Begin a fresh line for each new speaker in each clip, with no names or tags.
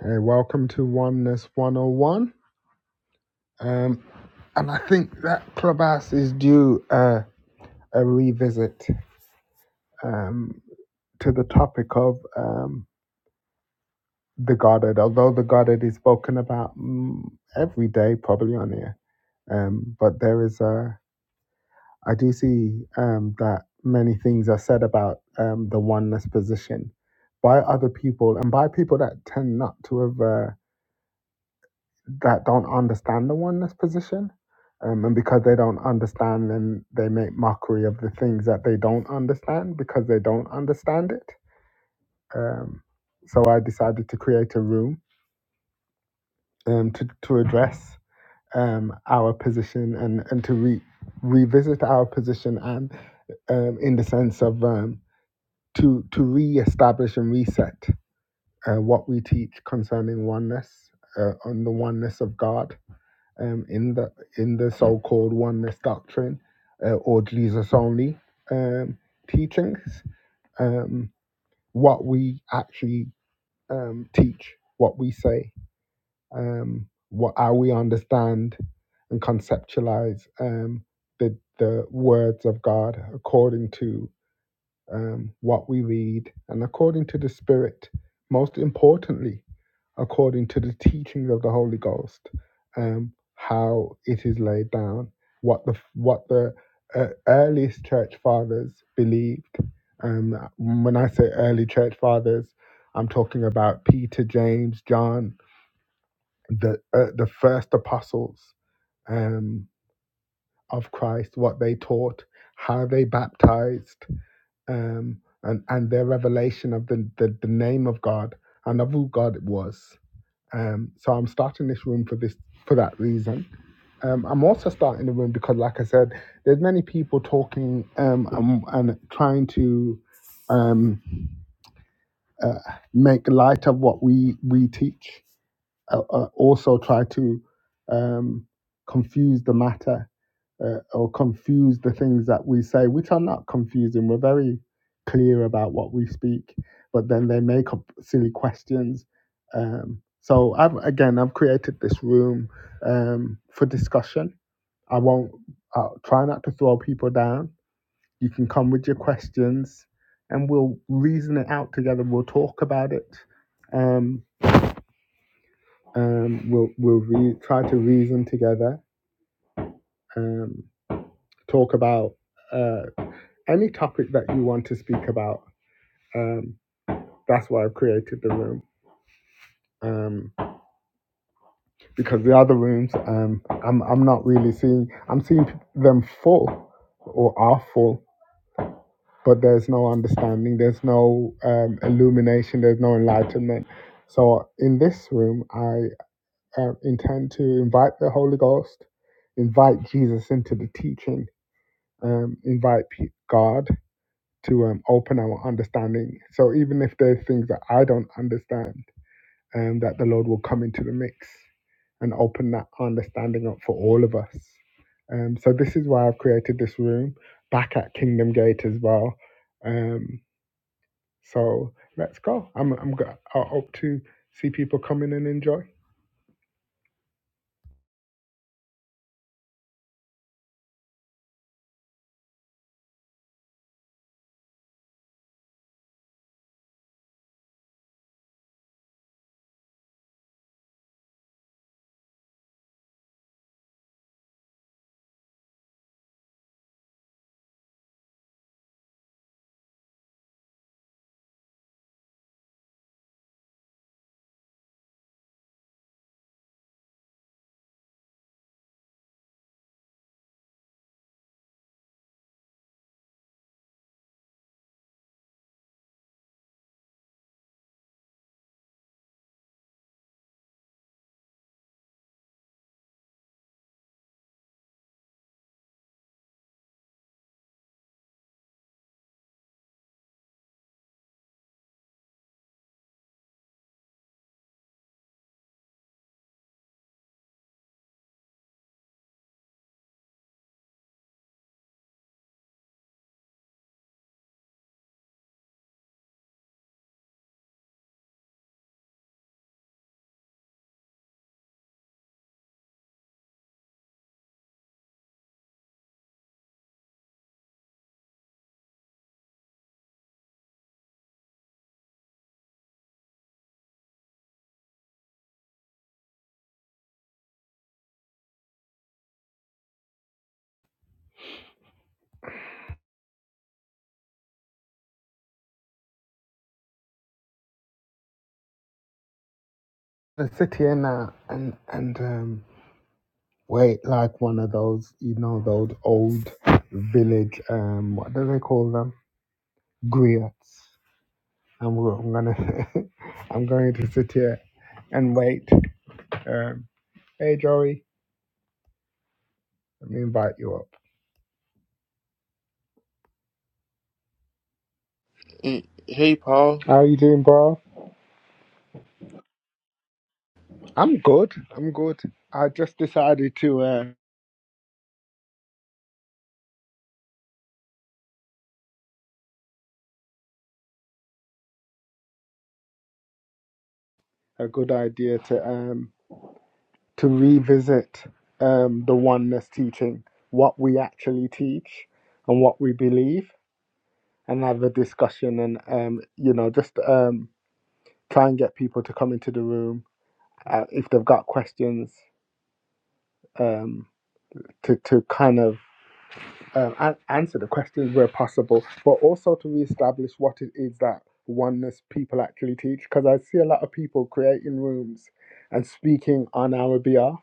Hey, welcome to Oneness 101. Um, and I think that Clubhouse is due uh, a revisit um, to the topic of um, the Godhead, although the Godhead is spoken about mm, every day probably on here. Um, but there is a, I do see um, that many things are said about um, the oneness position by other people and by people that tend not to have. uh, that don't understand the oneness position. Um, and because they don't understand, then they make mockery of the things that they don't understand because they don't understand it. Um, so I decided to create a room um, to, to address um, our position and, and to re- revisit our position and um, in the sense of um, to, to re-establish and reset uh, what we teach concerning oneness uh, on the oneness of God um, in the in the so-called oneness doctrine uh, or Jesus only um, teachings. Um, what we actually um, teach, what we say, um, what how we understand and conceptualize um, the the words of God according to um, what we read, and according to the Spirit, most importantly, according to the teachings of the Holy Ghost, um, how it is laid down, what the what the uh, earliest church fathers believed. Um, when I say early church fathers, I'm talking about Peter, James, John, the uh, the first apostles um, of Christ, what they taught, how they baptized, um, and and their revelation of the, the the name of God and of who God was. Um, so I'm starting this room for this for that reason. Um, I'm also starting the room because, like I said, there's many people talking um, and, and trying to um, uh, make light of what we we teach. Uh, uh, also, try to um, confuse the matter uh, or confuse the things that we say, which are not confusing. We're very clear about what we speak, but then they make up silly questions. Um, so I've again, I've created this room um, for discussion. I won't I'll try not to throw people down. You can come with your questions, and we'll reason it out together. We'll talk about it. Um, um, we'll we'll re- try to reason together. Um, talk about uh, any topic that you want to speak about. Um, that's why I've created the room. Um, because the other rooms, um, I'm I'm not really seeing. I'm seeing them full or are full, but there's no understanding. There's no um, illumination. There's no enlightenment. So in this room, I uh, intend to invite the Holy Ghost, invite Jesus into the teaching, um, invite pe- God to um, open our understanding. So even if there's things that I don't understand, um, that the Lord will come into the mix and open that understanding up for all of us. Um, so this is why I've created this room back at Kingdom Gate as well. Um, so let's go. I'm I'm go- I hope to see people come in and enjoy. I sit here now and and um, wait like one of those you know those old village um, what do they call them griots I'm, go- I'm gonna I'm going to sit here and wait. Um, hey Joey, let me invite you up.
Mm, Hey, Paul.
How are you doing, bro? I'm good. I'm good. I just decided to uh, a good idea to um to revisit um the oneness teaching, what we actually teach and what we believe, and have a discussion and um you know just um try and get people to come into the room uh, if they've got questions um to to kind of um, and answer the questions where possible, but also to reestablish what it is that oneness people actually teach. Because I see a lot of people creating rooms and speaking on our behalf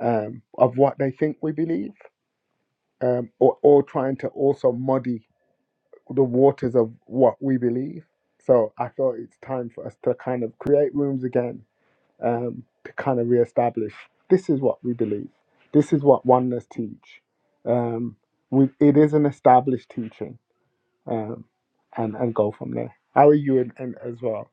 um, of what they think we believe, um, or, or trying to also muddy the waters of what we believe. So I thought it's time for us to kind of create rooms again um, to kind of reestablish this is what we believe, this is what oneness teach. Um, we, it is an established teaching um, and and go from there. How are you in, in, as well?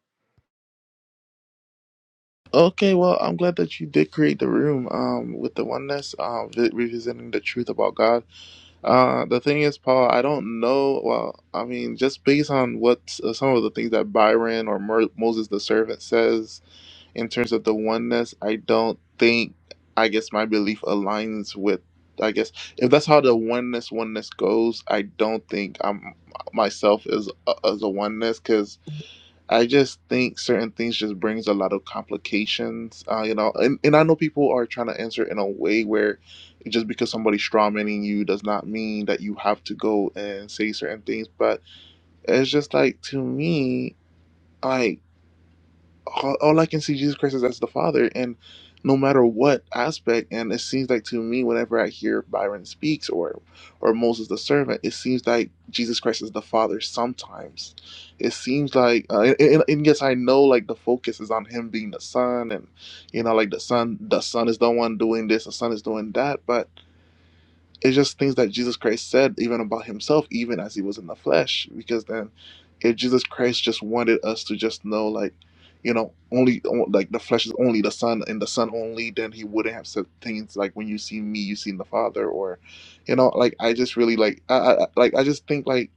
Okay, well, I'm glad that you did create the room um, with the oneness, um, vi- revisiting the truth about God. Uh, the thing is, Paul, I don't know. Well, I mean, just based on what uh, some of the things that Byron or Mer- Moses the servant says in terms of the oneness, I don't think, I guess, my belief aligns with. I guess if that's how the oneness oneness goes, I don't think I'm myself as as a oneness I just think certain things just brings a lot of complications, uh, you know. And, and I know people are trying to answer in a way where just because somebody's strawmanning you does not mean that you have to go and say certain things. But it's just like to me, like all, all I can see Jesus Christ is as the Father, and no matter what aspect, and it seems like to me, whenever I hear Byron speaks or or Moses the servant, it seems like Jesus Christ is the Father. Sometimes it seems like, uh, and, and and yes, I know like the focus is on him being the Son, and you know, like the Son, the Son is the one doing this, the Son is doing that, but it's just things that Jesus Christ said, even about himself, even as he was in the flesh. Because then, if Jesus Christ just wanted us to just know, like, you know, only like the flesh is only the Son and the Son only, then he wouldn't have said things like, "When you see me, you seen the Father," or, you know, like I just really like, I, I I- like I just think like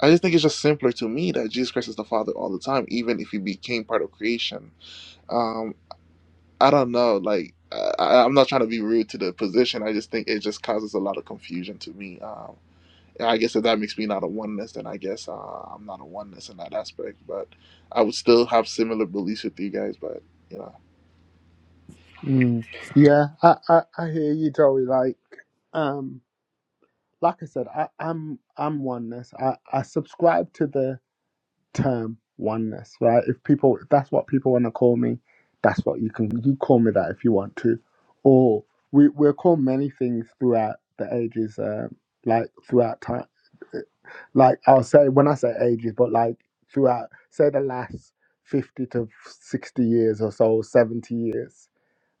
I just think it's just simpler to me that Jesus Christ is the Father all the time, even if he became part of creation. Um, I don't know. Like, I, I- am not trying to be rude to the position. I just think it just causes a lot of confusion to me. Um, and I guess if that makes me not a oneness, then I guess uh, I'm not a oneness in that aspect. But I would still have similar beliefs with you guys. But you know.
Mm, yeah, I, I I hear you, Joey. Like um, like I said, I, I'm I'm oneness. I I subscribe to the term oneness. Right? If people, if that's what people want to call me, that's what you can you call me that if you want to. Or we we're called many things throughout the ages, um, like throughout time. like I'll say when I say ages, but like throughout say the last fifty to sixty years or so, seventy years,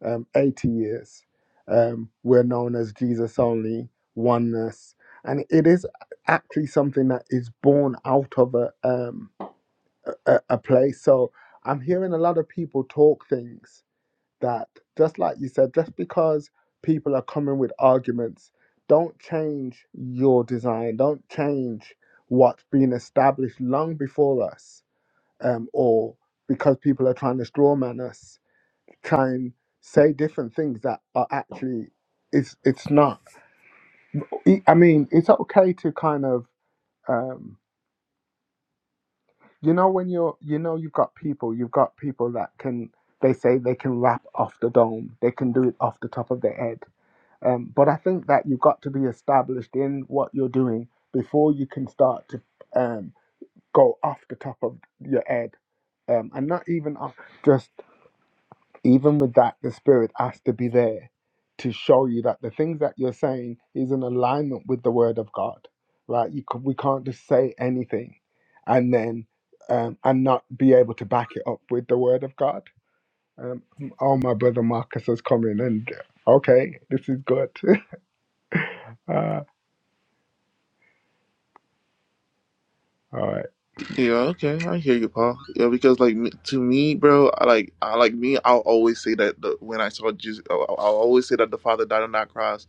um, eighty years, um, we're known as Jesus only oneness, and it is actually something that is born out of a um, a, a place. So I'm hearing a lot of people talk things that just like you said, just because people are coming with arguments, don't change your design, don't change what's been established long before us, um, or because people are trying to strawman us, try and say different things that are actually it's it's not. I I mean, it's okay to kind of um, you know when you're you know you've got people you've got people that can they say they can rap off the dome they can do it off the top of their head Um, but I think that you've got to be established in what you're doing before you can start to um, go off the top of your head. Um, and not even off, just even with that, the spirit has to be there to show you that the things that you're saying is in alignment with the word of God, right? You c- we can't just say anything and then um, and not be able to back it up with the word of God. Um, oh, my brother Marcus has come in, and okay, this is good. Uh, all right.
Yeah, okay, I hear you, Paul. Yeah, because like me, to me, bro, I like I like me. I'll always say that the, when I saw Jesus, I'll, I'll always say that the Father died on that cross.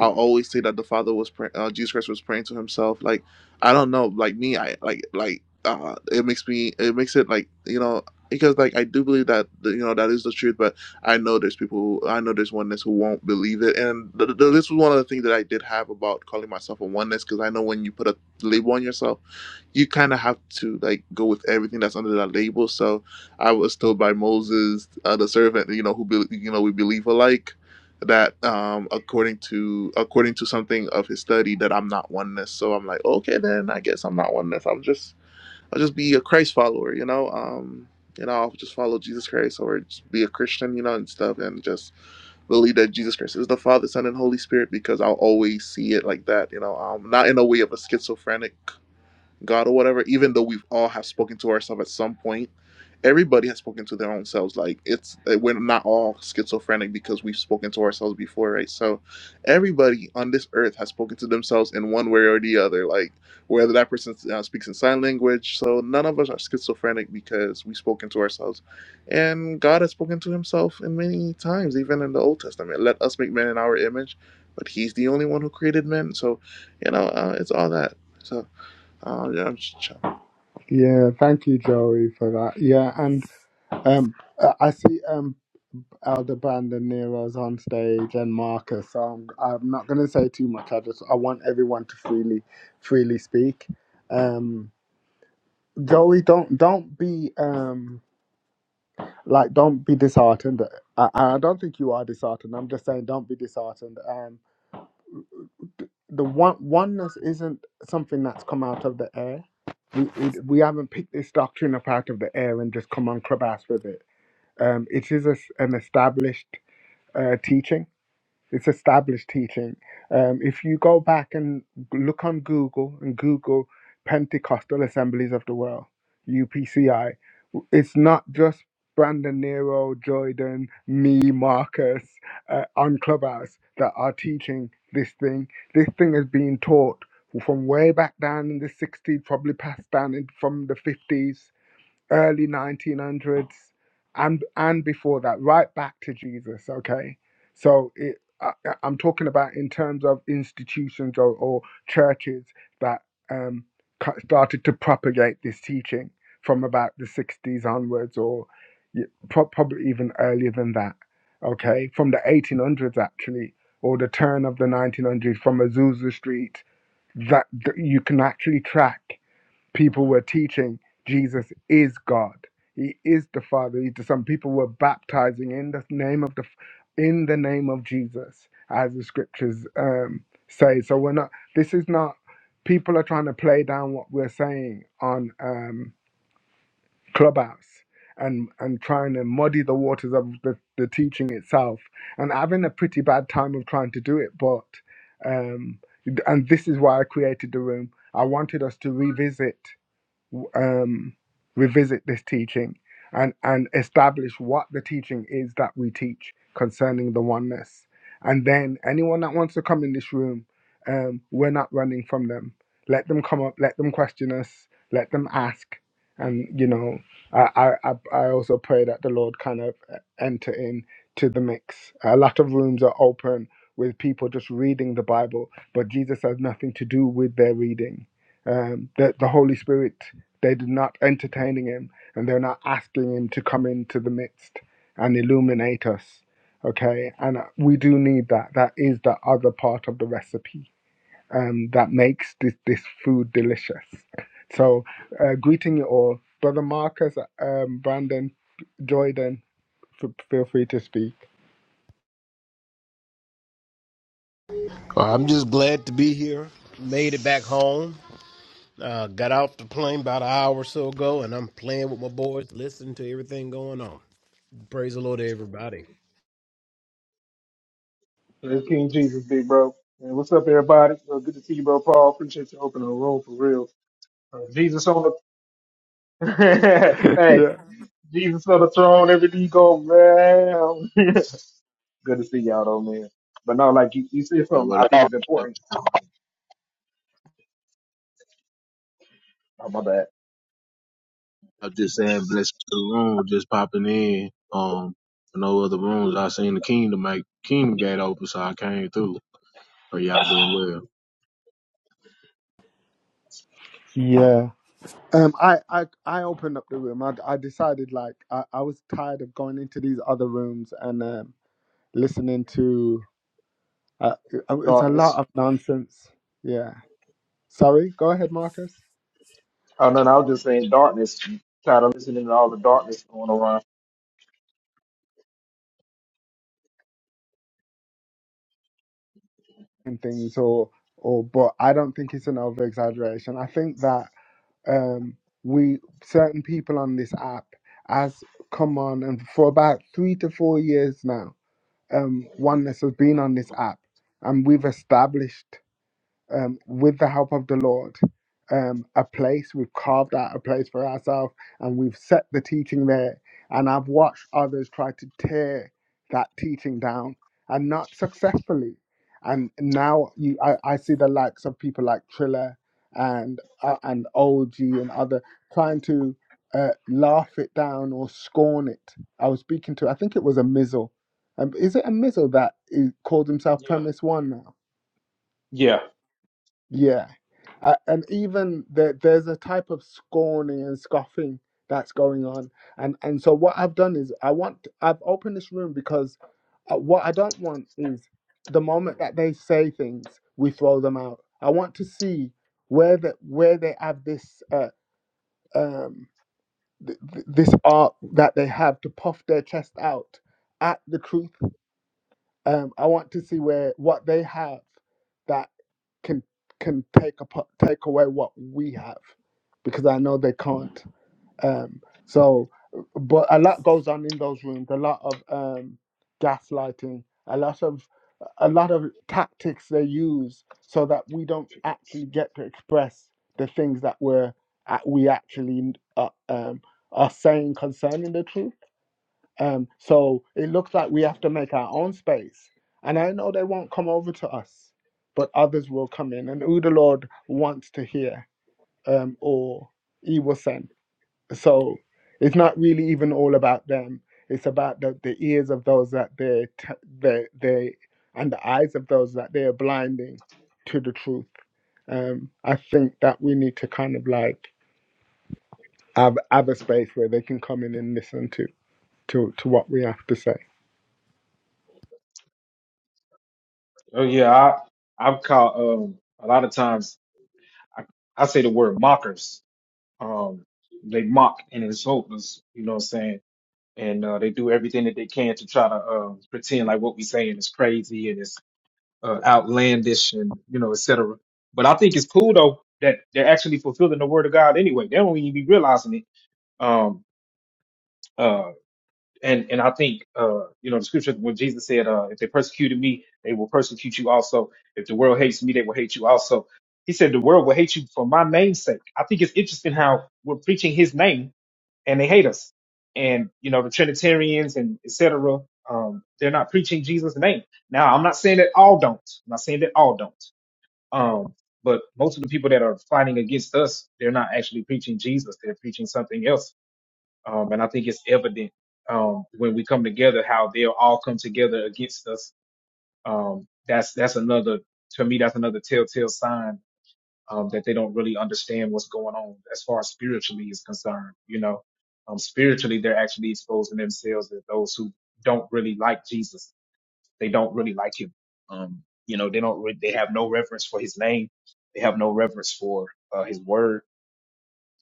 I'll always say that the Father was pray, uh, Jesus Christ was praying to Himself. Like I don't know, like me, I like like uh, it makes me it makes it like you know because like I do believe that you know that is the truth, but I know there's people who, I know there's oneness who won't believe it, and th- th- this was one of the things that I did have about calling myself a oneness because I know when you put a label on yourself you kind of have to like go with everything that's under that label. So I was told by Moses, uh, the servant, you know, who be, you know we believe alike, that um, according to according to something of his study, that I'm not oneness. So I'm like, okay, then I guess I'm not oneness. I'm just I'll just be a Christ follower, you know. Um, you know, I'll just follow Jesus Christ or just be a Christian, you know, and stuff, and just believe that Jesus Christ is the Father, Son, and Holy Spirit because I'll always see it like that, you know. Um, not in a way of a schizophrenic God or whatever, even though we've all have spoken to ourselves at some point, everybody has spoken to their own selves. Like it's uh, we're not all schizophrenic because we've spoken to ourselves before, right? So everybody on this earth has spoken to themselves in one way or the other. Like whether that person uh, speaks in sign language, so none of us are schizophrenic because we've spoken to ourselves, and God has spoken to Himself in many times, even in the Old Testament. Let us make man in our image, but He's the only one who created men. So you know uh, it's all that. So. Uh, yeah, I'm just
Yeah, thank you, Joey, for that. Yeah, and um, uh, I see um, Elder Brandon Nero's on stage and Marcus. So I'm, I'm not going to say too much. I just I want everyone to freely freely speak. Um, Joey, don't don't be um like don't be disheartened. I, I don't think you are disheartened. I'm just saying don't be disheartened. Um, the one oneness isn't something that's come out of the air. We, we, we haven't picked this doctrine up out of the air and just come on clubhouse with it Um, it is a s an established uh, teaching. It's established teaching. Um, if you go back and look on Google and Google Pentecostal Assemblies of the World, UPCI, it's not just Brandon Nero, Jordan, me, Marcus uh, on Clubhouse that are teaching this thing. This thing is being taught from way back down in the 60s, probably passed down in, from the 50s early 1900s and and before that right back to jesus okay so it, I, I- i'm talking about in terms of institutions or, or churches that um, ca- started to propagate this teaching from about the 60s onwards or y- pro- probably even earlier than that okay from the 1800s actually or the turn of the 1900s from azusa street that that you can actually track people were teaching Jesus is God. He is the Father. He's the People were baptizing in the name of the in the name of Jesus, as the scriptures um, say. So we're not. This is not. People are trying to play down what we're saying on um, Clubhouse and and trying to muddy the waters of the, the teaching itself and having a pretty bad time of trying to do it. But um, and this is why I created the room. I wanted us to revisit um, revisit this teaching and, and establish what the teaching is that we teach concerning the oneness. And then anyone that wants to come in this room, um, we're not running from them. Let them come up, let them question us, let them ask. And, you know, I, I, I I also pray that the Lord kind of uh, enter in to the mix. A lot of rooms are open with people just reading the Bible, but Jesus has nothing to do with their reading. Um, the, the Holy Spirit they are not entertaining him and they're not asking him to come into the midst and illuminate us. Okay, and uh, we do need that. That is the other part of the recipe um, that makes this, this food delicious. So, uh, greeting you all, brother Marcus, um, Brandon, Jordan. F- feel free to speak.
Well, I'm just glad to be here. Made it back home. Uh, got off the plane about an hour or so ago, and I'm playing with my boys, listening to everything going on. Praise the Lord, to everybody.
It's King Jesus, big bro. And what's up, everybody? Well, good to see you, bro, Paul. Appreciate you opening the room for real. Uh, Jesus on the hey,
Yeah.
Jesus on the throne, every knee go round. good to see y'all, though, man. But no, like you, you said
Hey,
something I
what
think
up?
is important. Oh my bad,
I'm just saying, bless the room, just popping in. Um, for no other rooms. I seen the kingdom, like, kingdom gate open, so I came through. Are y'all doing well?
Yeah. Um, I, I, I opened up the room. I, I decided like I, I was tired of going into these other rooms and um, listening to. Uh, uh, it's a lot
darkness.
of nonsense. Yeah. Sorry. Go ahead, Marcus.
Oh no, no, I was just saying darkness. Tired of listening to all the darkness going around.
And things, or or, but I don't think it's an over exaggeration. I think that um, we certain people on this app as come on, and for about three to four years now, um, oneness has been on this app, and we've established. um, with the help of the Lord, um, a place. We've carved out a place for ourselves and we've set the teaching there. And I've watched others try to tear that teaching down and not successfully. And now you, I, I see the likes of people like Triller and uh, and OG and other trying to uh, laugh it down or scorn it. I was speaking to, I think it was a Mizzle. Um, is it a Mizzle that is, called himself Premise One now? Yeah. Uh, and even there, there's a type of scorning and scoffing that's going on. And and so what I've done is I want I've opened this room because uh, what I don't want is the moment that they say things, we throw them out. I want to see where the, where they have this uh, um th- th- this art that they have to puff their chest out at the truth um, I want to see where what they have that can can take apart, take away what we have because I know they can't. Um, so, but a lot goes on in those rooms. A lot of um, gaslighting. A lot of a lot of tactics they use so that we don't actually get to express the things that we're uh, we actually uh, um, are saying concerning the truth um, so it looks like we have to make our own space. And I know they won't come over to us, but others will come in. And who the Lord wants to hear, um, or He will send. So it's not really even all about them. It's about the, the ears of those that they t- they they and the eyes of those that they are blinding to the truth. Um, I think that we need to kind of like have have a space where they can come in and listen to to to what we have to say.
Oh yeah, I I've caught um a lot of times. I, I say the word mockers um, they mock and insult us, you know what I'm saying? And uh, they do everything that they can to try to uh, pretend like what we're saying is crazy and it's uh, outlandish and, you know, et cetera. But I think it's cool, though, that they're actually fulfilling the word of God anyway. They don't even be realizing it. Um, uh, and, and I think, uh, you know, the scripture when Jesus said, uh, if they persecuted me, they will persecute you also. If the world hates me, they will hate you also. He said, the world will hate you for my name's sake. I think it's interesting how we're preaching his name and they hate us. And you know, the Trinitarians and etc. Um, they're not preaching Jesus' name. Now, I'm not saying that all don't. I'm not saying that all don't. Um, but most of the people that are fighting against us, they're not actually preaching Jesus. They're preaching something else. Um, and I think it's evident um, when we come together how they'll all come together against us. Um, that's that's another to me. That's another telltale sign um, that they don't really understand what's going on as far as spiritually is concerned. You know, um, spiritually, they're actually exposing themselves as those who don't really like Jesus. They don't really like him. Um, you know, they don't, re- they have no reverence for his name. They have no reverence for uh, his word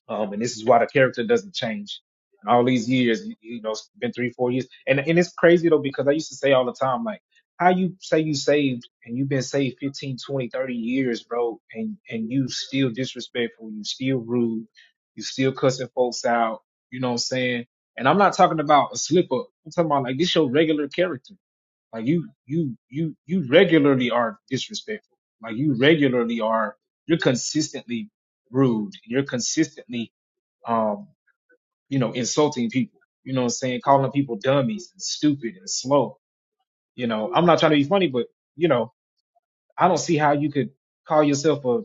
um, and this is why the character doesn't change. And all these years, you, you know, it's been three, four years. And and it's crazy though, because I used to say all the time, like, how you say you saved and you've been saved 15, 20, 30 years, bro, and, and you still disrespectful, you still rude, you still cussing folks out, you know what I'm saying? And I'm not talking about a slip up. I'm talking about like this your regular character. Like you you you you regularly are disrespectful. Like you regularly are you're consistently rude. You're consistently um, you know, insulting people, you know what I'm saying? Calling people dummies and stupid and slow. You know, I'm not trying to be funny, but you know, I don't see how you could call yourself a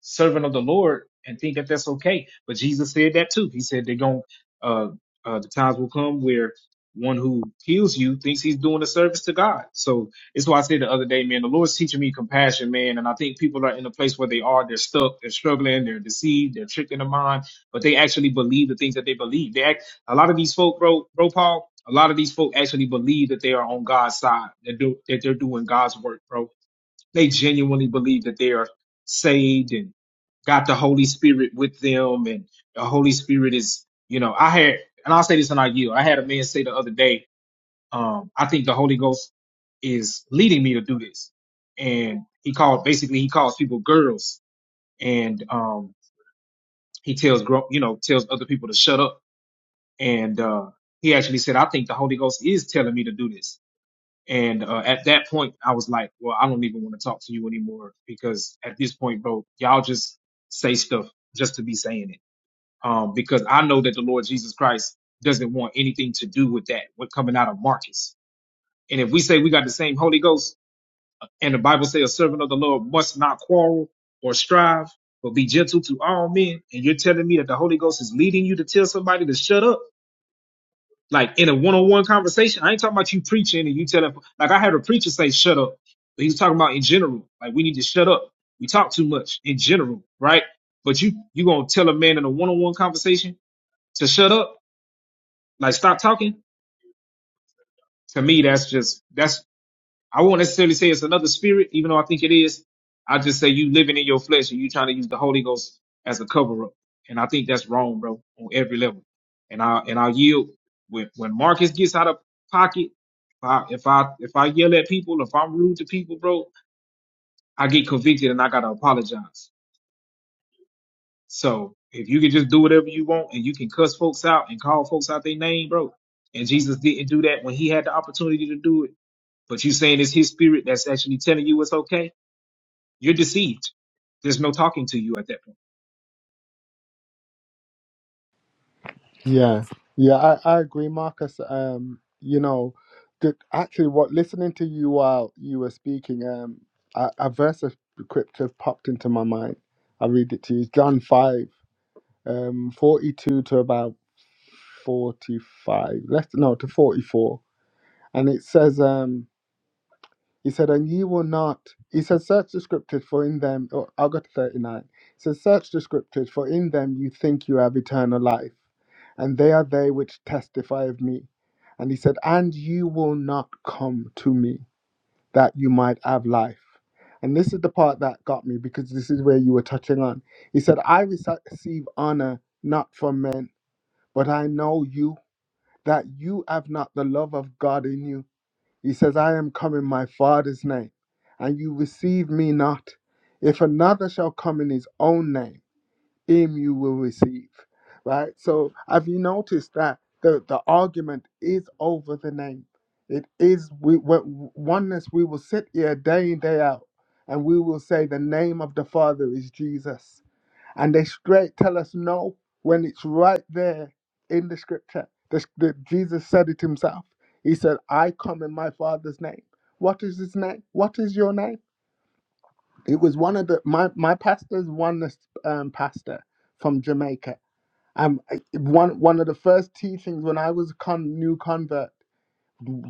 servant of the Lord and think that that's okay. But Jesus said that too. He said they're going, uh, uh, the times will come where one who heals you thinks he's doing a service to God. So it's why I said the other day, man, the Lord's teaching me compassion, man. And I think people are in a place where they are, they're stuck, they're struggling, they're deceived, they're tricked in the mind, but they actually believe the things that they believe. They act, a lot of these folk, bro, bro, Paul, a lot of these folk actually believe that they are on God's side, that, do, that they're doing God's work, bro they genuinely believe that they are saved and got the Holy Spirit with them, and the Holy Spirit is, you know, I had, and I'll say this and I yield. I had a man say the other day, um, I think the Holy Ghost is leading me to do this, and he called basically he calls people girls, and um, he tells grow, you know, tells other people to shut up, and uh, he actually said, I think the Holy Ghost is telling me to do this and uh, at that point, I was like, well, I don't even want to talk to you anymore because at this point, bro, y'all just say stuff just to be saying it. Um, because I know that the Lord Jesus Christ doesn't want anything to do with that, what coming out of Marcus. And if we say we got the same Holy Ghost and the Bible says a servant of the Lord must not quarrel or strive, but be gentle to all men. And you're telling me that the Holy Ghost is leading you to tell somebody to shut up like in a one-on-one conversation. I ain't talking about you preaching and you telling like I had a preacher say shut up. But he was talking about in general, like we need to shut up. We talk too much in general, right? But you you gonna tell a man in a one-on-one conversation to shut up, like stop talking? To me, that's just that's I won't necessarily say it's another spirit, even though I think it is. I just say you living in your flesh and you trying to use the Holy Ghost as a cover up. And I think that's wrong, bro, on every level. And I and I yield when when Marcus gets out of pocket, if I if I if I yell at people, if I'm rude to people, bro, I get convicted and I gotta apologize. So if you can just do whatever you want and you can cuss folks out and call folks out their name, bro. And Jesus didn't do that when he had the opportunity to do it. But you saying it's his spirit that's actually telling you it's okay You're deceived. There's no talking to you at that point.
Yeah, yeah, I, I agree, Marcus. Um, you know, the, actually, what listening to you while you were speaking, um, a, a verse of scripture popped into my mind. I'll read it to you. It's John 5, um, 42 to about 45, five. Let's no, to 44. And it says, um, he said, And ye will not. He said, Search the scriptures, for in them, oh, I'll go to 39. He said, Search the scriptures, for in them you think you have eternal life, and they are they which testify of me. And he said, And you will not come to me, that you might have life. And this is the part that got me, because this is where you were touching on. He said, I rece- receive honor not from men, but I know you, that you have not the love of God in you. He says, I am come in my Father's name, and you receive me not. If another shall come in his own name, him you will receive. Right? So have you noticed that the, the argument is over the name? It is we we- oneness. We will sit here day in, day out, and we will say the name of the Father is Jesus and they straight tell us no when it's right there in the scripture. The, the, Jesus said it himself. He said, "I come in my Father's name." What is his name? What is your name? It was one of the my my pastor's oneness um, pastor from Jamaica. Um, I- one one of the first teachings when I was a con, new convert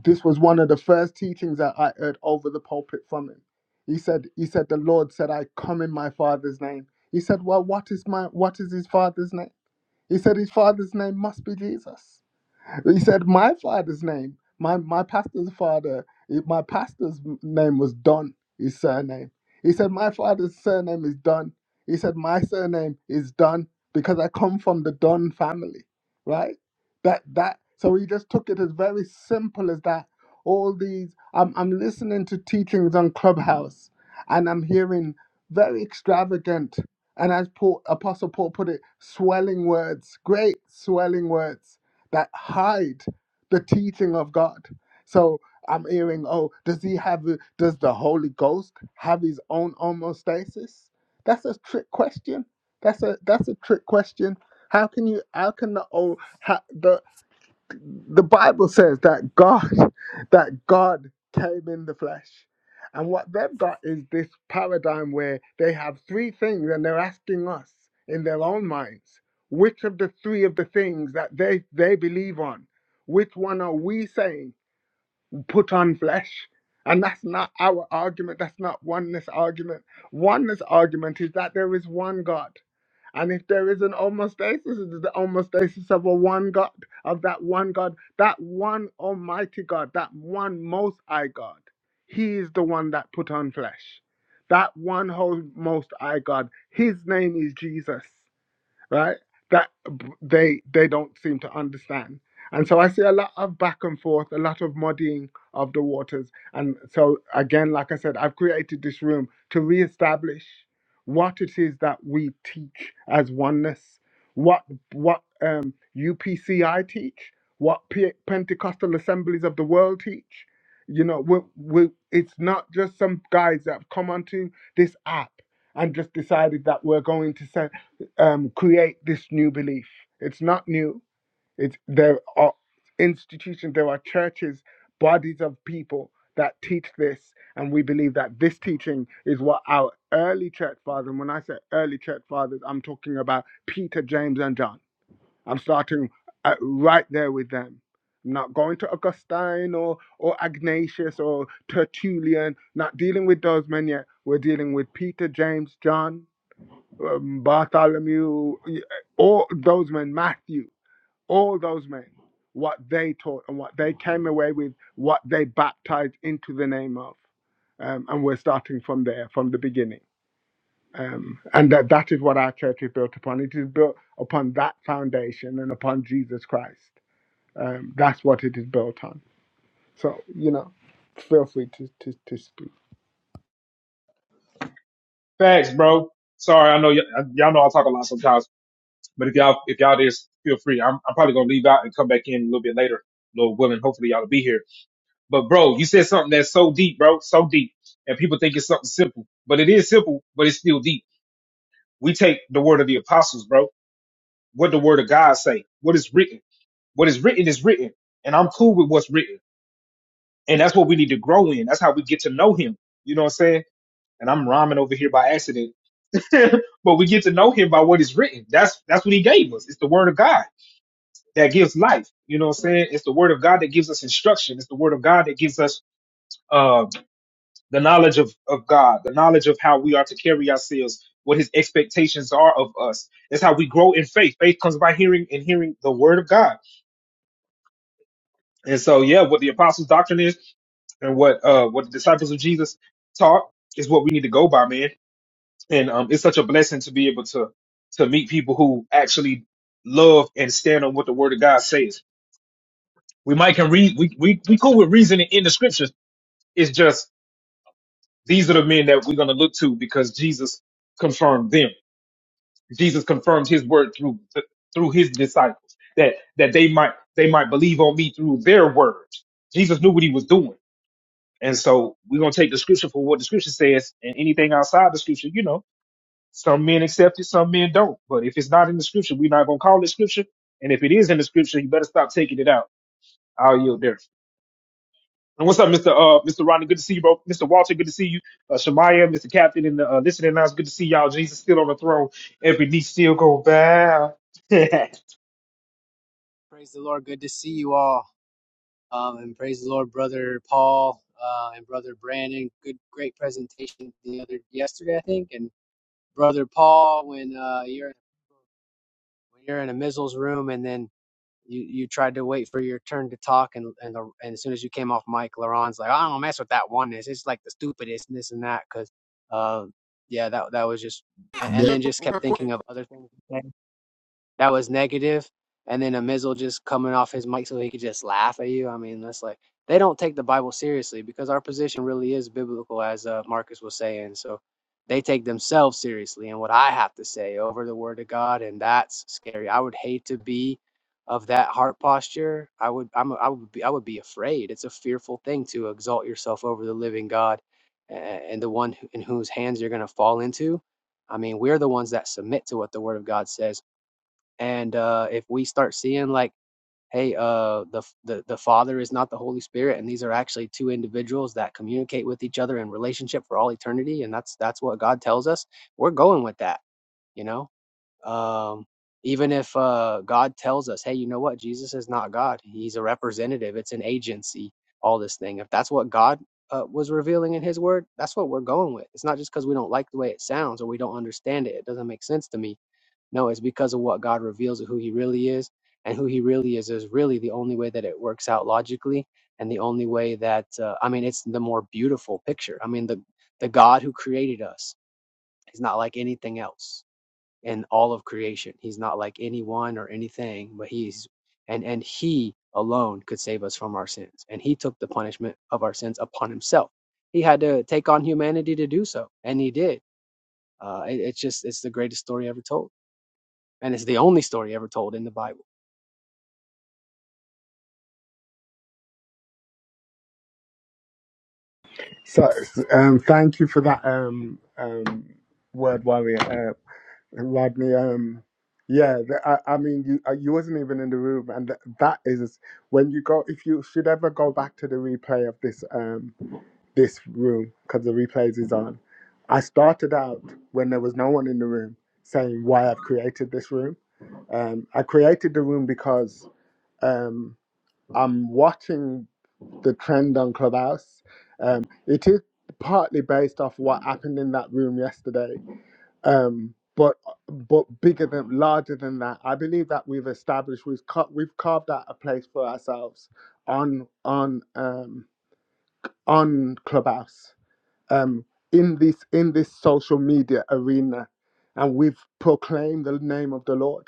this was one of the first teachings that I heard over the pulpit from him. He said, he said, the Lord said, I come in my father's name. He said, well, what is my, what is his father's name? He said, his father's name must be Jesus he said my father's name my my pastor's father my pastor's name was don his surname he said my father's surname is don he said my surname is don because i come from the don family right that that so he just took it as very simple as that all these i'm, I'm listening to teachings on clubhouse and i'm hearing very extravagant and as paul, apostle paul put it swelling words great swelling words that hide the teaching of God. So I'm hearing, oh, does he have, does the Holy Ghost have his own homostasis? That's a trick question. That's a that's a trick question. How can you? How can the old, the Bible says that God, that God came in the flesh. And what they've got is this paradigm where they have three things and they're asking us in their own minds, which of the three of the things that they, they believe on, which one are we saying put on flesh? And that's not our argument. That's not oneness argument. Oneness argument is that there is one God and if there is an homostasis, it is the homostasis of a one God, of that one God, that one almighty God, that one most high God. He is the one that put on flesh. That one whole most high God. His name is Jesus right? That they they don't seem to understand. And so I see a lot of back and forth, a lot of muddying of the waters. And so again, like I said, I've created this room to reestablish what it is that we teach as oneness, what what um, UPCI teach, what P- Pentecostal Assemblies of the World teach. You know, we, we, it's not just some guys that have come onto this app and just decided that we're going to um, create this new belief. It's not new. It's there are institutions, there are churches, bodies of people that teach this, and we believe that this teaching is what our early church fathers. And when I say early church fathers, I'm talking about Peter, James, and John. I'm starting uh right there with them. I'm not going to Augustine or or Ignatius or Tertullian. Not dealing with those men yet. We're dealing with Peter, James, John, um, Bartholomew, all those men, Matthew, all those men, what they taught and what they came away with, what they baptized into the name of. Um, and we're starting from there, from the beginning. Um, and that, that is what our church is built upon. It is built upon that foundation and upon Jesus Christ. Um, that's what it is built on. So, you know, feel free to, to, to speak.
Facts, bro. Sorry, I know y- y'all know I talk a lot sometimes, but if y'all if y'all just feel free. I'm I'm probably gonna leave out and come back in a little bit later, Lord willing. Hopefully y'all will be here. But bro, you said something that's so deep, bro, so deep, and people think it's something simple, but it is simple, but it's still deep. We take the word of the apostles, bro. What the word of God say? What is written? What is written is written, and I'm cool with what's written, and that's what we need to grow in. That's how we get to know Him. You know what I'm saying? And I'm rhyming over here by accident but we get to know him by what is written. That's that's what he gave us. It's the word of God that gives life. You know what I'm saying? It's the word of God that gives us instruction. It's the word of God that gives us uh, the knowledge of, of God, the knowledge of how we are to carry ourselves, what his expectations are of us. That's how we grow in faith. Faith comes by hearing and hearing the word of God. And so, yeah, what the apostles' doctrine is and what uh what the disciples of Jesus taught is what we need to go by, man and um, it's such a blessing to be able to to meet people who actually love and stand on what the Word of God says. We might can read we we we cool with reasoning in the scriptures. It's just these are the men that we're going to look to because Jesus confirmed them. Jesus confirms His word through through His disciples that that they might they might believe on me through their words. Jesus knew what He was doing, and so we're going to take the scripture for what the scripture says, and anything outside the scripture, you know Some men accept it, some men don't. But if it's not in the scripture, we're not gonna call it scripture. And if it is in the scripture, you better stop taking it out. I'll yield there. And what's up, Mr. Uh, Mr. Ronnie? Good to see you, bro. Mr. Walter, good to see you. Uh, Shemaya, Mr. Captain, and the uh, listening now, good to see y'all. Jesus still on the throne. Every knee still go bow.
Praise the Lord. Good to see you all. Um, and praise the Lord, Brother Paul uh, and Brother Brandon. Good, great presentation the other yesterday, I think. And Brother Paul, when uh, you're when you're in a Mizzles room, and then you, you tried to wait for your turn to talk, and and, the, and as soon as you came off mic, Laron's like, I don't mess with that oneness. It's like the stupidest and this and that. Because, uh, yeah, that that was just, and, and then just kept
Yeah.
thinking of other things that was negative, and then a missile just coming off his mic so he could just laugh at you. I mean, that's like they don't take the Bible seriously because our position really is biblical, as uh, Marcus was saying. So they take themselves seriously and what I have to say over the Word of God, and that's scary. I would hate to be of that heart posture. I would, I'm, a- I would be, I would be afraid. It's a fearful thing to exalt yourself over the living God a- and the one who- in whose hands you're going to fall into. I mean, we're the ones that submit to what the Word of God says and uh, if we start seeing like hey uh, the, the the father is not the holy spirit and these are actually two individuals that communicate with each other in relationship for all eternity and that's that's what god tells us we're going with that you know um, even if uh, god tells us hey you know what jesus is not god he's a representative it's an agency all this thing if that's what god uh, was revealing in his word that's what we're going with it's not just because we don't like the way it sounds or we don't understand it it doesn't make sense to me no, it's because of what God reveals of who He really is. And who He really is is really the only way that it works out logically. And the only way that, uh, I mean, it's the more beautiful picture. I mean, the, the God who created us is not like anything else in all of creation. He's not like anyone or anything, but He's, and, and He alone could save us from our sins. And He took the punishment of our sins upon Himself. He had to take on humanity to do so. And He did. Uh, it, it's just, it's the greatest story ever told and it's the only story ever told in the Bible.
So, um, thank you for that um, um, word warrior uh, Rodney, um, yeah, the, I, I mean, you uh, you wasn't even in the room, and th- that is when you go. If you should ever go back to the replay of this um this room, because the replays is on. I started out when there was no one in the room, saying why I've created this room. Um, I created the room because um I'm watching the trend on Clubhouse. Um, it is partly based off what happened in that room yesterday um but but bigger than larger than that i believe that we've established we've cut we've carved out a place for ourselves on on um on clubhouse um in this in this social media arena and we've proclaimed the name of the lord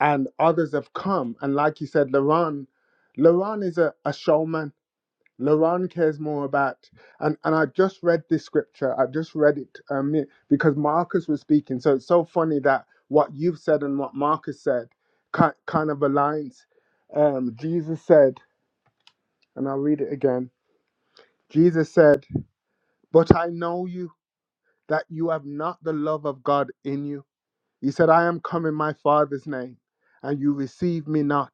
and others have come and like you said laron laron is a, a showman Laron cares more about, and, and I just read this scripture. I just read it um, because Marcus was speaking. So it's so funny that what you've said and what Marcus said ki- kind of aligns. Um, Jesus said, and I'll read it again Jesus said, But I know you that you have not the love of God in you. He said, I am come in my Father's name, and you receive me not.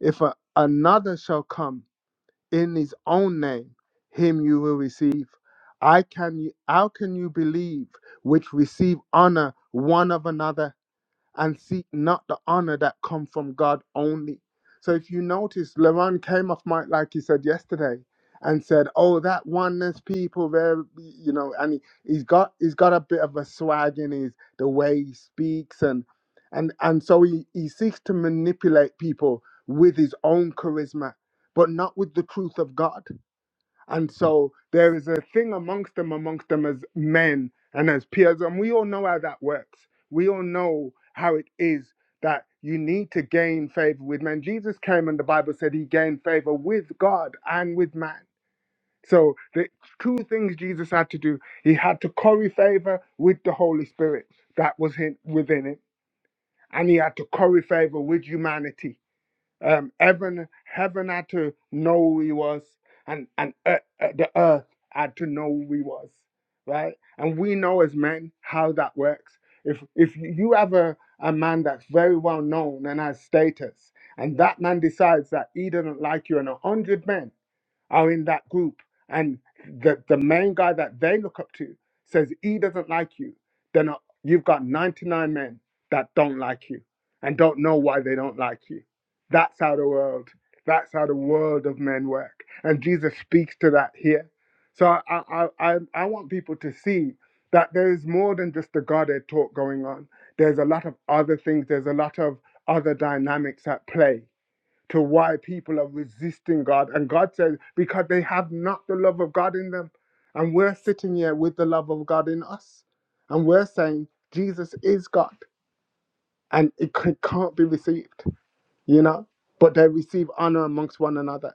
If a, another shall come, in his own name him you will receive i can you how can you believe which receive honor one of another and seek not the honor that come from God only. So if you notice, Laron came off mic like he said yesterday and said, "Oh, that oneness people, there, you know," and he, he's got he's got a bit of a swag in his the way he speaks and and and so he he seeks to manipulate people with his own charisma, but not with the truth of God. And so there is a thing amongst them, amongst them as men and as peers. And we all know how that works. We all know how it is that you need to gain favor with men. Jesus came and the Bible said he gained favor with God and with man. So the two things Jesus had to do, he had to curry favor with the Holy Spirit that was in, within him, and he had to curry favor with humanity um, heaven heaven had to know who he was and and ear- uh, the earth had to know who he was right and we know as men how that works if if you have a, a man that's very well known and has status and that man decides that he doesn't like you and a hundred men are in that group and the, the main guy that they look up to says he doesn't like you, then uh, you've got 99 men that don't like you and don't know why they don't like you. That's how the world, that's how the world of men work. And Jesus speaks to that here. So I, I, I, I want people to see that there is more than just the Godhead talk going on. There's a lot of other things. There's a lot of other dynamics at play to why people are resisting God. And God says, because they have not the love of God in them. And we're sitting here with the love of God in us. And we're saying, Jesus is God. And it c- can't be received, you know? But they receive honor amongst one another.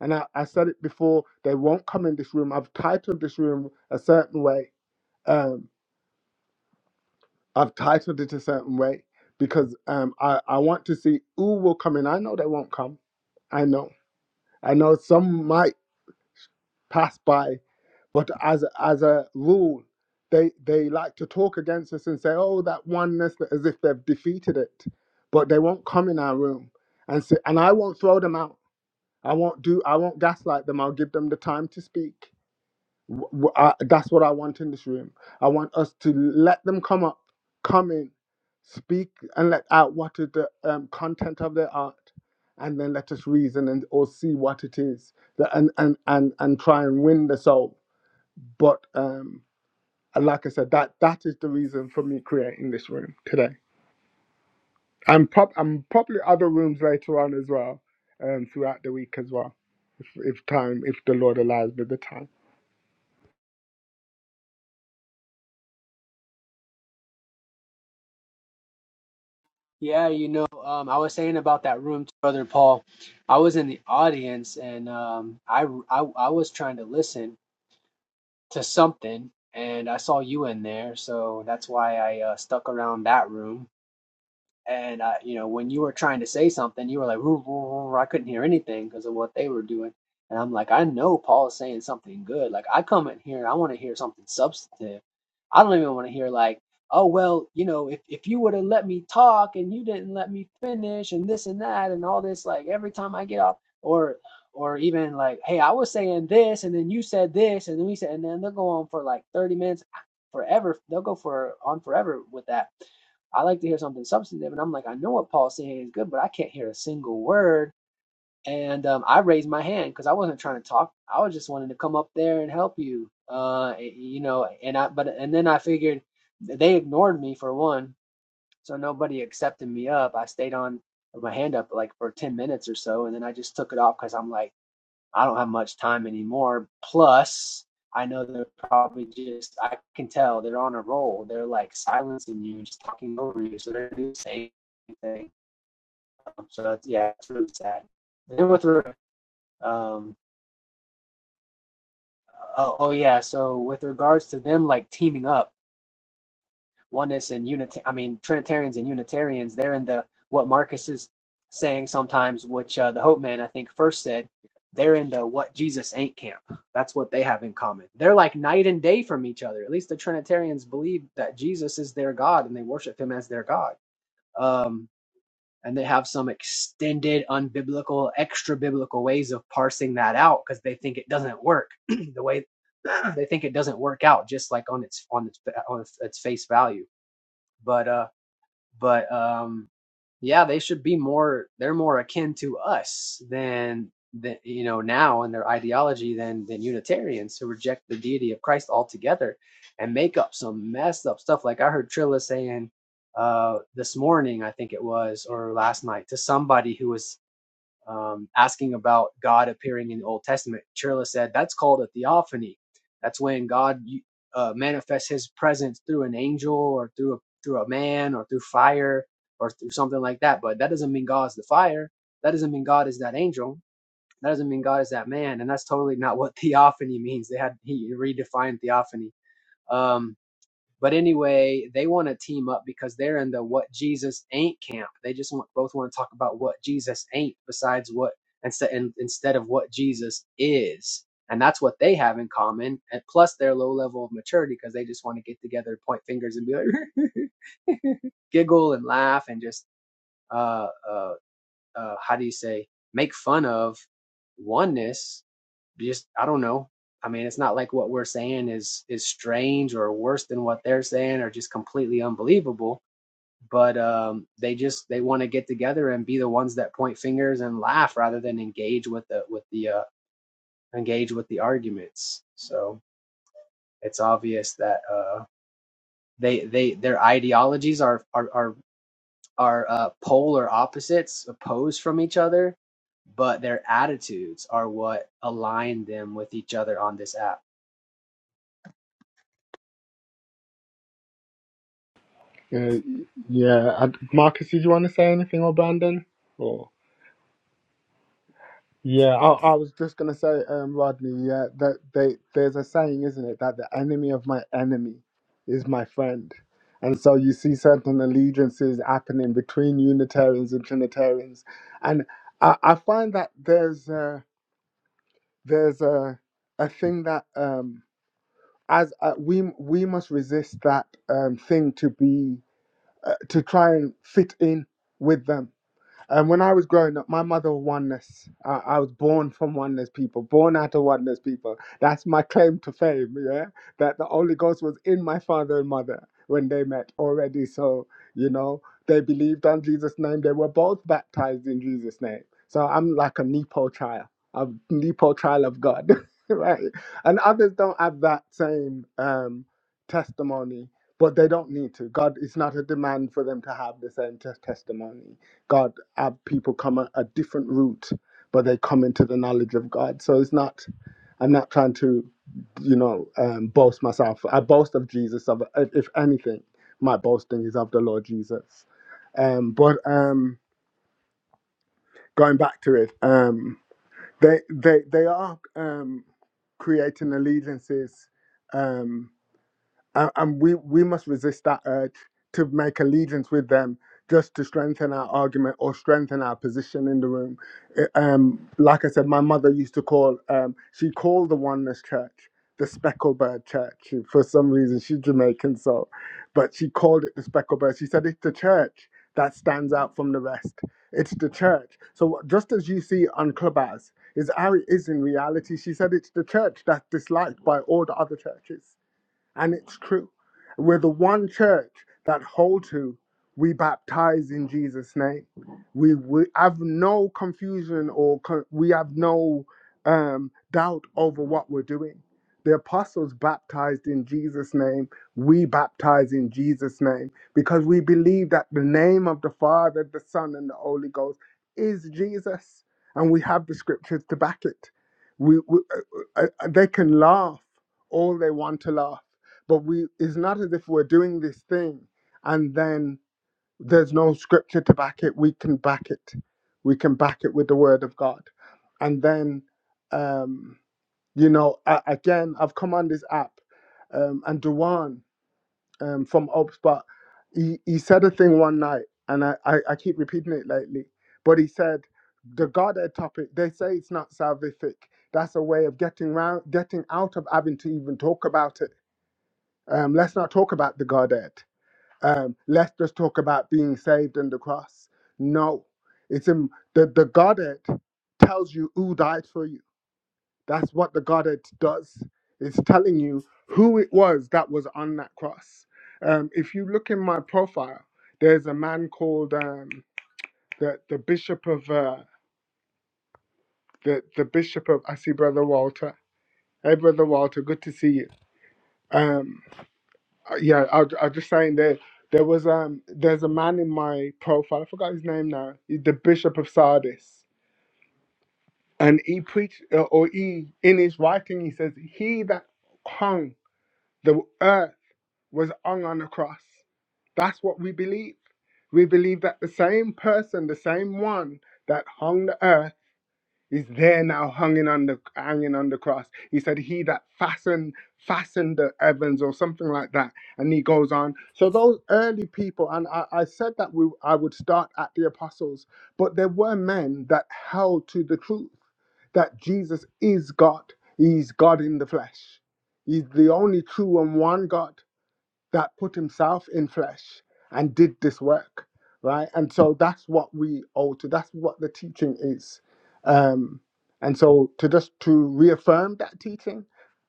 And I, I said it before, they won't come in this room. I've titled this room a certain way. Um, I've titled it a certain way because um, I, I want to see who will come in. I know they won't come. I know. I know some might pass by. But as as a rule, they they like to talk against us and say, "Oh, that oneness," as if they've defeated it. But they won't come in our room and say, and I won't throw them out. I won't do. I won't gaslight them. I'll give them the time to speak. W- w- I- that's what I want in this room. I want us to let them come up, come in, speak, and let out what is the um, content of their art, and then let us reason and or see what it is, that, and, and and and try and win the soul. But um, like I said, that that is the reason for me creating this room today. I'm prob- I'm probably other rooms later on as well, um, throughout the week as well, if, if time, if the Lord allows me the time.
Yeah, you know, um, I was saying about that room, to Brother Paul. I was in the audience and um, I, I I was trying to listen to something, and I saw you in there, so that's why I uh, stuck around that room. And uh, you know, when you were trying to say something, you were like, "Roo, roo, roo," I couldn't hear anything because of what they were doing. And I'm like, I know Paul is saying something good. Like I come in here, and I want to hear something substantive. I don't even want to hear like, oh well, you know, if if you would have let me talk and you didn't let me finish and this and that and all this, like every time I get off or or even like, hey, I was saying this and then you said this and then we said and then they'll go on for like 30 minutes forever. They'll go for on forever with that. I like to hear something substantive. And I'm like, I know what Paul's saying is good, but I can't hear a single word. And um, I raised my hand because I wasn't trying to talk. I was just wanting to come up there and help you. Uh, you know, and I, but, and then I figured they ignored me for one. So nobody accepted me up. I stayed on with my hand up like for 10 minutes or so. And then I just took it off because I'm like, I don't have much time anymore. Plus, I know they're probably just, I can tell they're on a roll. They're like silencing you, just talking over you. So they're doing the same thing. So that's, yeah, it's really sad. Then with, um, oh, oh yeah, so with regards to them like teaming up, oneness and unit i mean trinitarians and unitarians they're in the what marcus is saying sometimes which uh, the hope man i think first said they're in the what jesus ain't camp that's what they have in common they're like night and day from each other at least the trinitarians believe that jesus is their god and they worship him as their god um, and they have some extended unbiblical extra biblical ways of parsing that out because they think it doesn't work the way they think it doesn't work out just like on its on its on its face value but uh, but um, yeah, they should be more. They're more akin to us than than you know now in their ideology than than Unitarians who reject the deity of Christ altogether and make up some messed up stuff. Like I heard Trilla saying uh this morning, I think it was, or last night, to somebody who was um, asking about God appearing in the Old Testament, Chirla said that's called a theophany. That's when God uh, manifests His presence through an angel or through a, through a man or through fire or through something like that. But that doesn't mean God's the fire. That doesn't mean God is that angel. That doesn't mean God is that man. And that's totally not what theophany means. They had he redefined theophany. Um, but anyway, they want to team up because they're in the what Jesus ain't camp. They just want both want to talk about what Jesus ain't besides what instead and instead of what Jesus is. And that's what they have in common. And plus their low level of maturity because they just want to get together, point fingers and be like giggle and laugh and just uh uh uh how do you say make fun of oneness. Just I don't know. I mean, it's not like what we're saying is is strange or worse than what they're saying or just completely unbelievable but um, they just they want to get together and be the ones that point fingers and laugh rather than engage with the with the uh, engage with the arguments. So it's obvious that uh, they they their ideologies are are are, are uh, polar opposites, opposed from each other, but their attitudes are what align them with each other on this app.
Uh, yeah, I, Marcus, did you want to say anything or Brandon? Or yeah, I, I was just gonna say, um, Rodney. Yeah, that they there's a saying, isn't it, that the enemy of my enemy is my friend, and so you see certain allegiances happening between Unitarians and Trinitarians, and I, I find that there's a, there's a a thing that um as uh, we we must resist that um thing to be uh, to try and fit in with them And when I was growing up, my mother was oneness. I, I was born from oneness people, born out of oneness people. That's my claim to fame, yeah? That the Holy Ghost was in my father and mother when they met already. So, you know, they believed on Jesus' name. They were both baptized in Jesus' name. So I'm like a Nepo child, a Nepo child of God, right? And others don't have that same um, testimony, but they don't need to. God, it's not a demand for them to have the same tes- testimony God have people come a, a different route, but they come into the knowledge of God. So it's not, I'm not trying to, you know, um, boast myself. I boast of Jesus. Of uh, if anything, my boasting is of the Lord Jesus. Um, but um, going back to it, um, they they they are um, creating allegiances. Um, and, and we we must resist that urge to make allegiance with them just to strengthen our argument or strengthen our position in the room. It, um, like I said, my mother used to call um, she called the Oneness Church the Specklebird Church She- for some reason. She's Jamaican, so but she called it the Specklebird. She said it's the church that stands out from the rest. It's the church. So just as you see on Clubhouse is how it is in reality. She said it's the church that's disliked by all the other churches and it's true. We're the one church that hold to we baptize in Jesus' name. We, we have no confusion or con- we have no um, doubt over what we're doing. The apostles baptized in Jesus' name. We baptize in Jesus' name because we believe that the name of the Father, the Son, and the Holy Ghost is Jesus, and we have the scriptures to back it. We, we uh, uh, uh, they can laugh all they want to laugh but we it's not as if we're doing this thing and then there's no scripture to back it we can back it we can back it with the word of god and then um you know a- again i've come on this app um and Dewan um from Upspot, he, he said a thing one night and I, I i keep repeating it lately but he said the godhead topic they say it's not salvific that's a way of getting round, getting out of having to even talk about it um, let's not talk about the Godhead. Um, let's just talk about being saved in the cross. No, it's in, the the Godhead tells you who died for you. That's what the Godhead does. It's telling you who it was that was on that cross. Um, if you look in my profile, there's a man called um, the the Bishop of uh, the the Bishop of. I see Brother Walter. Hey, Brother Walter, good to see you. Um, yeah, I I was just saying that there was um there's a man in my profile. I forgot his name now. He's the Bishop of Sardis, and he preached uh, or he in his writing he says he that hung the earth was hung on a cross. That's what we believe. We believe that the same person, the same one that hung the earth is there now hanging on the hanging on the cross. He said, He that fastened fastened the heavens or something like that. And he goes on. So those early people, and I, I said that we I would start at the apostles, but there were men that held to the truth that Jesus is God. He's God in the flesh. He's the only true and one God that put himself in flesh and did this work, right? And so that's what we owe to. That's what the teaching is. Um, and so to just to reaffirm that teaching,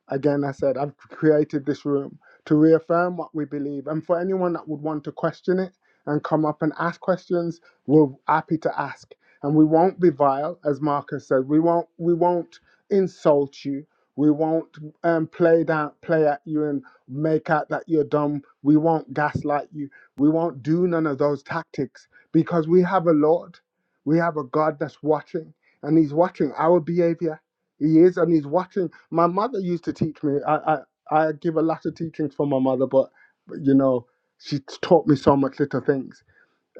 again, I said I've created this room to reaffirm what we believe. And for anyone that would want to question it and come up and ask questions, we're happy to ask. And we won't be vile, as Marcus said. We won't we won't insult you. We won't um, play down play at you and make out that you're dumb. We won't gaslight you. We won't do none of those tactics because we have a Lord. We have a God that's watching and He's watching our behavior. He is and He's watching. My mother used to teach me. I, I, I give a lot of teachings from my mother, but, but you know, she taught me so much little things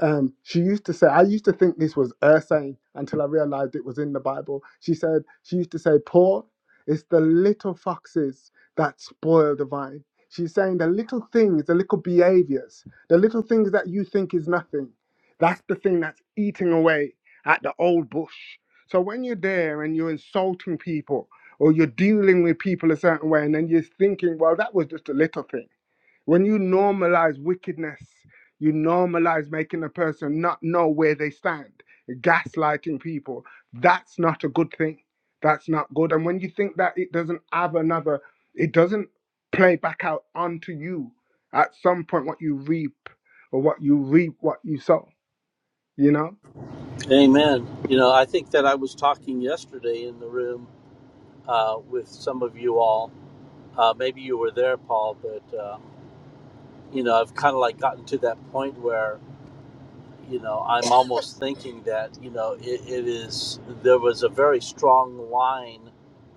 um, she used to say, I used to think this was her saying until I realized it was in the Bible. She said, she used to say, Paul, it's the little foxes that spoil the vine. She's saying the little things, the little behaviors, the little things that you think is nothing. That's the thing that's eating away at the old bush. So when you're there and you're insulting people or you're dealing with people a certain way and then you're thinking, well, that was just a little thing when you normalize wickedness, you normalize making a person not know where they stand, gaslighting people. That's not a good thing. That's not good. And when you think that it doesn't have another, it doesn't play back out onto you at some point what you reap or what you reap, what you sow, you know?
Amen. You know, I think that I was talking yesterday in the room uh, with some of you all. Uh, maybe you were there, Paul, but uh, you know, I've kind of like gotten to that point where you know, I'm almost thinking that, you know, it, it is, there was a very strong line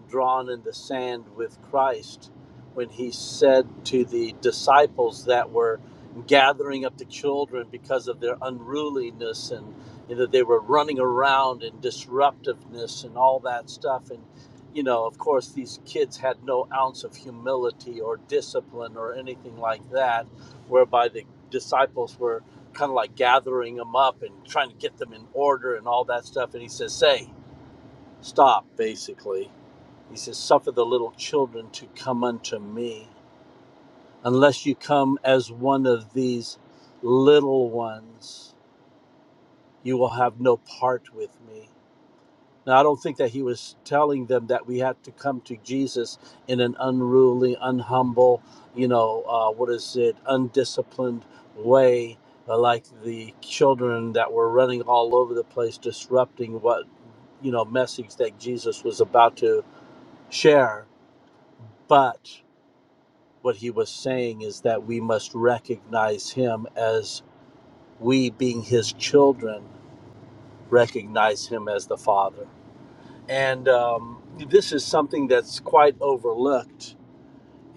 drawn in the sand with Christ when he said to the disciples that were gathering up the children because of their unruliness and you know, they were running around and disruptiveness and all that stuff. And, you know, of course, these kids had no ounce of humility or discipline or anything like that, whereby the disciples were kind of like gathering them up and trying to get them in order and all that stuff. And he says, Say, stop, basically. He says, Suffer the little children to come unto me. Unless you come as one of these little ones, you will have no part with me. Now, I don't think that he was telling them that we had to come to Jesus in an unruly, unhumble, you know, uh, what is it, undisciplined way, uh, like the children that were running all over the place, disrupting what, you know, message that Jesus was about to share. But what he was saying is that we must recognize him as we, being his children, recognize him as the Father. and um, this is something that's quite overlooked.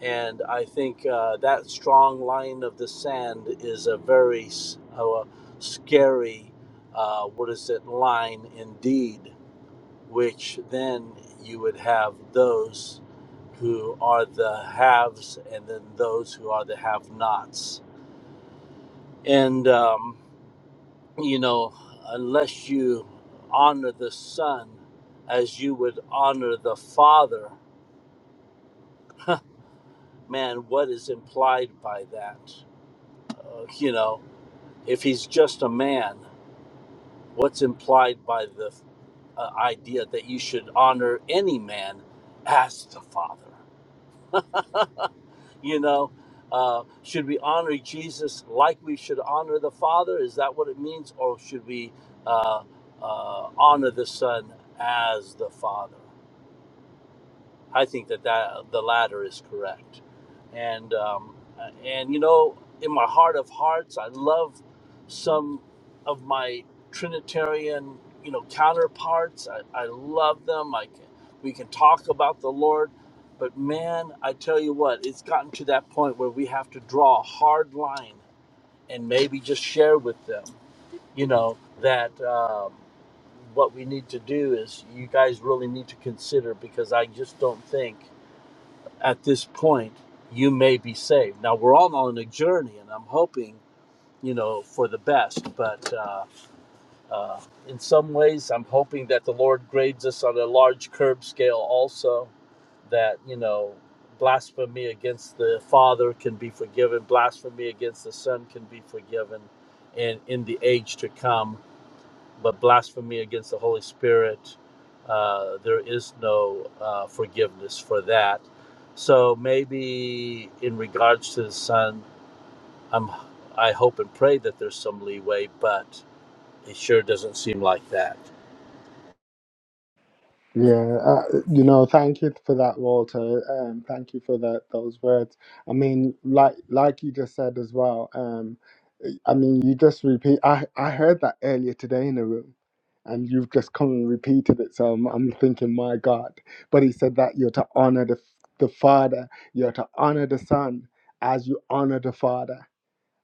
And I think uh, that strong line of the sand is a very s- uh, scary, uh, what is it, line indeed, which then you would have those who are the haves and then those who are the have nots. And, um, you know, unless you honor the Son as you would honor the Father, man, what is implied by that? Uh, you know, if he's just a man, what's implied by the uh, idea that you should honor any man as the Father? you know, uh, should we honor Jesus like we should honor the Father? Is that what it means? Or should we uh, uh, honor the Son as the Father? I think that, that the latter is correct. And um, and you know, in my heart of hearts, I love some of my Trinitarian you know counterparts. I, I love them. I can, we can talk about the Lord, but man, I tell you what, it's gotten to that point where we have to draw a hard line and maybe just share with them, you know, that. Um, what we need to do is you guys really need to consider because I just don't think at this point, you may be saved. Now, we're all on a journey, and I'm hoping, you know, for the best. But uh, uh, in some ways, I'm hoping that the Lord grades us on a large curb scale also, that, you know, blasphemy against the Father can be forgiven, blasphemy against the Son can be forgiven, and in the age to come but blasphemy against the Holy Spirit, uh, there is no uh, forgiveness for that. So maybe in regards to the son, I'm, I hope and pray that there's some leeway, but it sure doesn't seem like that.
Yeah, uh, you know, thank you for that, Walter. Um, thank you for that those words. I mean, like like you just said as well. Um, I mean, you just repeat. I I heard that earlier today in a room, and you've just come and repeated it. So I'm, I'm thinking, my God. But he said that you're to honor the the Father, you're to honor the Son as you honor the Father.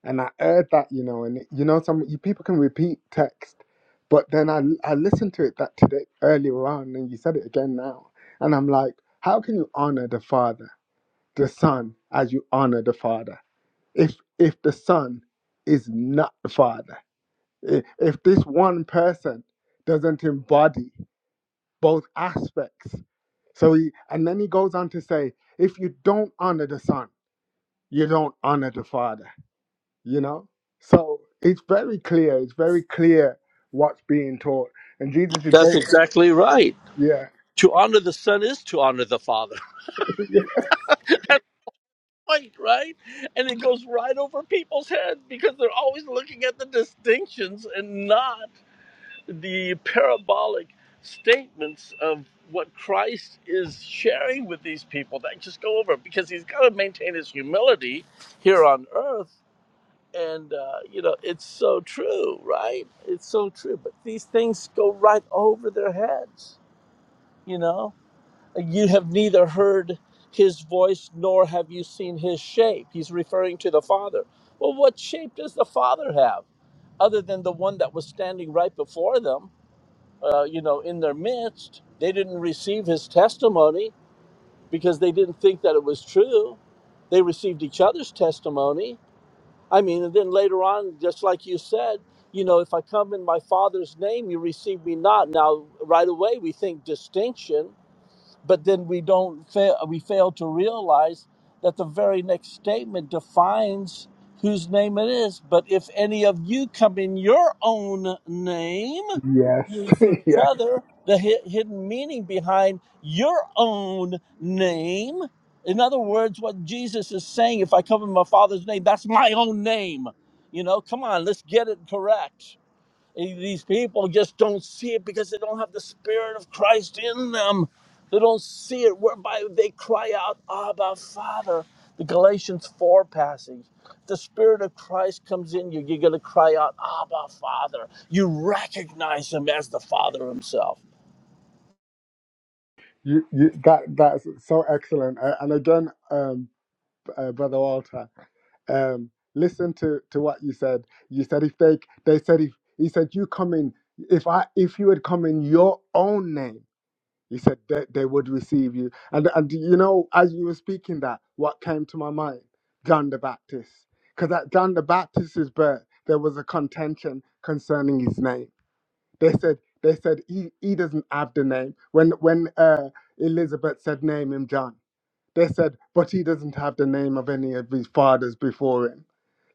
And I heard that, you know, and you know, some you people can repeat text, but then I I listened to it that today earlier on, and you said it again now, and I'm like, how can you honor the Father, the Son, as you honor the Father? If if the Son is not the Father I- If this one person doesn't embody both aspects, so he, and then he goes on to say, if you don't honor the son, you don't honor the father, you know? So it's very clear, it's very clear what's being taught. And Jesus is
That's
very,
exactly right.
yeah.
To honor the son is to honor the father. That's right, right? And it goes right over people's heads because they're always looking at the distinctions and not. the parabolic statements of what Christ is sharing with these people that just go over because he's got to maintain his humility here on earth. And, uh, you know, it's so true, right? It's so true. But these things go right over their heads, you know? You have neither heard his voice nor have you seen his shape. He's referring to the Father. Well, what shape does the Father have other than the one that was standing right before them? uh, you know, in their midst. They didn't receive his testimony because they didn't think that it was true. They received each other's testimony. I mean, and then later on, just like you said, you know, if I come in my Father's name, you receive me not. Now, right away, we think distinction but then we don't fail we fail to realize that the very next statement defines whose name it is but if any of you come in your own name
Yes,
you see each
yes.
other the hi- hidden meaning behind your own name in other words what jesus is saying if i come in my father's name that's my own name you know come on let's get it correct these people just don't see it because they don't have the Spirit of Christ in them. They don't see it, whereby they cry out, Abba, Father. The Galatians 4 passage. The Spirit of Christ comes in you, you're going to cry out, Abba, Father. You recognize Him as the Father Himself.
You, you, that that's so excellent. A- And again, um. uh, Brother Walter. Um, listen to, to what you said. You said if they they said if he said you come in if I if you had come in your own name, he said they, they would receive you. And and you know as you were speaking that, what came to my mind, John the Baptist, because at John the Baptist's birth there was a contention concerning his name. They said they said he, he doesn't have the name when when uh, Elizabeth said name him John. They said, but he doesn't have the name of any of his fathers before him.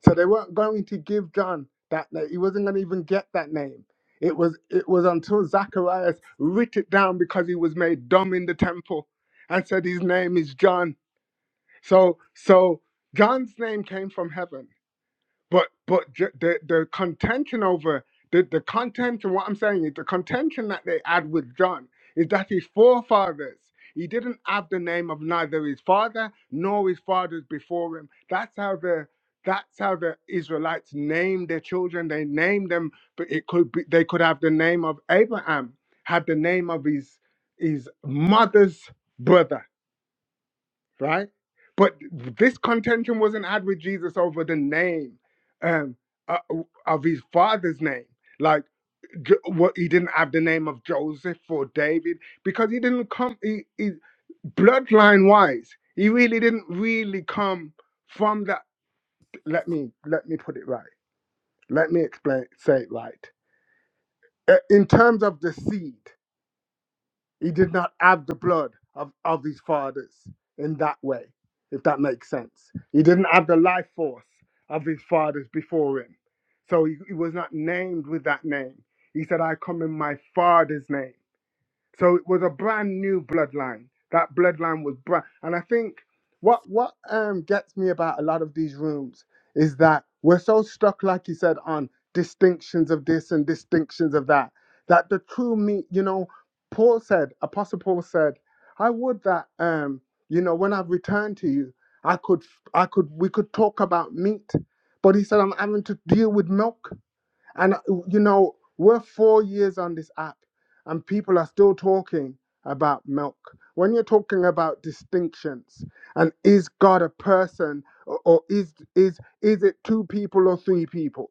So they weren't going to give John that name. He wasn't going to even get that name. It was it was until Zacharias writ it down because he was made dumb in the temple and said his name is John. So so John's name came from heaven but but ju- the the contention over the the contention. What I'm saying is the contention that they had with John is that his forefathers he didn't have the name of neither his father nor his fathers before him. That's how the that's how the Israelites named their children. They named them, but it could be they could have the name of Abraham, had the name of his his mother's brother right? But this contention wasn't had with Jesus over the name um, uh, of his father's name. Like, Jo- what he didn't have the name of Joseph or David because he didn't come, he, he, bloodline wise, he really didn't really come from that. Let me, let me put it right. Let me explain, say it right. Uh, In terms of the seed, He did not have the blood of, of his fathers in that way, if that makes sense. He didn't have the life force of his fathers before him. So he, he was not named with that name. He said, I come in my father's name. So it was a brand new bloodline. That bloodline was brand, and I think what what um gets me about a lot of these rooms is that we're so stuck, like you said, on distinctions of this and distinctions of that. That the true me, you know, Paul said, Apostle Paul said, I would that um, you know, when I've returned to you, I could I could we could talk about meat, but he said I'm having to deal with milk. And uh, you know, we're four years on this app, and people are still talking about milk. When you're talking about distinctions, and is God a person, or, or is is is it two people or three people?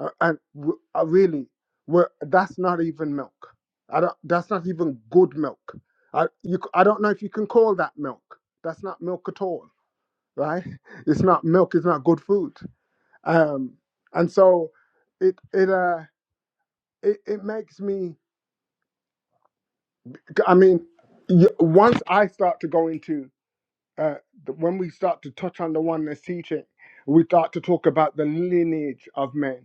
Uh, and w- uh, really, we're, that's not even milk. I don't, that's not even good milk. I you c- I don't know if you can call that milk. That's not milk at all, right? It's not milk. It's not good food. Um, and so it it uh it, it makes me i mean y- once i start to go into uh, the- when we start to touch on the oneness teaching we start to talk about the lineage of men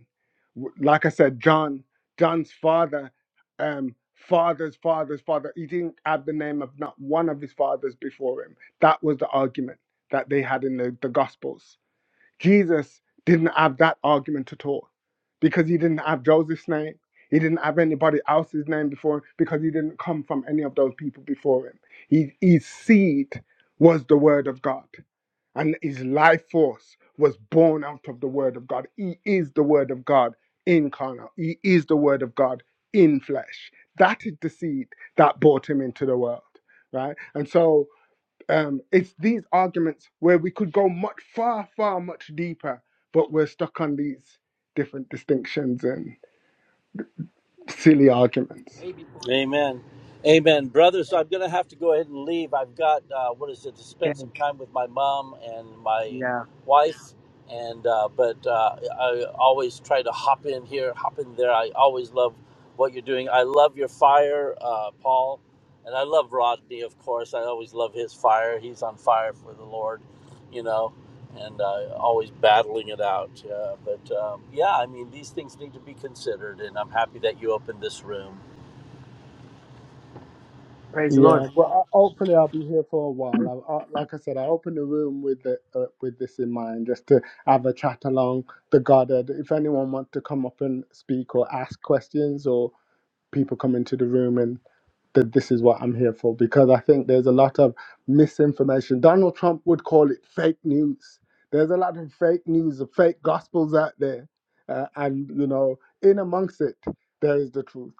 W- like i said john john's father um father's father's father he didn't have the name of not one of his fathers before him that was the argument that they had in the, the gospels Jesus didn't have that argument at all because he didn't have Joseph's name. He didn't have anybody else's name before him because he didn't come from any of those people before him. He, his seed was the word of God, and his life force was born out of the word of God. He is the word of God incarnate, he is the word of God in flesh. That is the seed that brought him into the world, right? And so um, it's these arguments where we could go much far, far, much deeper, but we're stuck on these different distinctions and silly arguments.
Baby,
Amen. Amen. Brother, so
baby.
I'm going to have to go ahead and leave. I've got, uh, what is it, to spend
Okay.
some time with my mom and my
yeah,
wife. And, uh, but uh, I always try to hop in here, hop in there. I always love what you're doing. I love your fire, uh, Paul. And I love Rodney, of course. I always love his fire. He's on fire for the Lord, you know, and uh, always battling it out. Uh, but um, yeah, I mean, these things need to be considered. And I'm happy that you opened this room
praise the Lord.
Yeah, well, I- hopefully I'll be here for a while. I, I, like I said, I opened the room with the, uh, with this in mind, just to have a chat along the Godhead. If anyone wants to come up and speak or ask questions, or people come into the room that this is what I'm here for because I think there's a lot of misinformation. Donald Trump would call it fake news. There's a lot of fake news, of fake gospels out there, uh, and you know, in amongst it, there is the truth.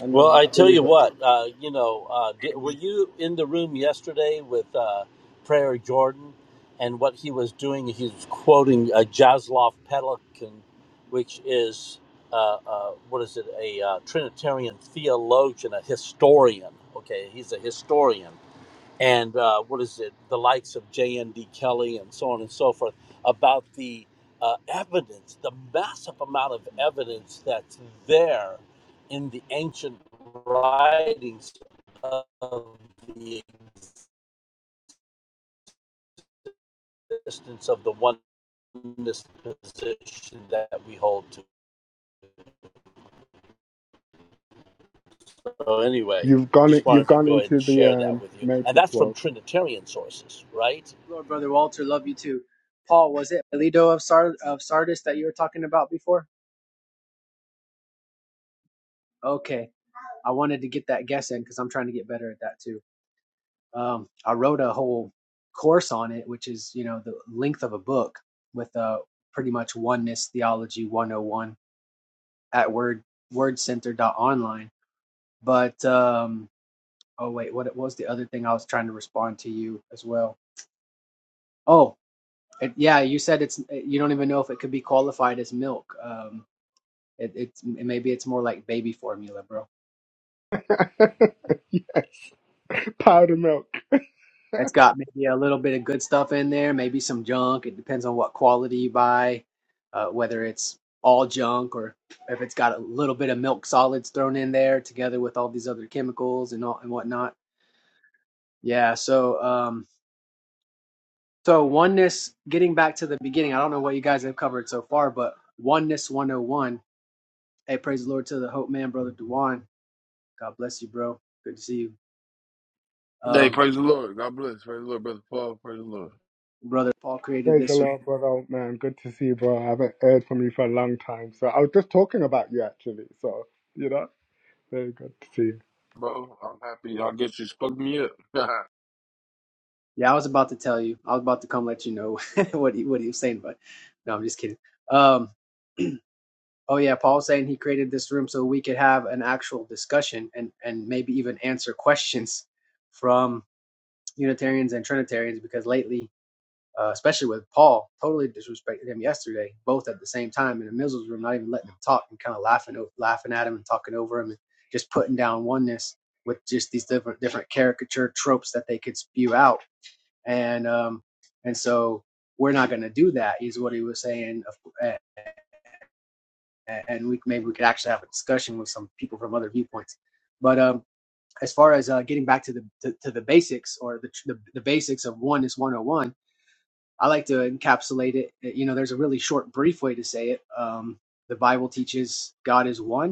And
Well,
um,
I
I
tell
believe
you
that
what, uh, you know, uh, di were you in the room yesterday with uh, Prayer Jordan and what he was doing? He was quoting a Jaslov Pelikan, which is, uh, uh, what is it, a uh, Trinitarian theologian, a historian. Okay, he's a historian and uh, what is it, the likes of J.N.D. Kelly and so on and so forth, about the uh, evidence, the massive amount of evidence that's there in the ancient writings of the existence of the oneness position that we hold to. So, anyway,
you've gone
just wanted
you've
to
gone
go ahead and
into the
share that
um,
with you. And
matrix,
that's from
Walter.
Trinitarian sources, right?
Lord, brother Walter, love you too. Paul, was it Leto of, Sard- of Sardis that you were talking about before? Okay, I wanted to get that guess in because I'm trying to get better at that too. Um, I wrote a whole course on it, which is you know the length of a book with uh, pretty much oneness theology 101 at word wordcenter.online. But um, oh wait, what, what was the other thing I was trying to respond to you as well? Oh, it, yeah, you said it's you don't even know if it could be qualified as milk. Um, It, it's maybe it's more like baby formula, bro.
yes, powder milk.
It's got maybe a little bit of good stuff in there, maybe some junk. It depends on what quality you buy, uh, whether it's all junk or if it's got a little bit of milk solids thrown in there together with all these other chemicals and all and whatnot. Yeah. So, um, so oneness. Getting back to the beginning, I don't know what you guys have covered so far, but oneness 101. Hey, praise the Lord to the Hope Man, brother Dewan. God bless you, bro. Good to see you.
Hey,
Um,
praise the Lord. God bless. Praise the Lord, brother Paul. Praise the Lord,
brother Paul created
Praise the
this
Lord, brother old man. Good to see you, bro. I haven't heard from you for a long time, so I was just talking about you actually. So you know, very good to see you.
bro. I'm happy. Y'all get you spoke me up.
Yeah, I was about to tell you. I was about to come let you know what he what he was saying, but no, I'm just kidding. Um, oh yeah, Paul's saying he created this room so we could have an actual discussion and and maybe even answer questions from Unitarians and Trinitarians because lately, uh, especially with Paul, totally disrespected him yesterday, both at the same time in the Mizzle's room, not even letting him talk and kind of laughing o- laughing at him and talking over him and just putting down oneness with just these different different caricature tropes that they could spew out and um, and so we're not going to do that is what he was saying and we maybe we could actually have a discussion with some people from other viewpoints but um, as far as uh, getting back to the to, to the basics or the, the the basics of Oneness one is 101 i like to encapsulate it you know there's a really short brief way to say it um, the bible teaches god is one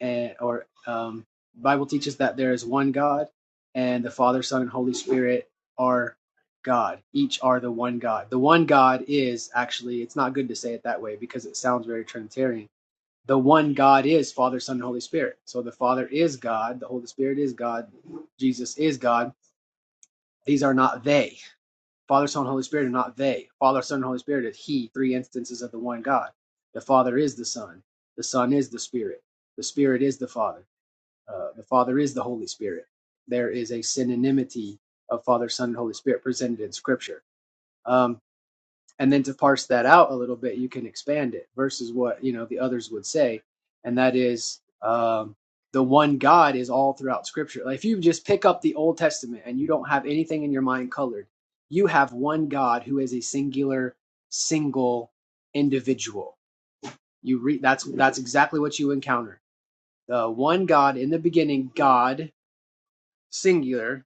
and or um, Bible teaches that there is one God, and the Father, Son, and Holy Spirit are God. Each are the one God. The one God is actually it's not good to say it that way because it sounds very Trinitarian. The one God is Father, Son, and Holy Spirit. So the Father is God, the Holy Spirit is God, Jesus is God. These are not they. Father, Son, and Holy Spirit are not they. Father, Son, and Holy Spirit is He. Three instances of the one God. The Father is the Son. The Son is the Spirit. The Spirit is the Father uh, the Father is the Holy Spirit. There is a synonymity of Father, Son, and Holy Spirit presented in Scripture. Um, and then to parse that out a little bit, you can expand it versus what you know the others would say, and that is um, the one God is all throughout Scripture. Like if you just pick up the Old Testament and you don't have anything in your mind colored, you have one God who is a singular, single individual. You read that's that's exactly what you encounter. The one God in the beginning, God singular,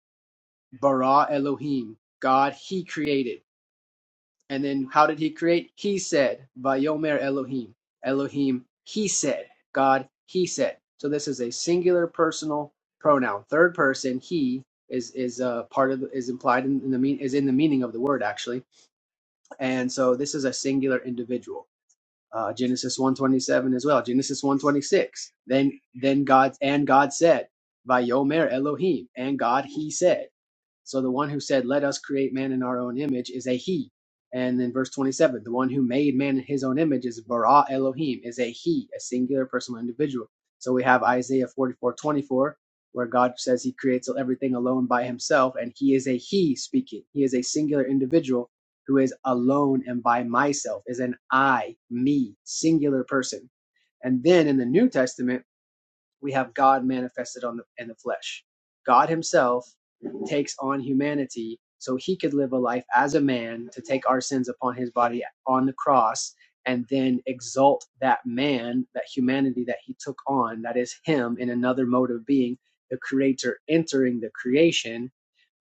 bara Elohim, God He created. And then how did He create? He said, Vayomer Elohim, Elohim He said, God He said. So this is a singular personal pronoun, third person He is is uh, part of is implied in, in the mean is in the meaning of the word actually, and so this is a singular individual uh, Genesis 127 as well, Genesis 126. Then then God and God said, Vayomer Elohim, and God he said. So the one who said, Let us create man in our own image is a he. And then verse 27, the one who made man in his own image is Bara Elohim, is a he, a singular personal individual. So we have Isaiah 44 24, where God says he creates everything alone by himself, and he is a he speaking. He is a singular individual who is alone and by myself, is an I, me, singular person. And then in the New Testament, we have God manifested on the, in the flesh. God Himself takes on humanity so He could live a life as a man to take our sins upon His body on the cross and then exalt that man, that humanity that He took on, that is Him in another mode of being, the Creator entering the creation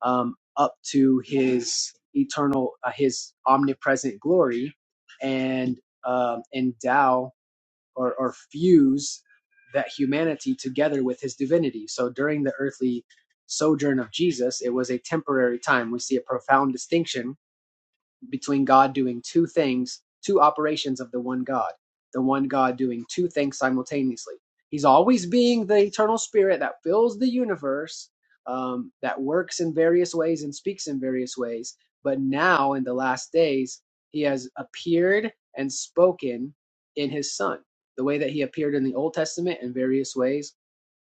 um, up to His eternal, uh, His omnipresent glory and um, endow or, or fuse that humanity together with his divinity. So during the earthly sojourn of Jesus, it was a temporary time. We see a profound distinction between God doing two things, two operations of the one God, the one God doing two things simultaneously. He's always being the eternal spirit that fills the universe, um, that works in various ways and speaks in various ways. But now, in the last days, he has appeared and spoken in his son, the way that he appeared in the Old Testament in various ways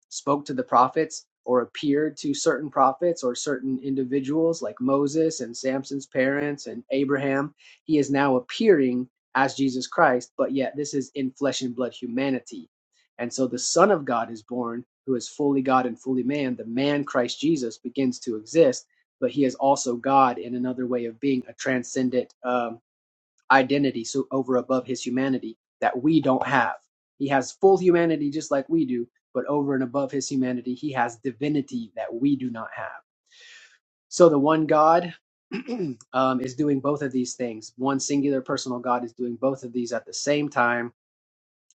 spoke to the prophets or appeared to certain prophets or certain individuals like Moses and Samson's parents and Abraham. He is now appearing as Jesus Christ, but yet this is in flesh and blood humanity. And so the Son of God is born, who is fully God and fully man. The man Christ Jesus begins to exist, but he is also God in another way of being a transcendent. um identity so over above his humanity that we don't have. He has full humanity just like we do, but over and above his humanity, he has divinity that we do not have. So the one God um, is doing both of these things. One singular personal God is doing both of these at the same time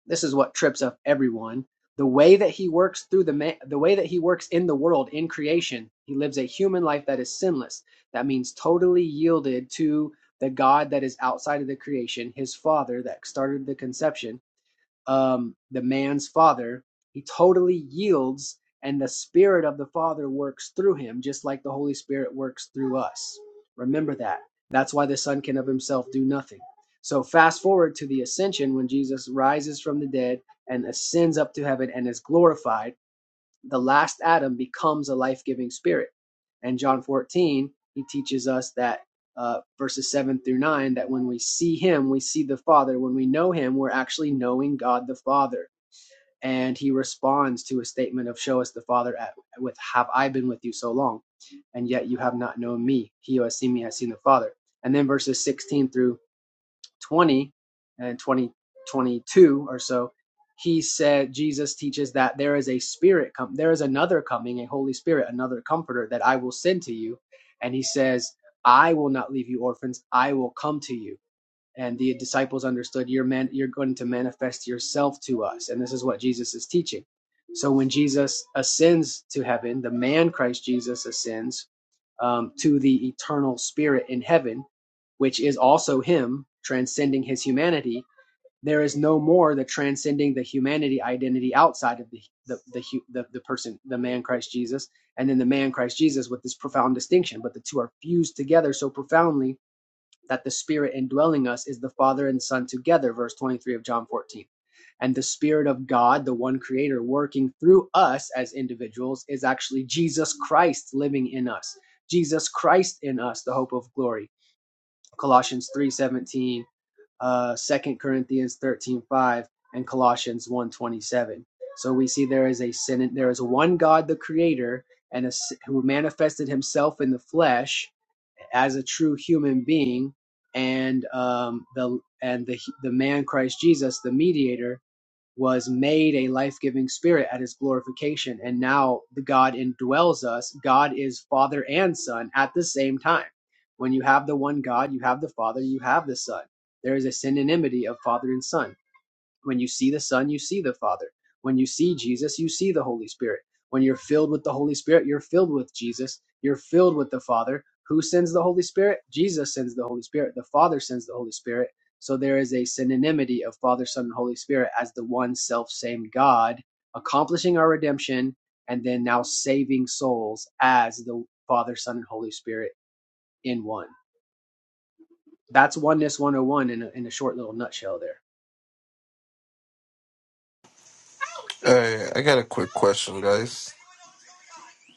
this is what trips up everyone. The way that he works through the ma- the way that he works in the world in creation, he lives a human life that is sinless. That means totally yielded to the God that is outside of the creation, his Father that started the conception um, the man's father. He totally yields, and the Spirit of the Father works through him, just like the Holy Spirit works through us. Remember that. That's why the Son can of himself do nothing. So, fast forward to the ascension when Jesus rises from the dead and ascends up to heaven and is glorified the last Adam becomes a life giving spirit. And John 14, he teaches us that uh, verses 7 through 9, that when we see him, we see the Father. When we know him, we're actually knowing God the Father. And he responds to a statement of, Show us the Father at, with, Have I been with you so long? And yet you have not known me. He who has seen me has seen the Father. And then verses 16 through 20 and 2022 or so, he said Jesus teaches that there is a spirit come, there is another coming, a Holy Spirit, another comforter that I will send to you. And he says, I will not leave you orphans, I will come to you. And the disciples understood you're man, you're going to manifest yourself to us. And this is what Jesus is teaching. So when Jesus ascends to heaven, the man Christ Jesus ascends um, to the eternal spirit in heaven, which is also him transcending his humanity, there is no more the transcending the humanity identity outside of the the the, the, the person, the man Christ Jesus, and then the man Christ Jesus with this profound distinction. But the two are fused together so profoundly that the Spirit indwelling us is the Father and Son together, verse 23 of John 14. And the Spirit of God, the one Creator, working through us as individuals, is actually Jesus Christ living in us. Jesus Christ in us, the hope of glory. Colossians 3:17, uh, 2 Corinthians 13:5, and Colossians one twenty-seven. So we see there is a sin, there is one God, the Creator, and a, s- who manifested Himself in the flesh, as a true human being and um, the and the the man Christ Jesus the mediator was made a life-giving spirit at his glorification and now the God indwells us God is father and son at the same time when you have the one God you have the father you have the son there is a synonymity of father and son when you see the Son, you see the Father. When you see Jesus, you see the Holy Spirit. When you're filled with the Holy Spirit, you're filled with Jesus. You're filled with the Father. Who sends the Holy Spirit? Jesus sends the Holy Spirit. The Father sends the Holy Spirit. So there is a synonymity of Father, Son, and Holy Spirit as the one self same God accomplishing our redemption and then now saving souls as the Father, Son, and Holy Spirit in one. That's oneness 101 in a, in a short little nutshell there.
Hey, I got a quick question, guys.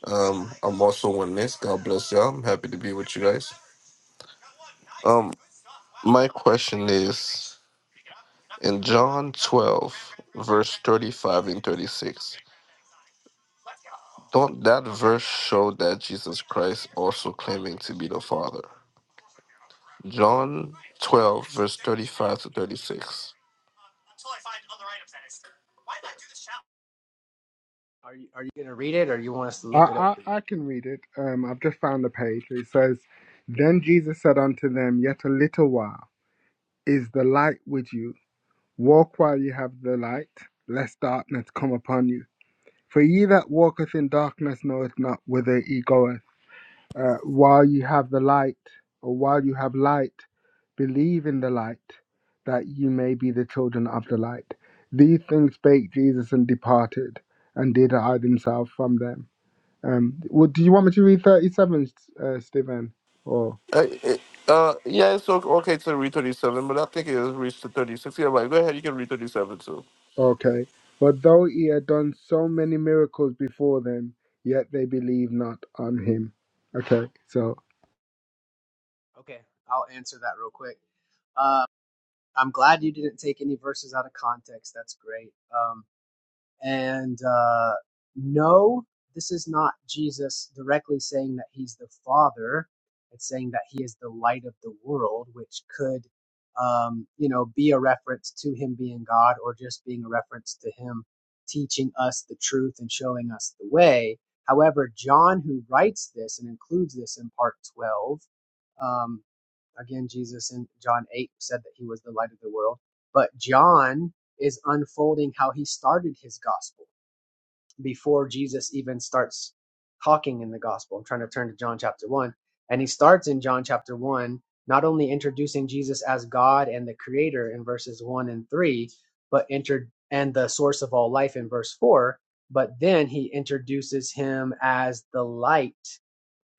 Um, I'm also one this. God bless y'all. I'm happy to be with you guys. Um, my question is in John 12, verse 35 and 36. Don't that verse show that Jesus Christ also claiming to be the Father? John 12, verse 35 to 36.
Are you, are you going to read it or you want us to look it up
I,
for you?
I, I can read it. Um, I've just found the page. It says, Then Jesus said unto them, Yet a little while is the light with you. Walk while you have the light, lest darkness come upon you. For ye that walketh in darkness knoweth not whither he goeth. Uh, while you have the light, or while you have light, believe in the light, that you may be the children of the light. These things spake Jesus and departed, and did hide himself from them. Um, well, do you want me to read 37, uh, Stephen? Or
Uh, it- uh, yeah, it's o- okay to read 37, but I think it reached to 36. Yeah, right. Go ahead. You can read 37 too.
okay. But though he had done so many miracles before them, yet they believed not on him. Okay, so
Okay, I'll answer that real quick. Uh, I'm glad you didn't take any verses out of context. That's great. Um, and uh, no, this is not Jesus directly saying that he's the Father. It's saying that he is the light of the world, which could, um, you know, be a reference to him being God or just being a reference to him teaching us the truth and showing us the way. However, John, who writes this and includes this in part 12, um, again, Jesus in John 8 said that he was the light of the world. But John is unfolding how he started his gospel before Jesus even starts talking in the gospel. I'm trying to turn to John chapter 1. And he starts in John chapter 1, not only introducing Jesus as God and the creator in verses 1 and 3, but entered and the source of all life in verse 4, but then he introduces him as the light,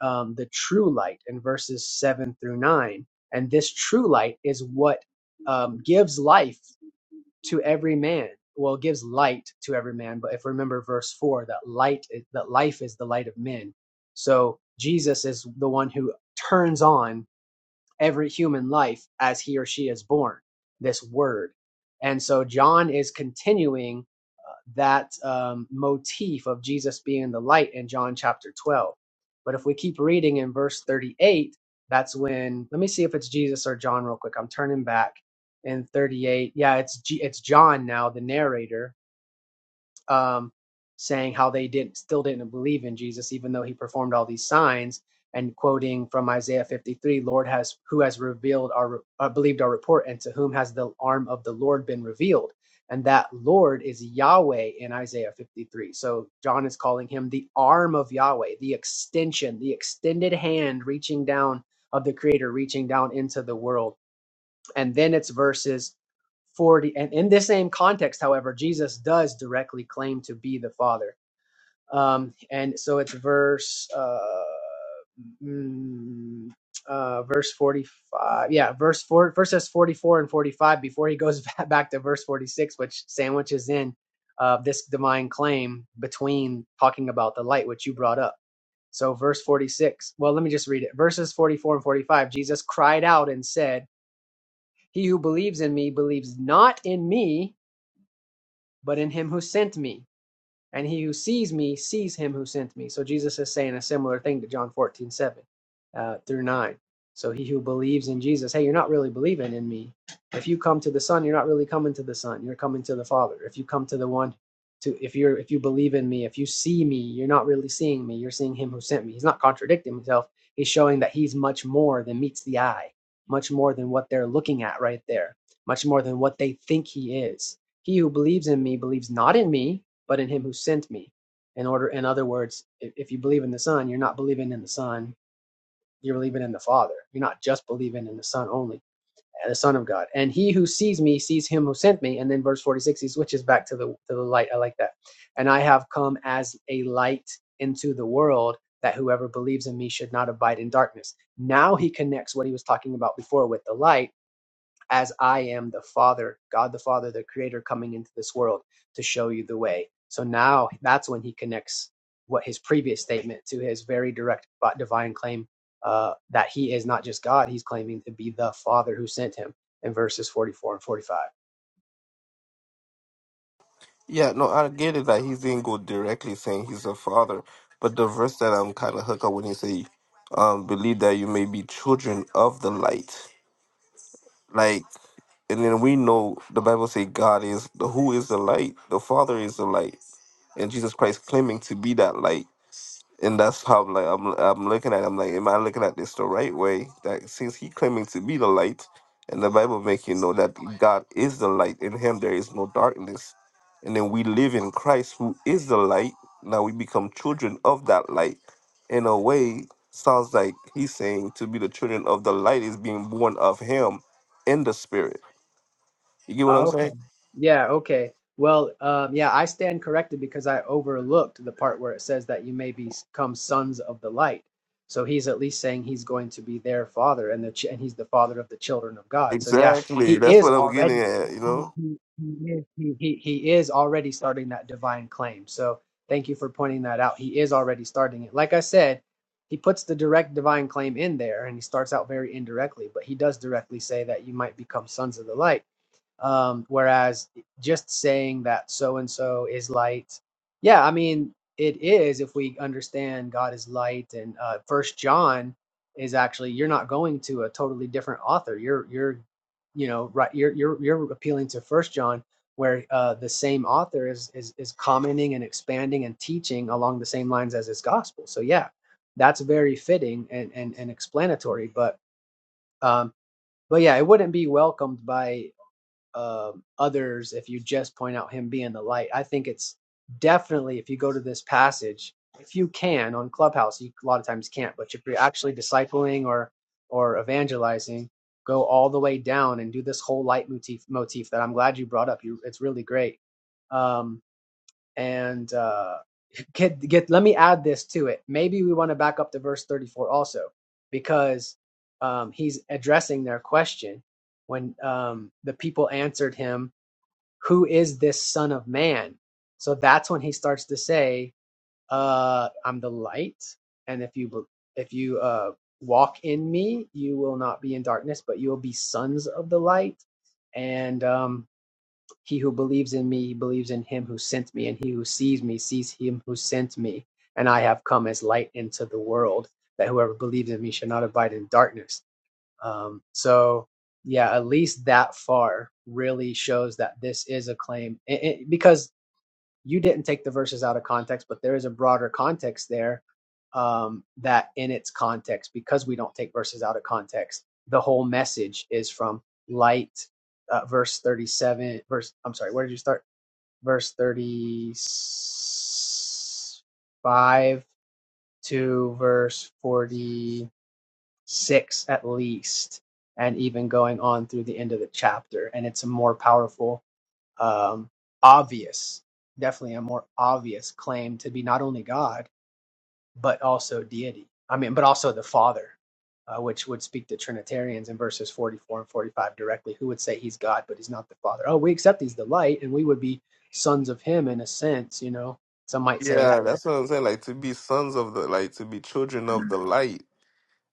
um, the true light in verses 7 through 9. And this true light is what um, gives life to every man. Well, it gives light to every man, but if we remember verse four, that light, is, that life is the light of men. So Jesus is the one who turns on every human life as he or she is born, this word. And so John is continuing uh, that um, motif of Jesus being the light in John chapter 12. But if we keep reading in verse 38, that's when let me see if it's Jesus or John real quick. I'm turning back in 38. Yeah, it's G, it's John now, the narrator um, saying how they didn't still didn't believe in Jesus, even though he performed all these signs, and quoting from Isaiah 53, "Lord has who has revealed our uh, believed our report, and to whom has the arm of the Lord been revealed." And that Lord is Yahweh in Isaiah 53. So John is calling him the arm of Yahweh, the extension, the extended hand reaching down of the Creator, reaching down into the world and then it's verses 40 and in this same context however jesus does directly claim to be the father um and so it's verse uh, mm, uh verse 45 yeah verse 4 verses 44 and 45 before he goes back to verse 46 which sandwiches in uh this divine claim between talking about the light which you brought up so verse 46 well let me just read it verses 44 and 45 jesus cried out and said he who believes in me believes not in me, but in him who sent me. And he who sees me sees him who sent me. So Jesus is saying a similar thing to John 14 7 uh, through 9. So he who believes in Jesus, hey, you're not really believing in me. If you come to the Son, you're not really coming to the Son. You're coming to the Father. If you come to the one to if you're if you believe in me, if you see me, you're not really seeing me. You're seeing him who sent me. He's not contradicting himself. He's showing that he's much more than meets the eye, much more than what they're looking at right there, much more than what they think he is. He who believes in me believes not in me, but in him who sent me. In order, in other words, if, if you believe in the Son, you're not believing in the Son, you're believing in the Father. You're not just believing in the Son only, uh, the Son of God. And he who sees me sees him who sent me. And then verse 46, he switches back to the to the light. I like that. And I have come as a light into the world that whoever believes in me should not abide in darkness. Now he connects what he was talking about before with the light as I am the Father, God the Father, the Creator, coming into this world to show you the way. So now that's when he connects what his previous statement to his very direct divine claim uh, that he is not just God, he's claiming to be the Father who sent him in verses 44 and 45.
Yeah, no, I get it that he didn't go directly saying he's a father, but the verse that I'm kind of hooked up when you say, um, believe that you may be children of the light. Like, and then we know the Bible say God is the who is the light, the Father is the light, and Jesus Christ claiming to be that light and that's how like I'm I'm looking at. it, I'm like, am I looking at this the right way? That since he claiming to be the light, and the Bible make you know that God is the light. In Him there is no darkness, and then we live in Christ, who is the light. Now we become children of that light. In a way, sounds like he's saying to be the children of the light is being born of Him in the Spirit. You get what I'm
Oh, okay.
saying?
Yeah, okay. Well, um, yeah, I stand corrected because I overlooked the part where it says that you may become sons of the light. So he's at least saying he's going to be their father, and the ch and he's the father of the children of God. So yeah, he
Exactly. That's
is
what I'm getting
already
at. You
he
know.
he he is, he, he he is already starting that divine claim. So thank you for pointing that out. He is already starting it. Like I said, he puts the direct divine claim in there, and he starts out very indirectly, but he does directly say that you might become sons of the light um, whereas just saying that so and so is light, yeah, I mean it is if we understand God is light, and uh, First John is actually you're not going to a totally different author. You're you're you know right you're you're you're appealing to First John where uh, the same author is, is is commenting and expanding and teaching along the same lines as his gospel. So yeah, that's very fitting and and, and explanatory. But um, but yeah, it wouldn't be welcomed by um, others if you just point out him being the light. I think it's definitely if you go to this passage, if you can on Clubhouse, you a lot of times can't, but if you're actually discipling or or evangelizing, go all the way down and do this whole light motif motif that I'm glad you brought up. You, it's really great. Um, and uh, get get. Let me add this to it. Maybe we want to back up to verse thirty four also, because um, he's addressing their question when um, the people answered him, "Who is this Son of Man?" So that's when he starts to say, uh, "I'm the light, and if you if you uh, walk in me, you will not be in darkness, but you will be sons of the light." And um, he who believes in me believes in him who sent me, and he who sees me sees him who sent me. And I have come as light into the world, that whoever believes in me shall not abide in darkness. Um, so, yeah, at least that far really shows that this is a claim, it, it- because you didn't take the verses out of context, but there is a broader context there um, that, in its context, because we don't take verses out of context, the whole message is from light. Uh, verse 37, verse, I'm sorry, where did you start? Verse 35 to verse 46 at least, and even going on through the end of the chapter. And it's a more powerful um, obvious, definitely a more obvious claim to be not only God but also deity. I mean, but also the Father, uh, which would speak to Trinitarians in verses 44 and 45 directly, who would say he's God but he's not the Father. Oh, we accept he's the light, and we would be sons of Him in a sense. You know, some might say
Yeah,
that.
that's what I'm saying. Like to be sons of the like to be children of the light.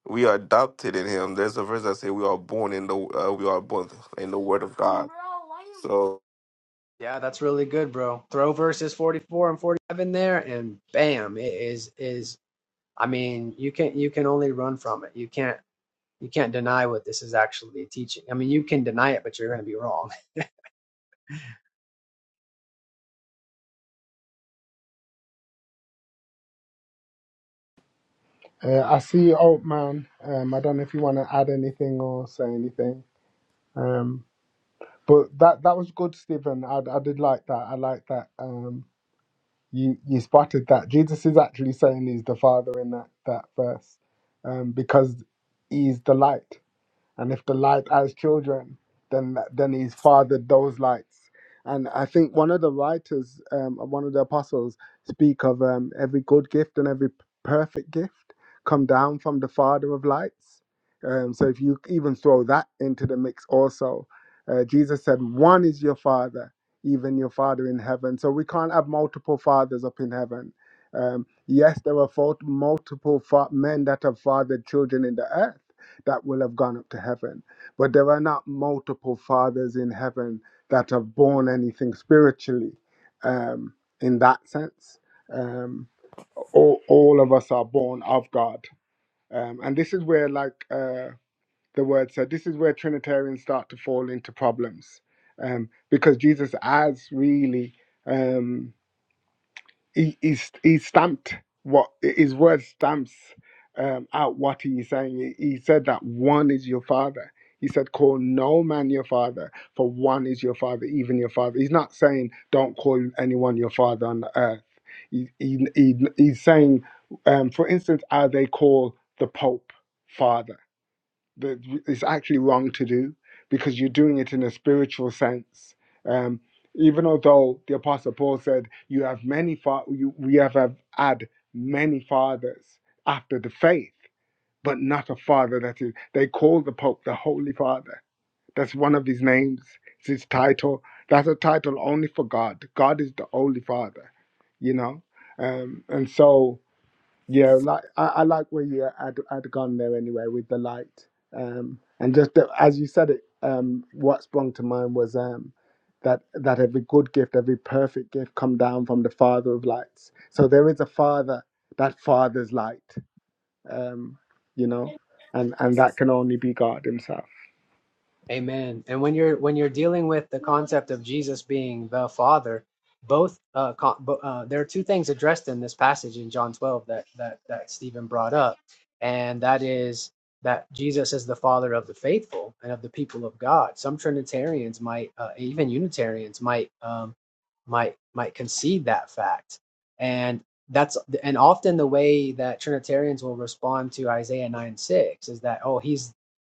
We are adopted in Him. There's a verse that say we are born in the uh, we are born in the Word of God. So
Yeah, that's really good, bro. Throw verses 44 and 45 in there, and bam, it is is. I mean, you can you can only run from it. You can't You can't deny what this is actually teaching. I mean, you can deny it, but you're going to be wrong.
uh, I see you, old man. Um, I don't know if you want to add anything or say anything. Um, but that that was good, Stephen. I, I did like that. I like that. Um, you you spotted that. Jesus is actually saying he's the Father in that that verse, um, because he's the light and if the light has children, then then he's fathered those lights. And I think one of the writers, um, one of the apostles, speak of um, every good gift and every perfect gift come down from the Father of lights. Um, so if you even throw that into the mix, also, uh, Jesus said, "One is your Father, even your Father in heaven." So we can't have multiple fathers up in heaven. Um, yes, there are fo- multiple fa- men that have fathered children in the earth that will have gone up to heaven. But there are not multiple fathers in heaven that have borne anything spiritually um, in that sense. Um, all, all of us are born of God. Um, and this is where, like uh, the word said, this is where Trinitarians start to fall into problems um, because Jesus has really. Um, he he's, he stamped what his word stamps um, out what he is saying. He, he said that one is your father. He said, "Call no man your father, for one is your father, even your father." He's not saying don't call anyone your father on earth. He, he, he- he's saying, um, for instance, how they call the Pope father that it's actually wrong to do because you're doing it in a spiritual sense. Um, even although the Apostle Paul said, "You have many fa- you, we have, have had many fathers after the faith, but not a father that is." They call the Pope the Holy Father. That's one of his names. It's his title. That's a title only for God. God is the Holy Father, you know. Um, and so yeah, like I, I like where you had had gone there anyway with the light, um, and just the, as you said it, um, what sprung to mind was um, that that every good gift, every perfect gift, come down from the Father of lights. So there is a Father that fathers light, um, you know, and and that can only be God Himself.
Amen. And when you're when you're dealing with the concept of Jesus being the Father, both uh, co- bo- uh, there are two things addressed in this passage in John 12 that that that Stephen brought up, and that is that Jesus is the Father of the faithful and of the people of God. Some Trinitarians might, uh, even Unitarians might um, might might concede that fact, and that's and often the way that Trinitarians will respond to Isaiah 9 6 is that oh he's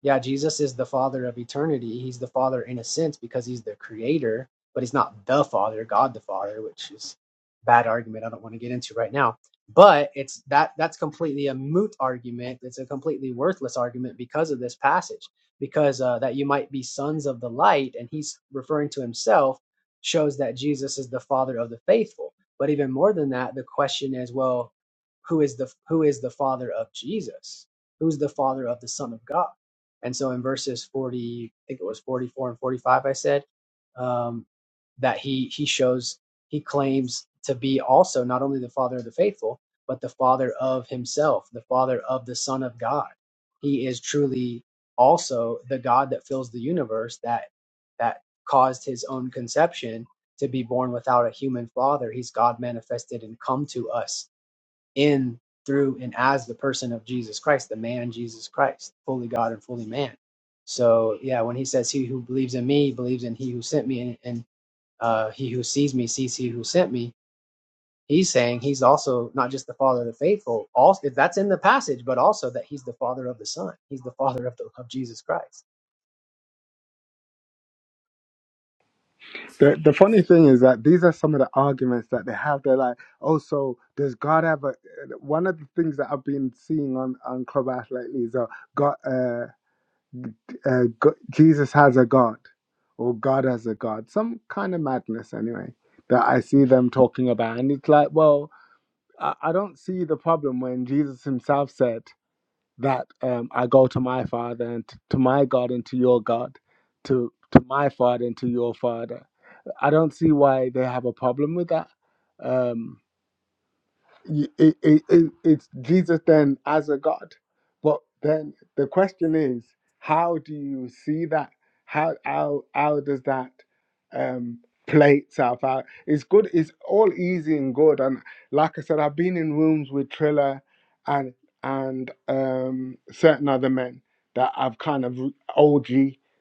yeah, Jesus is the Father of eternity. He's the Father in a sense because he's the creator, but he's not the Father, God the Father, which is a bad argument I don't want to get into right now. But it's that that's completely a moot argument. It's a completely worthless argument because of this passage, because uh, that you might be sons of the light, and he's referring to himself, shows that Jesus is the Father of the faithful. But even more than that, the question is, well, who is the who is the Father of Jesus? Who's the Father of the Son of God? And so in verses 40, I think it was 44 and 45, I said, um, that he he shows he claims to be also not only the father of the faithful but the father of himself the father of the son of god he is truly also the god that fills the universe that that caused his own conception to be born without a human father he's god manifested and come to us in, through, and as the person of Jesus Christ, the man Jesus Christ, fully God and fully man. So, yeah, when he says, He who believes in me believes in he who sent me, and, and uh, he who sees me sees he who sent me, he's saying he's also not just the father of the faithful, also, if that's in the passage, but also that he's the father of the Son, he's the father of, the, of Jesus Christ.
The the funny thing is that these are some of the arguments that they have. They're like, oh, so does God have a? One of the things that I've been seeing on on Clubhouse lately is. Uh, God. uh. uh, Go- Jesus has a God or God has a God, some kind of madness anyway that I see them talking about. And it's like, well, I, I don't see the problem when Jesus himself said that um, I go to my Father and t- to my God and to your God, to to my Father and to your Father. I don't see why they have a problem with that. Um, y- it, it, it, it's Jesus then as a God. But then the question is, how do you see that? How how how does that um, play itself out? It's good. It's all easy and good. And like I said, I've been in rooms with Triller and and um, certain other men that I've kind of OG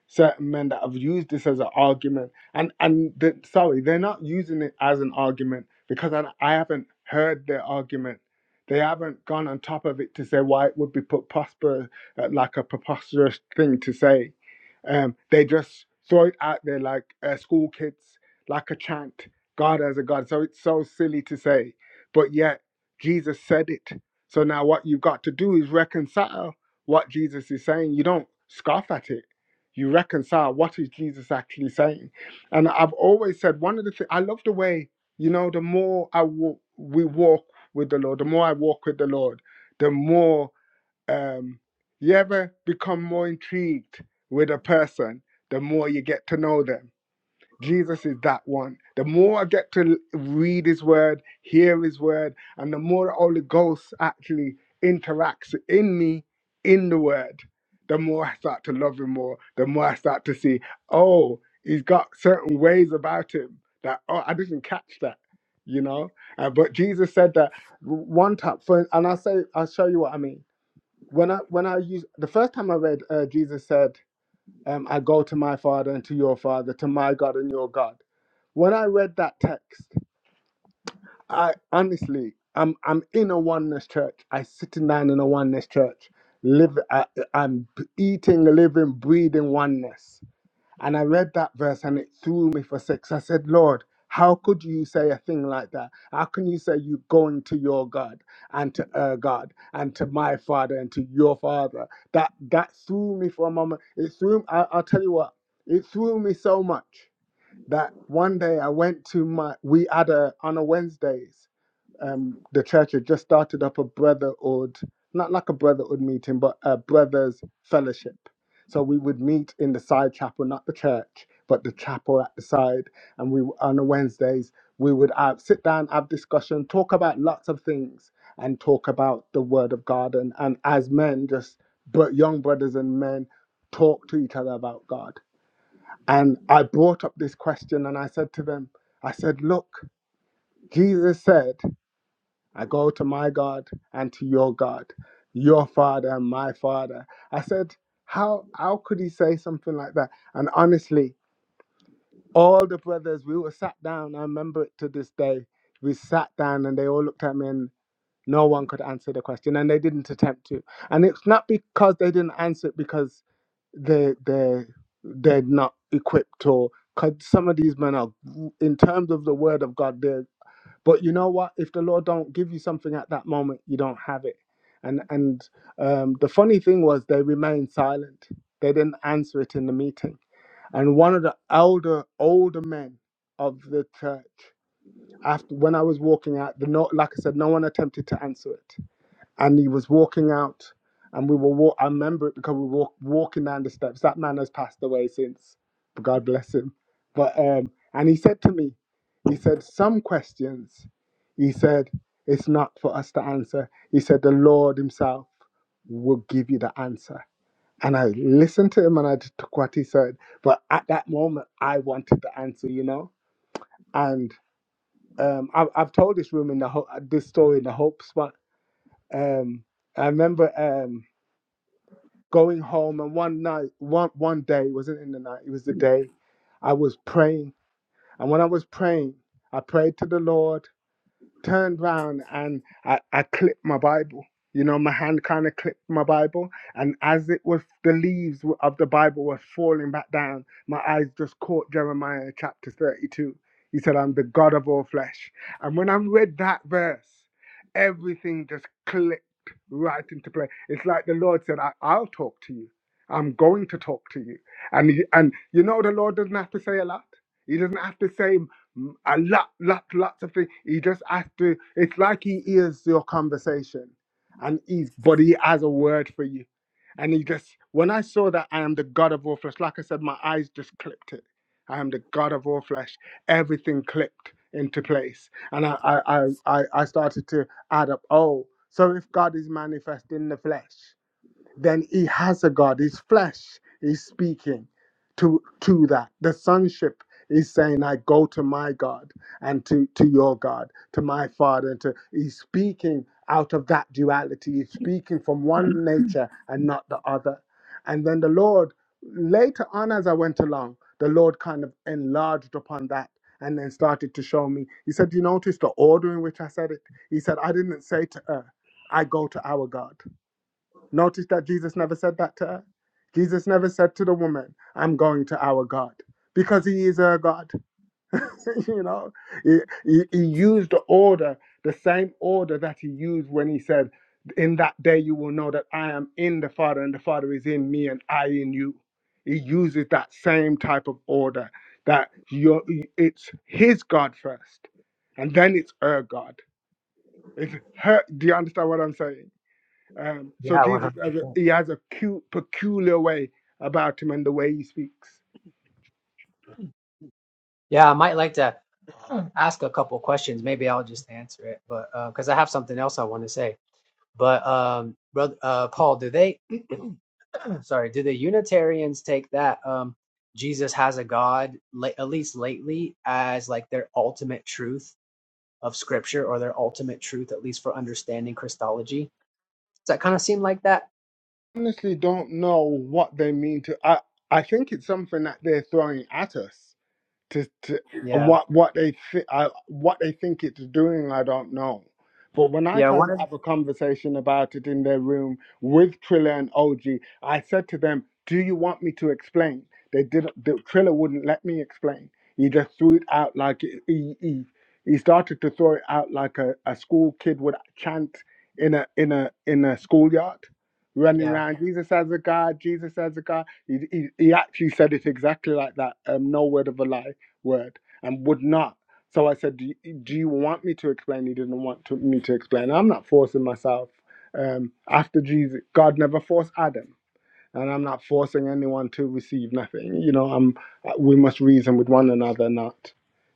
certain men that have used this as an argument and and the, sorry, they're not using it as an argument because I, I haven't heard their argument. They haven't gone on top of it to say why it would be prosper uh, like a preposterous thing to say. Um, they just throw it out there like uh, school kids, like a chant, God as a God. So it's so silly to say, but yet Jesus said it. So now what you've got to do is reconcile what Jesus is saying. You don't scoff at it. You reconcile what is Jesus actually saying and I've always said one of the things I love the way you know the more I wa- we walk with the Lord, the more I walk with the Lord, the more um, you ever become more intrigued with a person, the more you get to know them Jesus is that one. The more I get to read his word, hear his word, and the more the Holy Ghost actually interacts in me, in the word, the more I start to love him more, the more I start to see, oh, he's got certain ways about him that, oh, I didn't catch that, you know? Uh, but Jesus said that one time, for, and I'll, say, I'll show you what I mean. When I, when I use, the first time I read, uh, Jesus said, um, I go to my Father and to your Father, to my God and your God. When I read that text, I honestly, I'm I'm in a oneness church. I sitting down in a oneness church. Live, I, I'm eating, living, breathing oneness. And I read that verse and it threw me for six. I said, Lord, how could you say a thing like that? How can you say you going to your God and to her God and to my father and to your father? That that threw me for a moment. It threw I, I'll tell you what, it threw me so much that one day I went to my we had a on a Wednesdays um, the church had just started up a brotherhood, not like a brotherhood meeting, but a brothers fellowship. So we would meet in the side chapel, not the church, but the chapel at the side. And we on the Wednesdays we would have, sit down, have discussion, talk about lots of things, and talk about the Word of God. And, and as men, just but young brothers and men, talk to each other about God. And I brought up this question, and I said to them, I said, look, Jesus said. I go to my God and to your God, your father and my father. I said, how how could he say something like that? And honestly, all the brothers, we were sat down. I remember it to this day. We sat down and they all looked at me and no one could answer the question and they didn't attempt to. And it's not because they didn't answer it because they they they're not equipped or because some of these men are in terms of the word of God, they're but you know what if the lord don't give you something at that moment you don't have it and and um, the funny thing was they remained silent they didn't answer it in the meeting and one of the elder older men of the church after when i was walking out the no like i said no one attempted to answer it and he was walking out and we were walk I remember it because we were walk- walking down the steps. That man has passed away since. God bless him. But um and he said to me, he said, Some questions, he said, it's not for us to answer. He said, The Lord Himself will give you the answer. And I listened to him and I took what he said. But at that moment I wanted the answer, you know? And um, I, I've told this room in the ho- this story in the hope spot. Um, I remember. Um, going home and one night one one day it wasn't in the night it was the day i was praying and when i was praying i prayed to the lord turned round and I, I clipped my Bible. You know, my hand kind of clipped my Bible, and as it was, the leaves w- of the Bible were falling back down. My eyes just caught Jeremiah chapter 32. He said, I'm the God of all flesh. And when I read that verse, everything just clicked right into play. It's like the Lord said, I, I'll talk to you. I'm going to talk to you. And, he- and you know, the Lord doesn't have to say a lot. He doesn't have to say a lot, lot, lots of things. He just has to. It's like he hears your conversation, and he's but he has a word for you, and he just. When I saw that I am the God of all flesh, like I said, my eyes just clipped it. I am the God of all flesh. Everything clipped into place, and I, I, I, I I started to add up. Oh, so if God is manifest in the flesh then he has a God. His flesh is speaking to to that. The sonship is saying, I go to my God and to, to your God, to my Father, and to he's speaking out of that duality. He's speaking from one nature and not the other. And then the Lord, later on as I went along, the Lord kind of enlarged upon that and then started to show me. He said, You notice the order in which I said it? He said, I didn't say to her, I go to our God. Notice that Jesus never said that to her. Jesus never said to the woman, I'm going to our God, because he is her God. you know, he, he, he used the order, the same order that he used when he said, In that day you will know that I am in the Father, and the Father is in me, and I in you. He uses that same type of order that you're, it's his God first, and then it's her God. It's her. Do you understand what I'm saying? Um, so Jesus, has a, he has a cu- peculiar way about him and the way he speaks.
Yeah, I might like to ask a couple questions. Maybe I'll just answer it, but because I have something else I want to say. But um, brother uh, Paul, do they? sorry, do the Unitarians take that um, Jesus has a God, la- at least lately, as like their ultimate truth of Scripture or their ultimate truth, at least for understanding Christology? Does that kind of seem like that?
Honestly, don't know what they mean to. I I think it's something that they're throwing at us. to, to and
Yeah,
what what they thi- I, what they think it's doing i don't know but when i
yeah.
tried
One
to
of
have a conversation about it in their room with triller and og i said to them do you want me to explain they didn't the, triller wouldn't let me explain he just threw it out like it- he, he, he started to throw it out like a, a school kid would chant in a in a in a schoolyard running
yeah.
around jesus as a god jesus as a god he, he, he actually said it exactly like that um, no word of a lie word and would not. So I said, do you, do you want me to explain? He didn't want to, me to explain. I'm not forcing myself. Um, after Jesus, God never forced Adam. And I'm not forcing anyone to receive nothing. You know, I'm, uh, we must reason with one another, not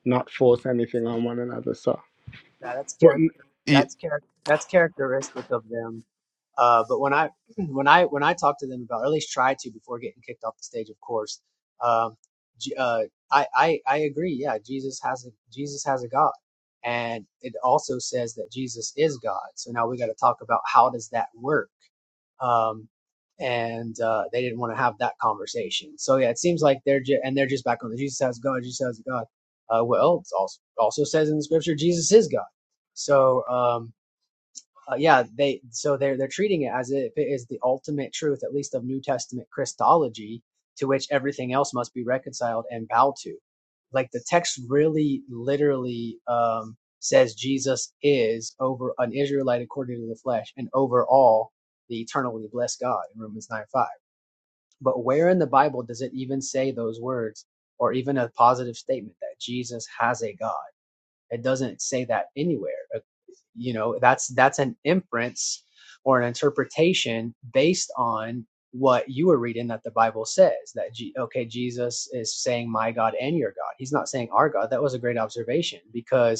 not force anything on one another. So,
Yeah, that's
but
character.
Ye-
That's character. That's characteristic of them. Uh, but when I when I when I talk to them about, or at least try to before getting kicked off the stage, of course. Um, J- uh, I, I I agree. Yeah, Jesus has a Jesus has a God, and it also says that Jesus is God. So now we got to talk about how does that work. Um, and uh, they didn't want to have that conversation. So yeah, it seems like they're ju- and they're just back on the Jesus has God. Jesus has God. Uh, well, it also also says in the scripture, Jesus is God. So um, uh, yeah, they so they're they're treating it as if it is the ultimate truth, at least of New Testament Christology, to which everything else must be reconciled and bow to. Like the text really literally um, says Jesus is over an Israelite according to the flesh and over all the eternally blessed God in Romans nine five. But where in the Bible does it even say those words or even a positive statement that Jesus has a God? It doesn't say that anywhere. Uh, You know, that's that's an inference or an interpretation based on what you were reading that the Bible says that G- okay, Jesus is saying my God and your God. He's not saying our God. That was a great observation because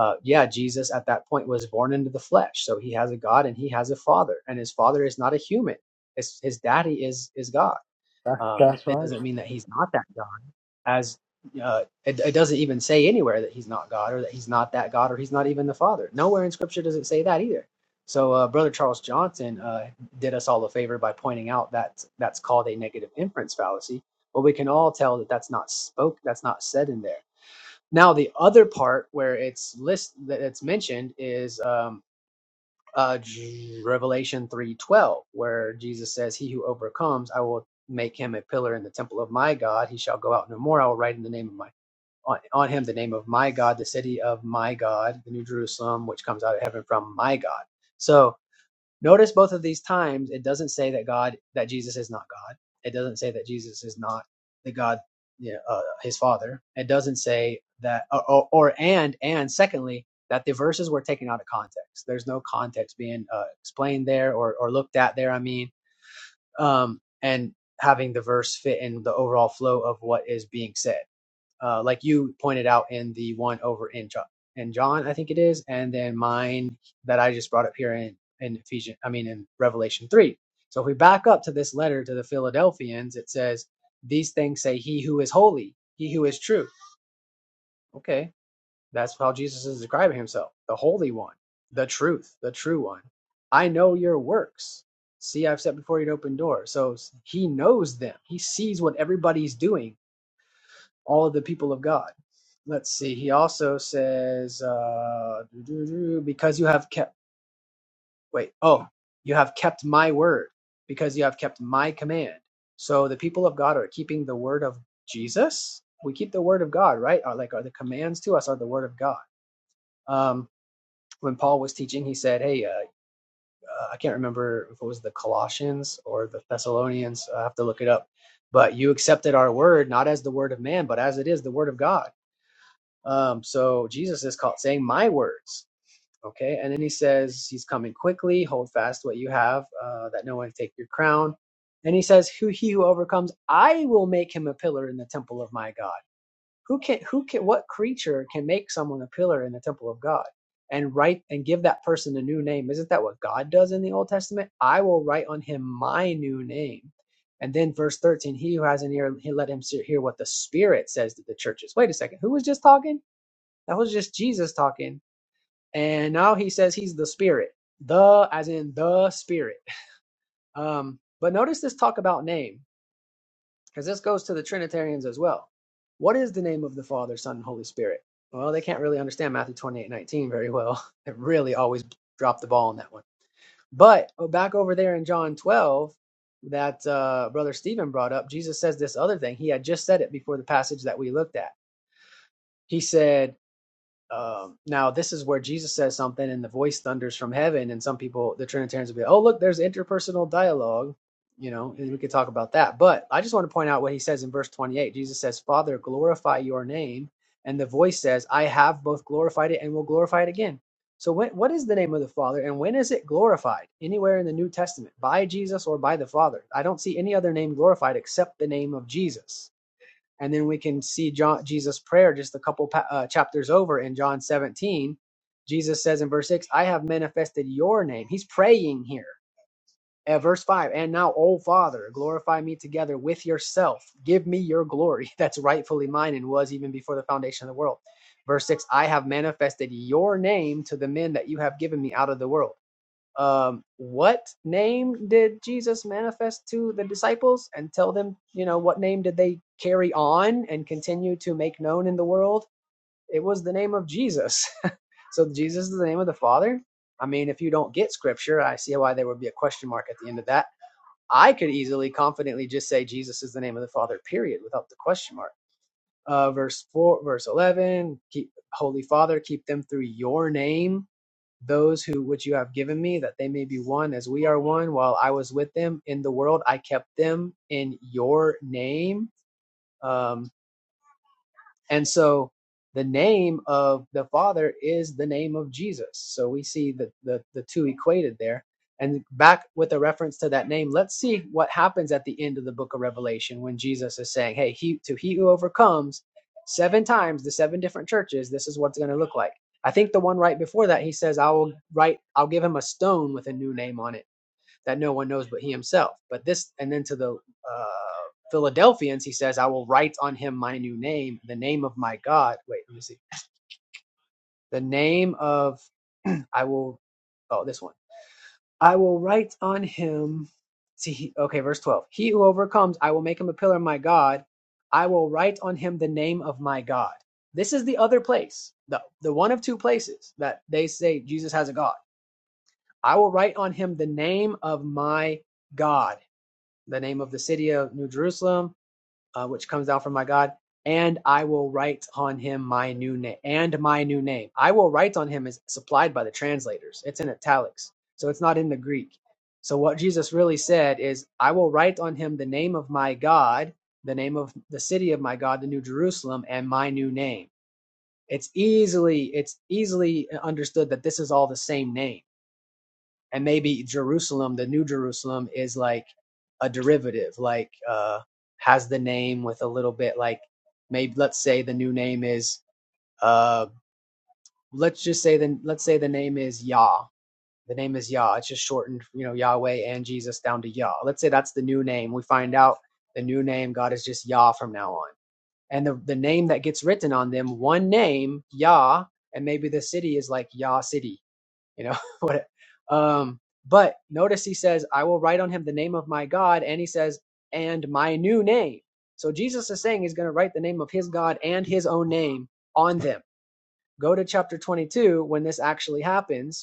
uh, yeah, Jesus at that point was born into the flesh, so he has a God and he has a father, and his father is not a human. His, his daddy is is God
that's,
um,
that's
it
right.
doesn't mean that he's not that God, as uh, it, it doesn't even say anywhere that he's not God or that he's not that God or he's not even the Father. Nowhere in Scripture does it say that either. So, uh, Brother Charles Johnson uh, did us all a favor by pointing out that that's called a negative inference fallacy. But we can all tell that that's not spoke, that's not said in there. Now, the other part where it's list that it's mentioned is. Um, uh, Revelation 3:12, where Jesus says, "He who overcomes, I will make him a pillar in the temple of my God. He shall go out no more. I will write in the name of my on, on him the name of my God, the city of my God, the New Jerusalem, which comes out of heaven from my God." So Notice both of these times it doesn't say that God that Jesus is not God. It doesn't say that Jesus is not the God, you know, uh, his Father. It doesn't say that uh, or, or, and and secondly that the verses were taken out of context. There's no context being uh, explained there or or looked at there. I mean, um, and having the verse fit in the overall flow of what is being said uh, like you pointed out in the one over in John, in John, I think it is, and then mine that I just brought up here in in Ephesians, I mean in Revelation three. So if we back up to this letter to the Philadelphians, it says, "These things say He who is holy, He who is true." Okay, that's how Jesus is describing Himself: the Holy One, the Truth, the True One. I know your works. See, I've set before you an open door. So He knows them. He sees what everybody's doing all of the people of God. Let's see. He also says, uh, because you have kept, wait, oh, you have kept my word, because you have kept my command. So the people of God are keeping the word of Jesus. We keep the word of God, right? Are like are the commands to us are the word of God. Um, when Paul was teaching, he said, "Hey, uh, uh, I can't remember if it was the Colossians or the Thessalonians. I have to look it up. But you accepted our word not as the word of man, but as it is the word of God." Um, so Jesus is called saying, My words. Okay. And then he says, He's coming quickly. Hold fast what you have, uh, that no one take your crown. And he says, Who he who overcomes, I will make him a pillar in the temple of my God. Who can, who can, what creature can make someone a pillar in the temple of God and write and give that person a new name? Isn't that what God does in the Old Testament? I will write on him my new name. And then verse 13, he who has an ear, he let him hear what the Spirit says to the churches. Wait a second. Who was just talking? That was just Jesus talking. And now he says he's the spirit. The as in the spirit. Um, but notice this talk about name, because this goes to the Trinitarians as well. What is the name of the Father, Son, and Holy Spirit? Well, they can't really understand Matthew 28 19 very well. They really always drop the ball on that one. But oh, back over there in John 12, that uh, Brother Stephen brought up, Jesus says this other thing. He had just said it before the passage that we looked at. He said, Um, now, this is where Jesus says something and the voice thunders from heaven, and some people, the Trinitarians, will be, oh, look, there's interpersonal dialogue, you know, and we could talk about that. But I just want to point out what he says in verse 28. Jesus says, Father, glorify your name. And the voice says, I have both glorified it and will glorify it again. So, when, what is the name of the Father and when is it glorified? Anywhere in the New Testament, by Jesus or by the Father. I don't see any other name glorified except the name of Jesus and then we can see John Jesus' prayer just a couple uh, chapters over in John 17. Jesus says in verse 6, "I have manifested your name." He's praying here. At verse 5, "And now, O Father, glorify me together with yourself. Give me your glory that's rightfully mine and was even before the foundation of the world." Verse 6, "I have manifested your name to the men that you have given me out of the world." um, what name did Jesus manifest to the disciples and tell them, you know, what name did they carry on and continue to make known in the world? It was the name of Jesus. so Jesus is the name of the Father. I mean, if you don't get scripture, I see why there would be a question mark at the end of that. I could easily, confidently just say Jesus is the name of the Father, period, without the question mark. Uh, verse 4, verse 11, keep, Holy Father, keep them through your name those who which you have given me that they may be one as we are one while i was with them in the world i kept them in your name um, and so the name of the Father is the name of Jesus. So we see the, the, the two equated there. And back with a reference to that name, let's see what happens at the end of the book of Revelation when Jesus is saying, Hey, he to he who overcomes seven times the seven different churches, this is what's going to look like. I think the one right before that, he says, I will write, I'll give him a stone with a new name on it that no one knows but he himself. But this, and then to the uh, Philadelphians, he says, I will write on him my new name, the name of my God. Wait, let me see. The name of, I will, oh, this one. I will write on him. See, he, okay, verse 12. He who overcomes, I will make him a pillar of my God. I will write on him the name of my God. This is the other place, the, the one of two places that they say Jesus has a God. I will write on him the name of my God. the name of the city of New Jerusalem, uh, which comes down from my God, and I will write on him my new name and my new name. I will write on him is supplied by the translators. It's in italics, so it's not in the Greek. So what Jesus really said is, I will write on him the name of my God, the name of the city of my God, the New Jerusalem, and my new name. It's easily it's easily understood that this is all the same name and maybe Jerusalem, the New Jerusalem, is like a derivative, like uh, has the name with a little bit like maybe let's say the new name is uh, let's just say the let's say the name is Yah. The name is Yah. It's just shortened, you know, Yahweh and Jesus down to Yah. Let's say that's the new name. We find out the new name God is just Yah from now on. And the, the name that gets written on them, one name, Yah, and maybe the city is like Yah City you know what um but notice he says i will write on him the name of my god and he says and my new name so jesus is saying he's going to write the name of his god and his own name on them go to chapter 22 when this actually happens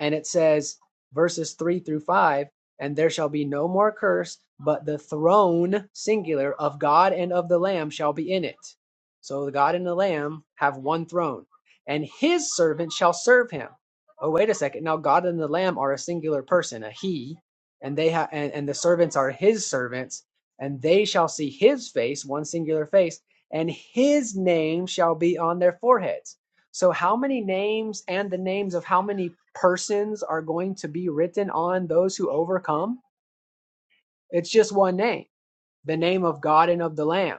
and it says verses 3 through 5 and there shall be no more curse but the throne singular of god and of the lamb shall be in it so the god and the lamb have one throne and his servant shall serve him oh wait a second now god and the lamb are a singular person a he and they have and, and the servants are his servants and they shall see his face one singular face and his name shall be on their foreheads so, how many names and the names of how many persons are going to be written on those who overcome? It's just one name, the name of God and of the Lamb.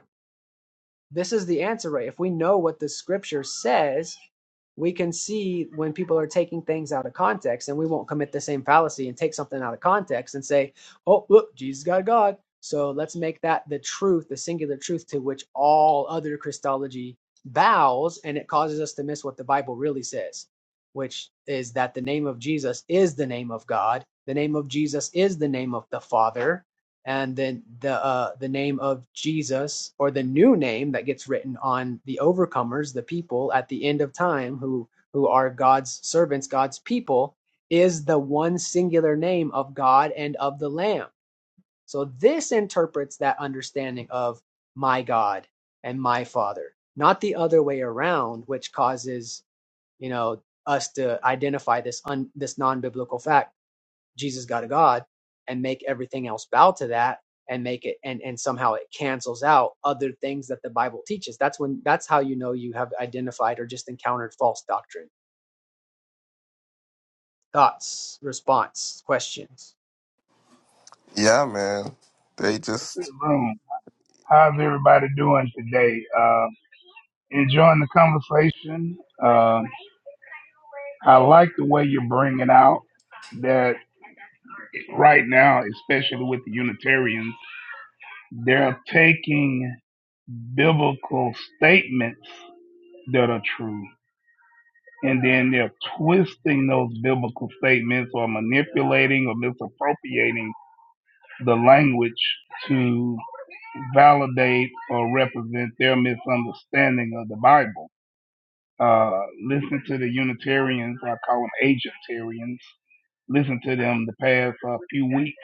This is the answer, right? If we know what the scripture says, we can see when people are taking things out of context and we won't commit the same fallacy and take something out of context and say, oh, look, Jesus got God. So let's make that the truth, the singular truth to which all other Christology bows. And it causes us to miss what the Bible really says, which is that the name of Jesus is the name of God. The name of Jesus is the name of the Father and then the uh, the name of Jesus or the new name that gets written on the overcomers, the people at the end of time who who are God's servants, God's people, is the one singular name of God and of the Lamb. So this interprets that understanding of my God and my Father, not the other way around, which causes you know us to identify this un, this non biblical fact Jesus God, a God and make everything else bow to that and make it and and somehow it cancels out other things that the Bible teaches. That's when that's how you know you have identified or just encountered false doctrine. Thoughts, response, questions.
yeah, man. They
to
just
the room. How's everybody doing today? Um, enjoying the conversation. Um, I like the way you're bringing out that right now, especially with the Unitarians, they're taking biblical statements that are true. And then they're twisting those biblical statements or manipulating or misappropriating the language to validate or represent their misunderstanding of the Bible Uh, listen to the Unitarians. I call them Agentarians. Listen to them the past uh, few weeks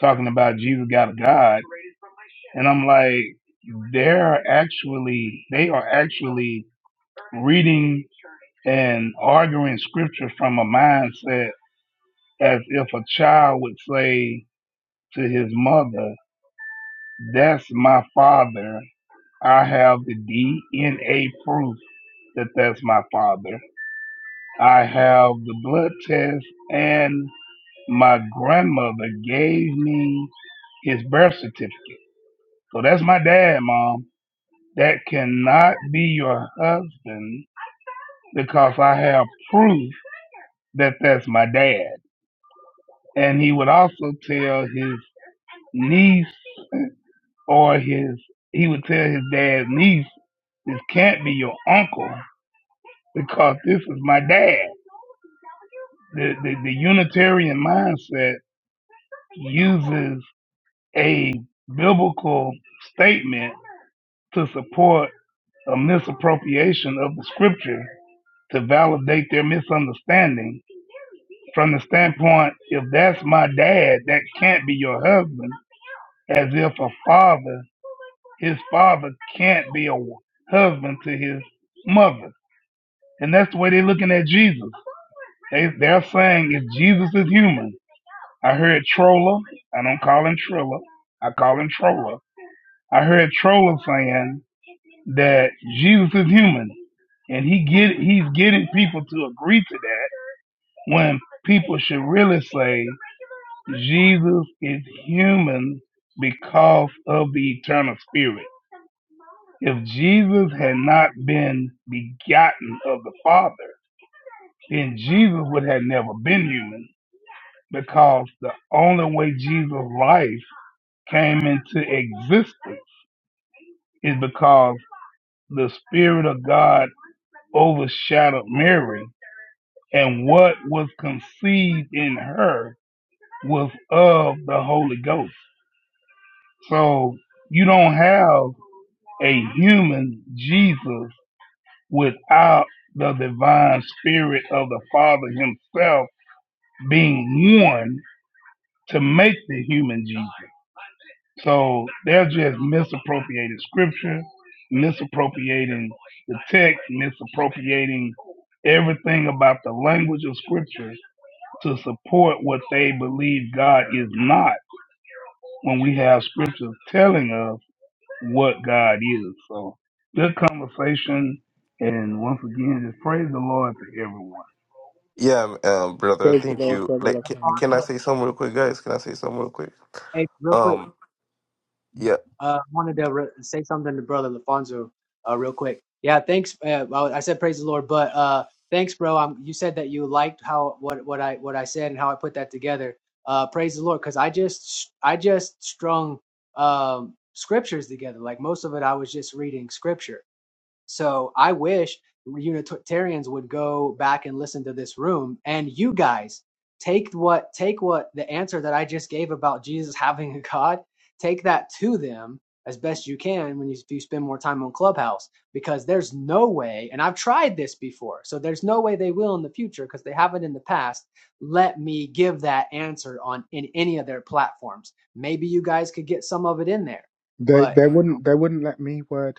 talking about Jesus got a God, and I'm like, they're actually they are actually reading and arguing scripture from a mindset as if a child would say to his mother, "That's my father. I have the DNA proof that that's my father. I have the blood test." and." My grandmother gave me his birth certificate. So that's my dad, mom. That cannot be your husband because I have proof that that's my dad. And he would also tell his niece or his, he would tell his dad's niece, this can't be your uncle because this is my dad. The, the, the Unitarian mindset uses a biblical statement to support. a misappropriation of the scripture to validate their misunderstanding from the standpoint if that's my dad, that can't be your husband, as if a father, his father can't be a husband to his mother. And that's the way they're looking at Jesus. They, they're saying if Jesus is human, I heard Troller, I don't call him Triller, I call him Troller. I heard Troller saying that Jesus is human, and he get he's getting people to agree to that when people should really say Jesus is human because of the eternal spirit. If Jesus had not been begotten of the Father, then Jesus would have never been human because the only way Jesus' life came into existence is because the Spirit of God overshadowed Mary and what was conceived in her was of the Holy Ghost. So you don't have a human Jesus without the divine spirit of the Father Himself being one to make the human Jesus. So they're just misappropriating scripture, misappropriating the text, misappropriating everything about the language of scripture to support what they believe God is not when we have scriptures telling us what God is. So good conversation. And once again, just praise the Lord to everyone.
yeah, um, um, brother.
Praise
Praise the
the
Thank
Lord.
Lord,
you.
brother.
Like,
love,
can,
thank
can I
God.
say something real quick, guys? Can I say something real quick?
Hey, real quick.
Um, yeah.
Uh, I wanted to re- say something to Brother Lafonso uh, real quick. Yeah, thanks. Uh, well, I said praise the Lord, but uh, thanks, bro. Um, you said that you liked how what what I what I said and how I put that together. Uh, praise the Lord, because I just I just strung um, scriptures together. Like most of it, I was just reading scripture. So I wish Unitarians would go back and listen to this room, and you guys take what take what the answer that I just gave about Jesus having a God, take that to them as best you can when you, you spend more time on Clubhouse, because there's no way, and I've tried this before, so there's no way they will in the future because they haven't in the past. Let me give that answer on in any of their platforms. Maybe you guys could get some of it in there,
They
but
they wouldn't they wouldn't let me word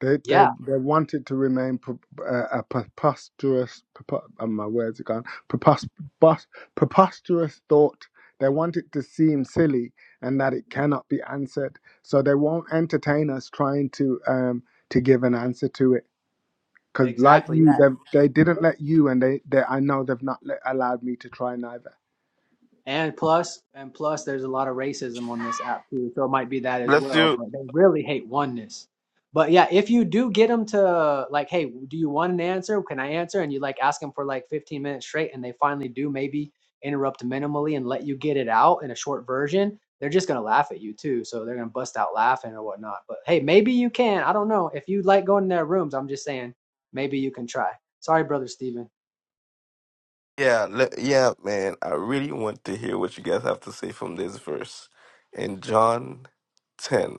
They they
yeah,
they wanted to remain pre- uh, a preposterous. Prepo- uh, my words are gone. Prepos- bus- preposterous thought. They want it to seem silly and that it cannot be answered. So they won't entertain us trying to um to give an answer to it. Because like
exactly,
you,
yeah.
they they didn't let you, and they, they I know they've not let, allowed me to try neither.
And plus, and plus, there's a lot of racism on this app too, so it might be that as
Bless
well.
you.
But they really hate oneness. But yeah, if you do get them to like, hey, do you want an answer? Can I answer? And you like ask them for like 15 minutes straight, and they finally do maybe interrupt minimally and let you get it out in a short version. They're just gonna laugh at you too, so they're gonna bust out laughing or whatnot. But hey, maybe you can. I don't know if you like going in their rooms. I'm just saying, maybe you can try. Sorry, brother Steven.
Yeah, let, yeah, man. I really want to hear what you guys have to say from this verse in John ten.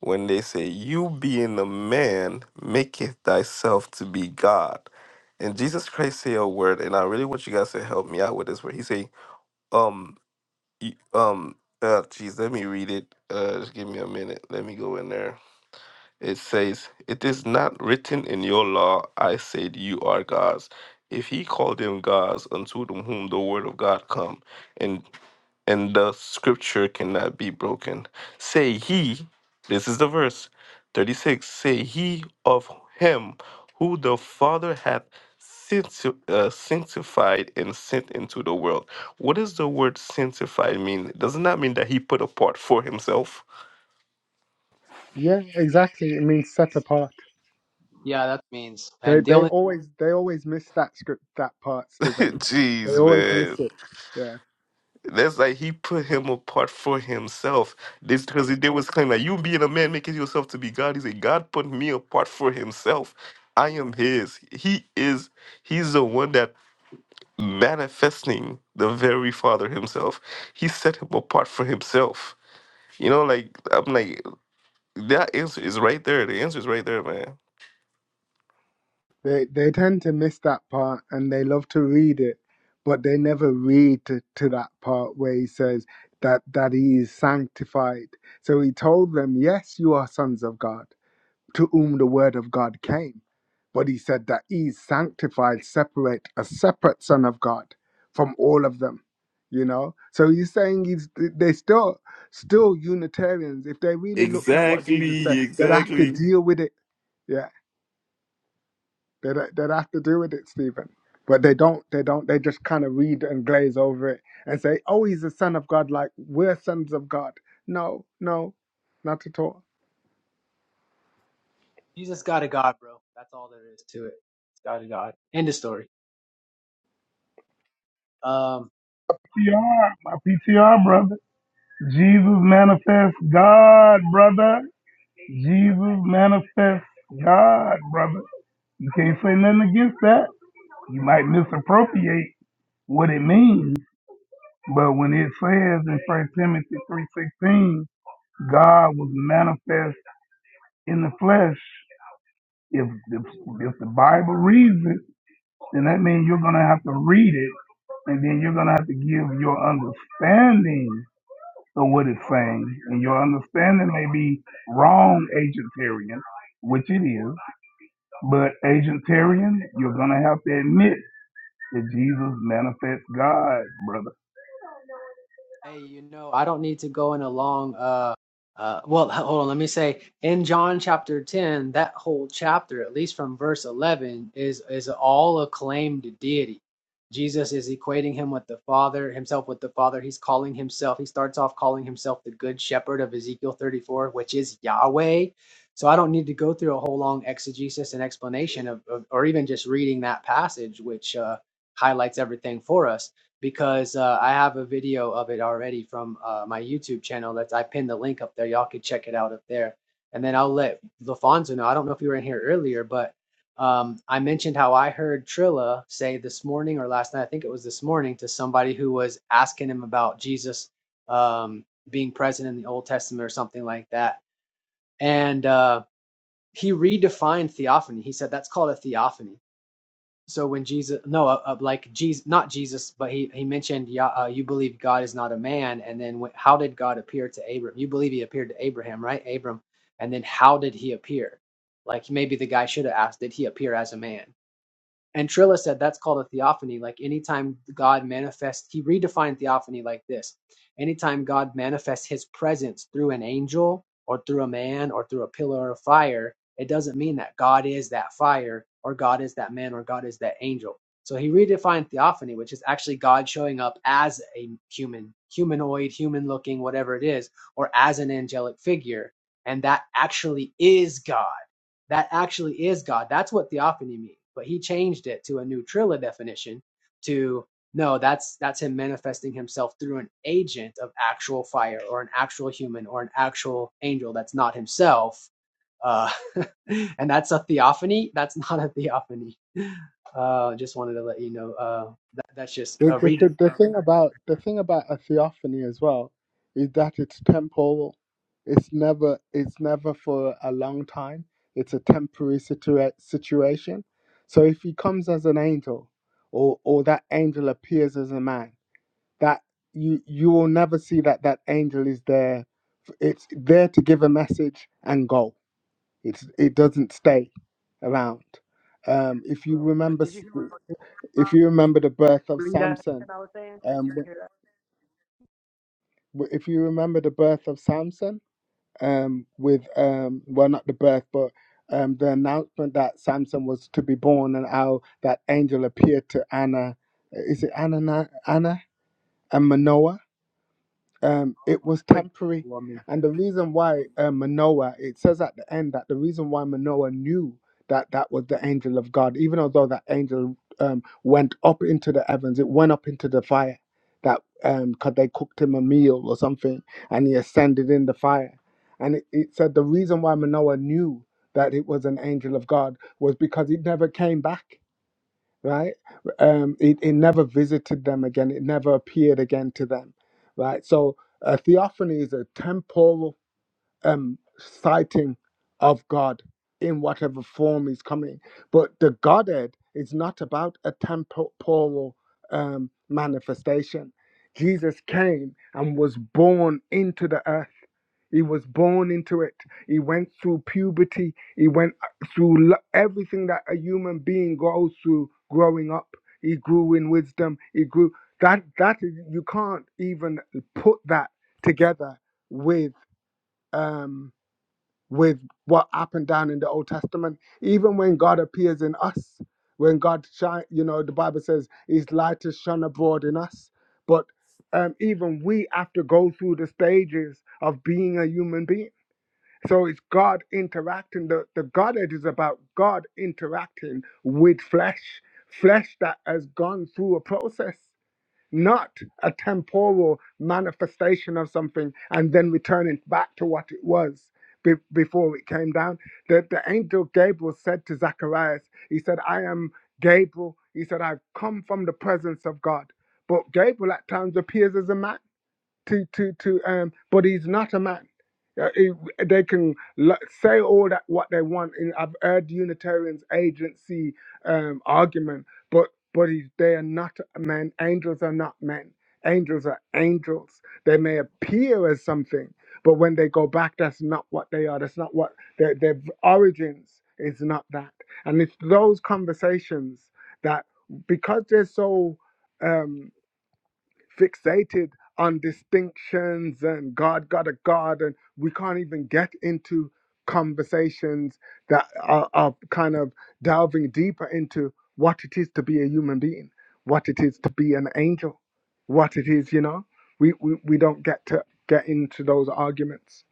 when they say, You being a man, maketh thyself to be God. And Jesus Christ say a word, and I really want you guys to help me out with this word. He say, um, y- um, uh, geez, let me read it. Uh, just give me a minute. Let me go in there. It says, It is not written in your law, I said you are gods. If he called them gods unto them whom the word of God come, and and the scripture cannot be broken. Say he, this is the verse 36 say he of him who the Father hath sancti- uh, sanctified and sent into the world. What does the word sanctified mean? Doesn't that mean that he put apart for himself?
Yeah, exactly. It means set apart.
Yeah, that means.
They
And the
they
only
always they always miss that script that part, Stephen. They
Jeez,
always
man.
miss it. Yeah.
That's like he put him apart for himself. This because he did was claim that you being a man making yourself to be God. He said, God put me apart for himself. I am his. He is he's the one that manifesting the very father himself. He set him apart for himself. You know, like I'm like that answer is right there. The answer is right there, man.
They they tend to miss that part and they love to read it, but they never read to, to that part where he says that that he is sanctified. So he told them, Yes, you are sons of God, to whom the word of God came. But he said that he is sanctified, separate, a separate son of God from all of them. You know? So he's saying he's they still still Unitarians, if they really looked at what Jesus said,
Exactly,
they'd have to
exactly.
deal with it. Yeah. They don't, they don't have to do with it, Stephen. But they don't. They don't. They just kind of read and glaze over it and say, "Oh, he's a son of God." Like we're sons of God. No, no, not at all.
Jesus got a God, bro. That's all there is to it. It's got a God. End of story. Um,
PTR, my PTR brother. Jesus manifest God, brother. Jesus manifest God, brother. You can't say nothing against that. You might misappropriate what it means, but when it says in First Timothy 3.16, God was manifest in the flesh. If if, if the Bible reads it, then that means you're gonna have to read it, and then you're gonna have to give your understanding of what it's saying. And your understanding may be wrong, agentarian, which it is, but agentarian, you're gonna have to admit that Jesus manifests God, brother.
Hey, you know, I don't need to go in a long uh uh well, hold on, let me say in John chapter 10, that whole chapter, at least from verse 11, is is all acclaimed deity. Jesus is equating him with the Father, himself with the Father. He's calling himself, he starts off calling himself the good shepherd of Ezekiel 34, which is Yahweh. So I don't need to go through a whole long exegesis and explanation of, of or even just reading that passage, which uh highlights everything for us because uh, I have a video of it already from uh, my YouTube channel. That's I pinned the link up there. Y'all can check it out up there. And then I'll let LaFonso know. I don't know if you were in here earlier, but um, I mentioned how I heard Trilla say this morning or last night. I think it was this morning to somebody who was asking him about Jesus um, being present in the Old Testament or something like that. And uh, he redefined theophany. He said that's called a theophany so when Jesus, no, uh, uh, like Jesus, not Jesus, but he he mentioned, yeah, uh, you believe God is not a man, and then wh- how did God appear to Abram? You believe he appeared to Abraham, right, Abram? And then how did he appear? Like maybe the guy should have asked, did he appear as a man? And Trilla said that's called a theophany. Like anytime God manifests, he redefined theophany like this anytime God manifests his presence through an angel or through a man or through a pillar of fire, it doesn't mean that God is that fire or God is that man or God is that angel. So he redefined theophany, which is actually God showing up as a human, humanoid, human looking, whatever it is, or as an angelic figure. And that actually is God that actually is God. That's what theophany means. But he changed it to a new Trilla definition to no, that's that's him manifesting himself through an agent of actual fire or an actual human or an actual angel that's not himself. Uh, and that's a theophany. That's not a theophany. Uh, just wanted to let you know uh, that that's just
The,
a
the,
redefinition,
the, the thing about the thing about a theophany as well is that it's temporal. It's never. It's never for a long time. It's a temporary situa- situation. So if he comes as an angel, or or that angel appears as a man, that you you will never see that that angel is there. It's there to give a message and go. It's it doesn't stay around. Um, if you
But
remember,
did you hear what
if you remember the birth of Samson,
redefinition I was saying?
um,
Did you hear
w- if you remember the birth of Samson, um, with um, well, not the birth, but um, the announcement that Samson was to be born, and how that angel appeared to Anna. Is it Anna? Na- Anna and Manoah um, it was temporary.
that?
And the reason why uh, Manoah, it says at the end that the reason why Manoah knew that that was the angel of God, even although that angel um, went up into the heavens, it went up into the fire that because they cooked him a meal or something and he ascended in the fire. And it, it said the reason why Manoah knew that it was an angel of God was because it never came back right? Um, it, it never visited them again. It never appeared again to them, right? So a theophany is a temporal um, sighting of God in whatever form is coming. But the Godhead is not about a temporal um, manifestation. Jesus came and was born into the earth. He was born into it. He went through puberty. He went uh, through lo- everything that a human being goes through growing up. He grew in wisdom. He grew that that is, you can't even put that together with. Um, with what happened down in the Old Testament. Even when God appears in us, when God shine, you know, the Bible says His light is shone abroad in us. But um, even we have to go through the stages of being a human being. So it's God interacting. The, the Godhead is about God interacting with flesh, flesh that has gone through a process not a temporal manifestation of something and then returning back to what it was be- before it came down. The, the angel Gabriel said to Zacharias, He said, I am Gabriel. He said, I've come from the presence of God. But Gabriel at times appears as a man to to to um but he's not a man Uh, he- they can l- say all that what they want and i've heard unitarians agency um argument but but he's, they are not men angels are not men angels are angels they may appear as something but when they go back that's not what they are that's not what their, their origins is not that and it's those conversations that because they're so um fixated on distinctions and God got a God, and we can't even get into conversations that are, are kind of delving deeper into what it is to be a human being, what it is to be an angel, what it is, you know. We we, we don't get to get into those arguments.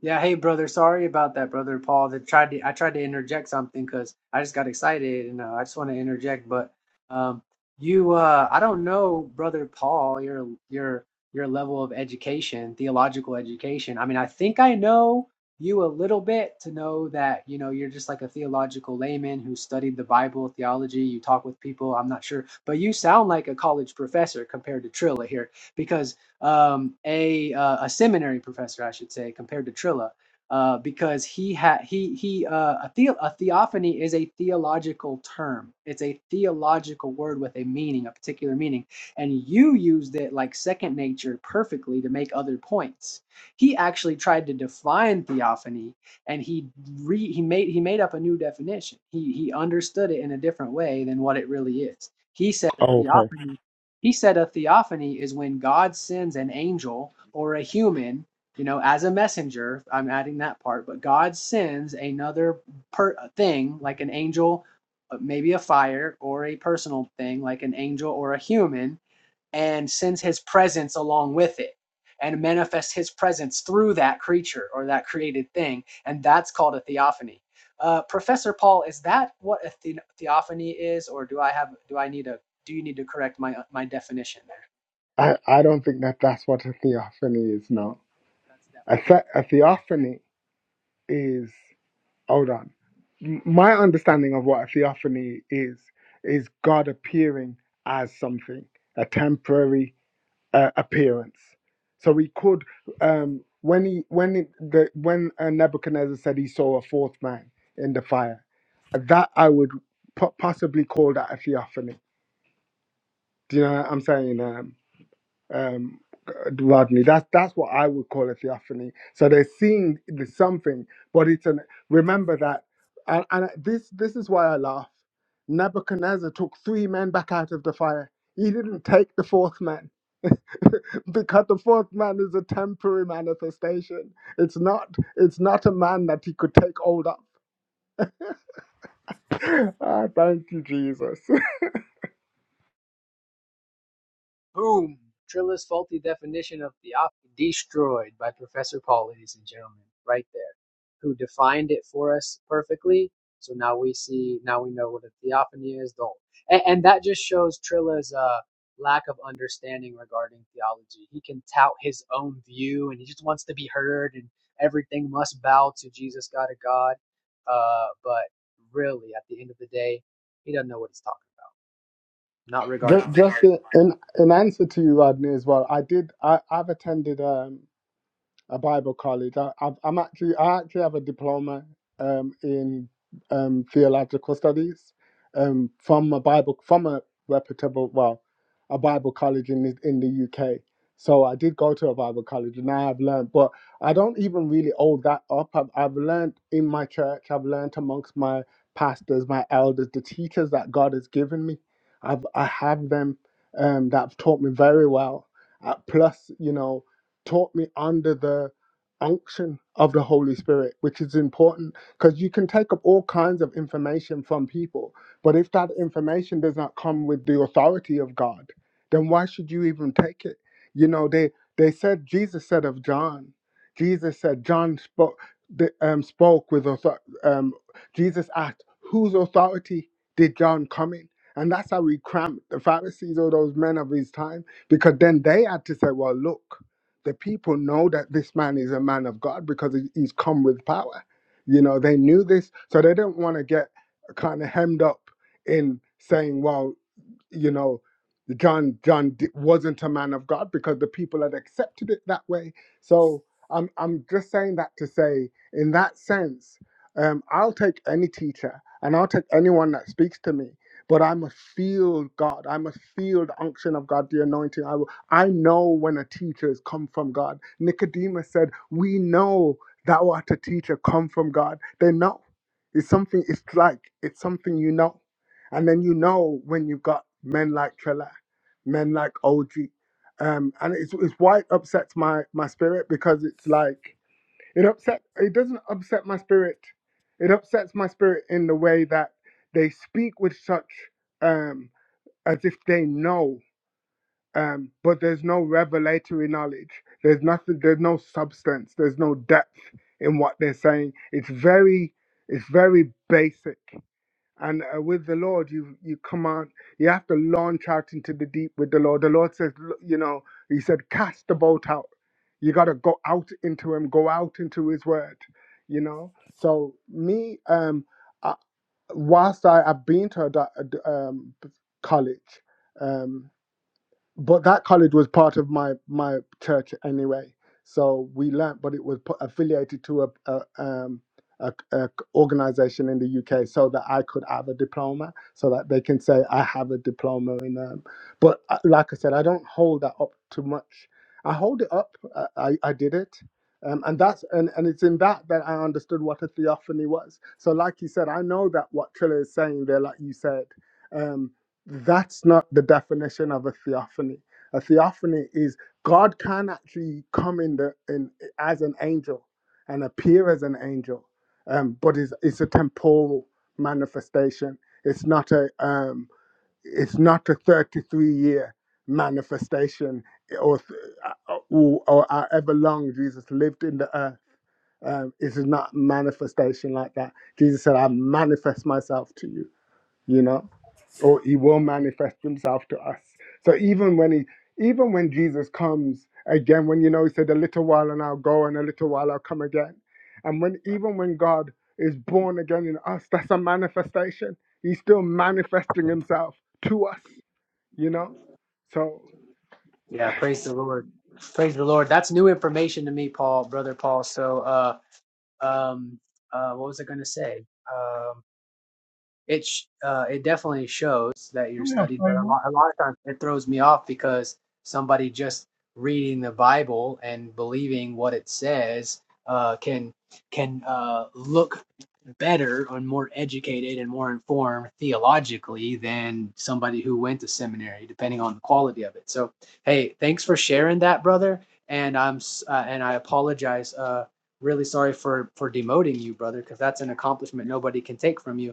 Yeah, hey brother, sorry about that, brother Paul. That tried to I tried to interject something because I just got excited and uh, I just want to interject. But um, you, uh, I don't know, brother Paul, your your your level of education, theological education. I mean, I think I know you a little bit to know that you know you're just like a theological layman who studied the Bible, theology. You talk with people. I'm not sure, but you sound like a college professor compared to Trilla here because um, a uh, a seminary professor, I should say, compared to Trilla, uh, because he had he he uh, a, the- a theophany is a theological term. It's a theological word with a meaning, a particular meaning, and you used it like second nature perfectly to make other points. He actually tried to define theophany, and he re he made he made up a new definition. He he understood it in a different way than what it really is. He said that
Okay.
theophany he said a theophany is when God sends an angel or a human, you know, as a messenger. I'm adding that part, but God sends another per- thing, like an angel, uh, maybe a fire, or a personal thing, like an angel or a human, and sends his presence along with it and manifests his presence through that creature or that created thing. And that's called a theophany. Uh, Professor Paul, is that what a the- theophany is, or do I have do I need a do you need to correct my my definition there?
I, I don't think that that's what a theophany is, no.
That's
A, the- a theophany is. Hold on. M- My understanding of what a theophany is is God appearing as something, a temporary uh, appearance. So we could, um, when he when it, the, when uh, Nebuchadnezzar said he saw a fourth man in the fire, that I would po- possibly call that a theophany. Do you know what I'm saying? Um, um, Rodney. That's that's what I would call a theophany. So they're seeing the something, but it's an remember that, and, and this this is why I laugh. Nebuchadnezzar took three men back out of the fire. He didn't take the fourth man because the fourth man is a temporary manifestation. It's not it's not a man that he could take hold of. Ah, thank you, Jesus.
Boom! Trilla's faulty definition of theophany destroyed by Professor Paul, ladies and gentlemen, right there, who defined it for us perfectly. So now we see, now we know what a theophany is. Don't, and, and that just shows Trilla's uh, lack of understanding regarding theology. He can tout his own view, and he just wants to be heard, and everything must bow to Jesus, God of God. Uh, but really, at the end of the day, he doesn't know what he's talking. about, Not regarding
Just,
the Bible.
just in, in in answer to you, Rodney, as well. I did. I, I've attended. Um. a Bible college. I, I've, I'm actually I actually have a diploma um, in um, theological studies um, from a Bible from a reputable well a Bible college in the- in the UK. So I did go to a Bible college, and I have learned, but I don't even really hold that up. I've, I've learned in my church. I've learned amongst my pastors, my elders, the teachers that God has given me. I've I have them um, that have taught me very well. Uh, plus, you know, taught me under the unction of the Holy Spirit, which is important because you can take up all kinds of information from people, but if that information does not come with the authority of God, then why should you even take it? You know, they they said Jesus said of John, Jesus said John spoke the, um, spoke with author- um, Jesus asked, whose authority did John come in? And that's how we cramped the Pharisees or those men of his time, because then they had to say, well, look the people know that this man is a man of God because he- he's come with power. You know, they knew this, so they didn't want to get kind of hemmed up in saying, well, you know john john di- wasn't a man of god because the people had accepted it that way so i'm i'm just saying that to say in that sense um i'll take any teacher and i'll take anyone that speaks to me but i must feel god i must feel the unction of god the anointing i will, i know when a teacher has come from god nicodemus said we know thou art a teacher come from god they know it's something it's like it's something you know and then you know when you've got men like Trella, men like OG, um, and it's, it's why it upsets my, my spirit because it's like it upset it doesn't upset my spirit. It upsets my spirit in the way that they speak with such um, as if they know, um, but there's no revelatory knowledge. There's nothing. There's no substance. There's no depth in what they're saying. It's very it's very basic and uh, with the Lord, you you come out. You have to launch out into the deep with the Lord. The Lord says, l- you know, He said, cast the boat out. You got to go out into Him. Go out into His Word. You know. So me, um, I, whilst I have been to a, da- a d- um, college, um, but that college was part of my my church anyway so we learnt but it was pu- affiliated to a, a um a, a organization in the UK so that I could have a diploma so that they can say I have a diploma in um but uh, like I said I don't hold that up too much I hold it up uh, I, I did it um, and that's and, and it's in that that I understood what a theophany was so like you said I know that what Triller is saying there like you said Um, that's not the definition of a theophany. A theophany is God can actually come in the in as an angel and appear as an angel, um, but it's, it's a temporal manifestation. It's not a um, it's not a thirty three year manifestation or, th- or or however long Jesus lived in the earth. Um, it is not manifestation like that. Jesus said, "I manifest myself to you." you know or he will manifest himself to us so even when he even when jesus comes again when you know he said a little while and i'll go and a little while i'll come again and when even when god is born again in us that's a manifestation he's still manifesting himself to us you know so
Yeah, praise the Lord. Praise the Lord. That's new information to me, Paul, brother Paul. So, uh, um, uh, what was I going to say? Um, it sh- uh, it definitely shows that
Do
you're
me a
studied, but a
favor,
lot, a lot of times it throws me off because somebody just reading the Bible and believing what it says uh, can can uh, look better and more educated and more informed theologically than somebody who went to seminary, depending on the quality of it. So, hey, thanks for sharing that, brother. And I'm s- uh, and I apologize. Uh, really sorry for for demoting you, brother, because that's an accomplishment nobody can take from you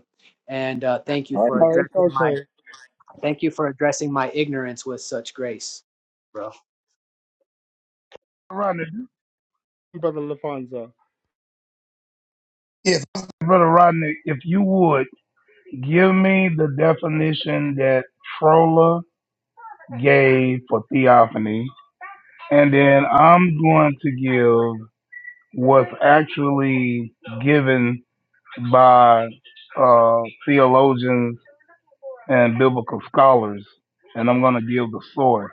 and uh, thank you
Amen.
for
oh it's
addressing my
okay
thank you for addressing my ignorance with such grace, bro.
Rodney.
brother lafonso
Yes. Brother Rodney, if you would Give me the definition that Frola gave for theophany, and then I'm going to give what's actually given by uh, theologians and biblical scholars, and I'm going to give the source.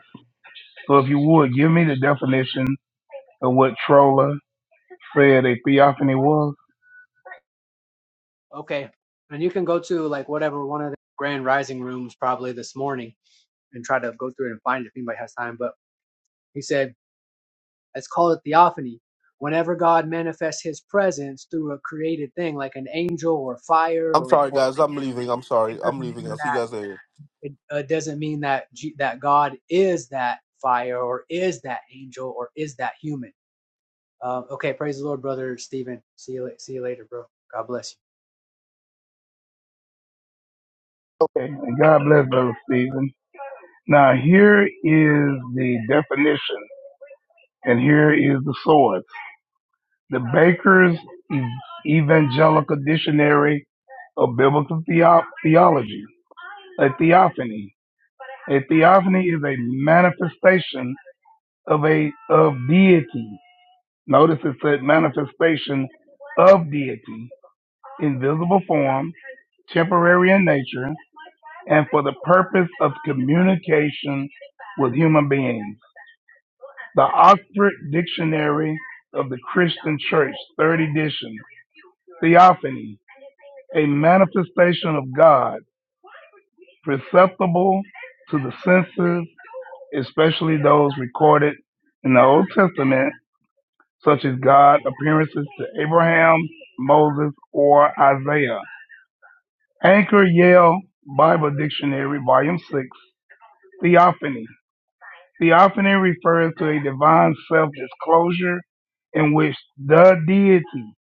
So if you would, give me the definition of what Trolla said a theophany was.
Okay, and you can go to like whatever one of the grand rising rooms probably this morning and try to go through it and find it if anybody has time. But he said, let's call it theophany. Whenever God manifests His presence through a created thing like an angel or fire
I'm
or
sorry,
or
guys.
man,
I'm leaving. I'm sorry.
it
I'm
doesn't
leaving.
mean
I'll see you
that
guys later.
it uh, doesn't mean that G- that God is that fire or is that angel or is that human Um, okay, praise the Lord, brother Stephen. See you, la- see you later, bro. God bless
Okay, and God bless Brother Stephen. Now here is the definition, and here is the source. The Baker's E-, Evangelical Dictionary of Biblical Theo- Theology. A theophany. A theophany is a manifestation of a of deity. Notice it said manifestation of deity in visible form, temporary in nature, and for the purpose of communication with human beings. The Oxford Dictionary of the Christian Church, third edition, theophany a manifestation of God, perceptible to the senses, especially those recorded in the Old Testament, such as God appearances to Abraham, Moses, or Isaiah. Anchor Yale Bible Dictionary, Volume 6, Theophany. Theophany refers to a divine self disclosure in which the deity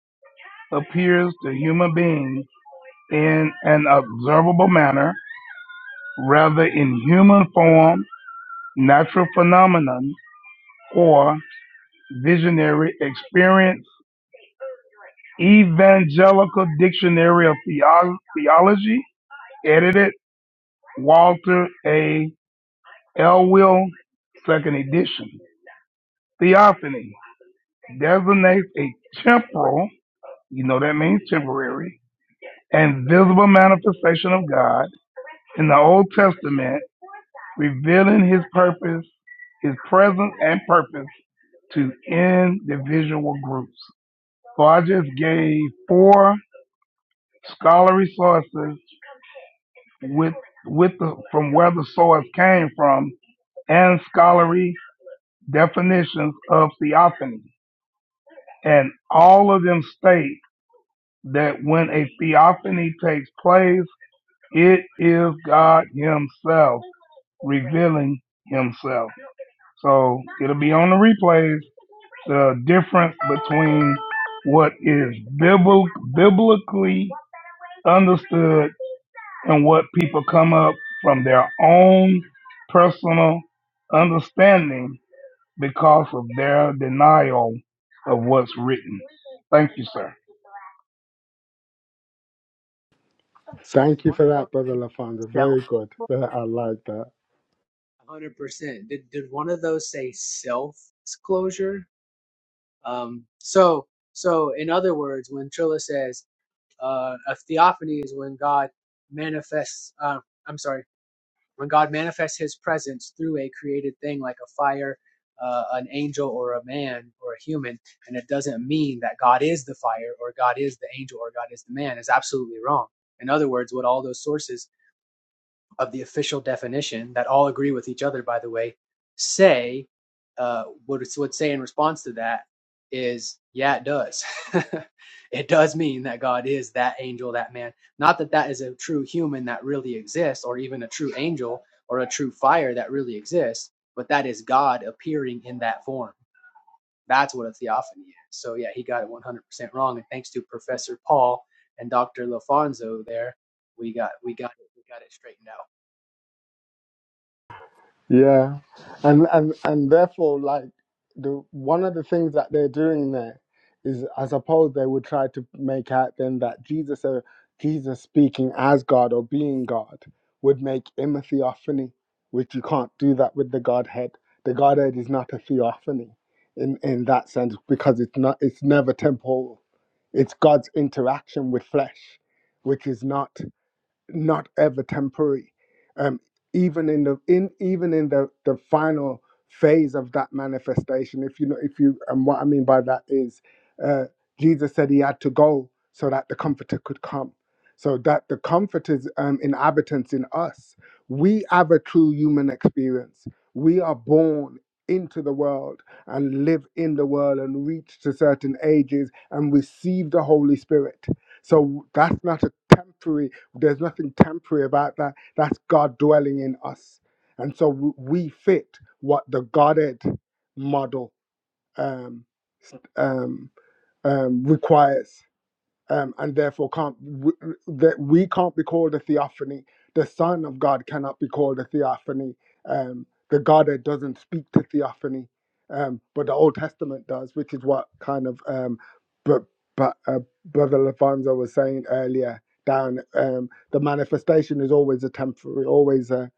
appears to human beings in an observable manner rather in human form, natural phenomenon, or visionary experience. Evangelical Dictionary of Theo- Theology, edited Walter A. Elwell, second edition. Theophany designates a temporal, you know that means temporary, and visible manifestation of God in the Old Testament revealing his purpose, his presence and purpose to individual groups. So I just gave four scholarly sources with with the from where the source came from and scholarly definitions of theophany. And all of them state that when a theophany takes place, it is God Himself revealing Himself. So it'll be on the replays the difference between what is bibl- biblically understood and what people come up from their own personal understanding because of their denial of what's written. Thank you, sir.
you. So did
thank you
one
for
of
that brother lafonso
those
very
self?
good i like that
Hundred percent. Did did one of those say self disclosure? Um. So so in other words, when Trilla says uh, a theophany is when God manifests. Uh, I'm sorry. When God manifests his presence through a created thing like a fire, uh, an angel, or a man, or a human, and it doesn't mean that God is the fire, or God is the angel, or God is the man, is absolutely wrong. In other words, what all those sources of the official definition that all agree with each other, by the way, say uh, would would say in response to that is, yeah, it does. it does mean that God is that angel, that man. Not that that is a true human that really exists, or even a true angel or a true fire that really exists, but that is God appearing in that form. That's what a theophany is. So yeah, he got it 100% wrong. And thanks to Professor Paul and Dr. Lofonso there, we got we got it we got it straightened out.
Yeah, and and and therefore, like the one of the things that they're doing there is, I suppose, they would try to make out then that Jesus, uh, Jesus speaking as God or being God, would make him a theophany, which you can't do that with the Godhead. The Godhead is not a theophany in in that sense because it's not. It's never temporal. It's God's interaction with flesh, which is not not ever temporary. Um, even in the in even in the the final phase of that manifestation, if you know if you and what I mean by that is, uh, Jesus said he had to go so that the Comforter could come, so that the Comforter's um, inhabitants in us. We have a true human experience. We are born into the world and live in the world and reach to certain ages and receive the Holy Spirit. So that's not a temporary there's nothing temporary about that. That's God dwelling in us. And so w- we fit what the Godhead model um, um, um, requires um, and therefore can't w- that we can't be called a theophany. The Son of God cannot be called a theophany. Um, the Godhead doesn't speak to theophany, um, but the Old Testament does, which is what kind of um, but but uh, Brother Lafonso was saying earlier. Down um, the manifestation is always a temporary, always a,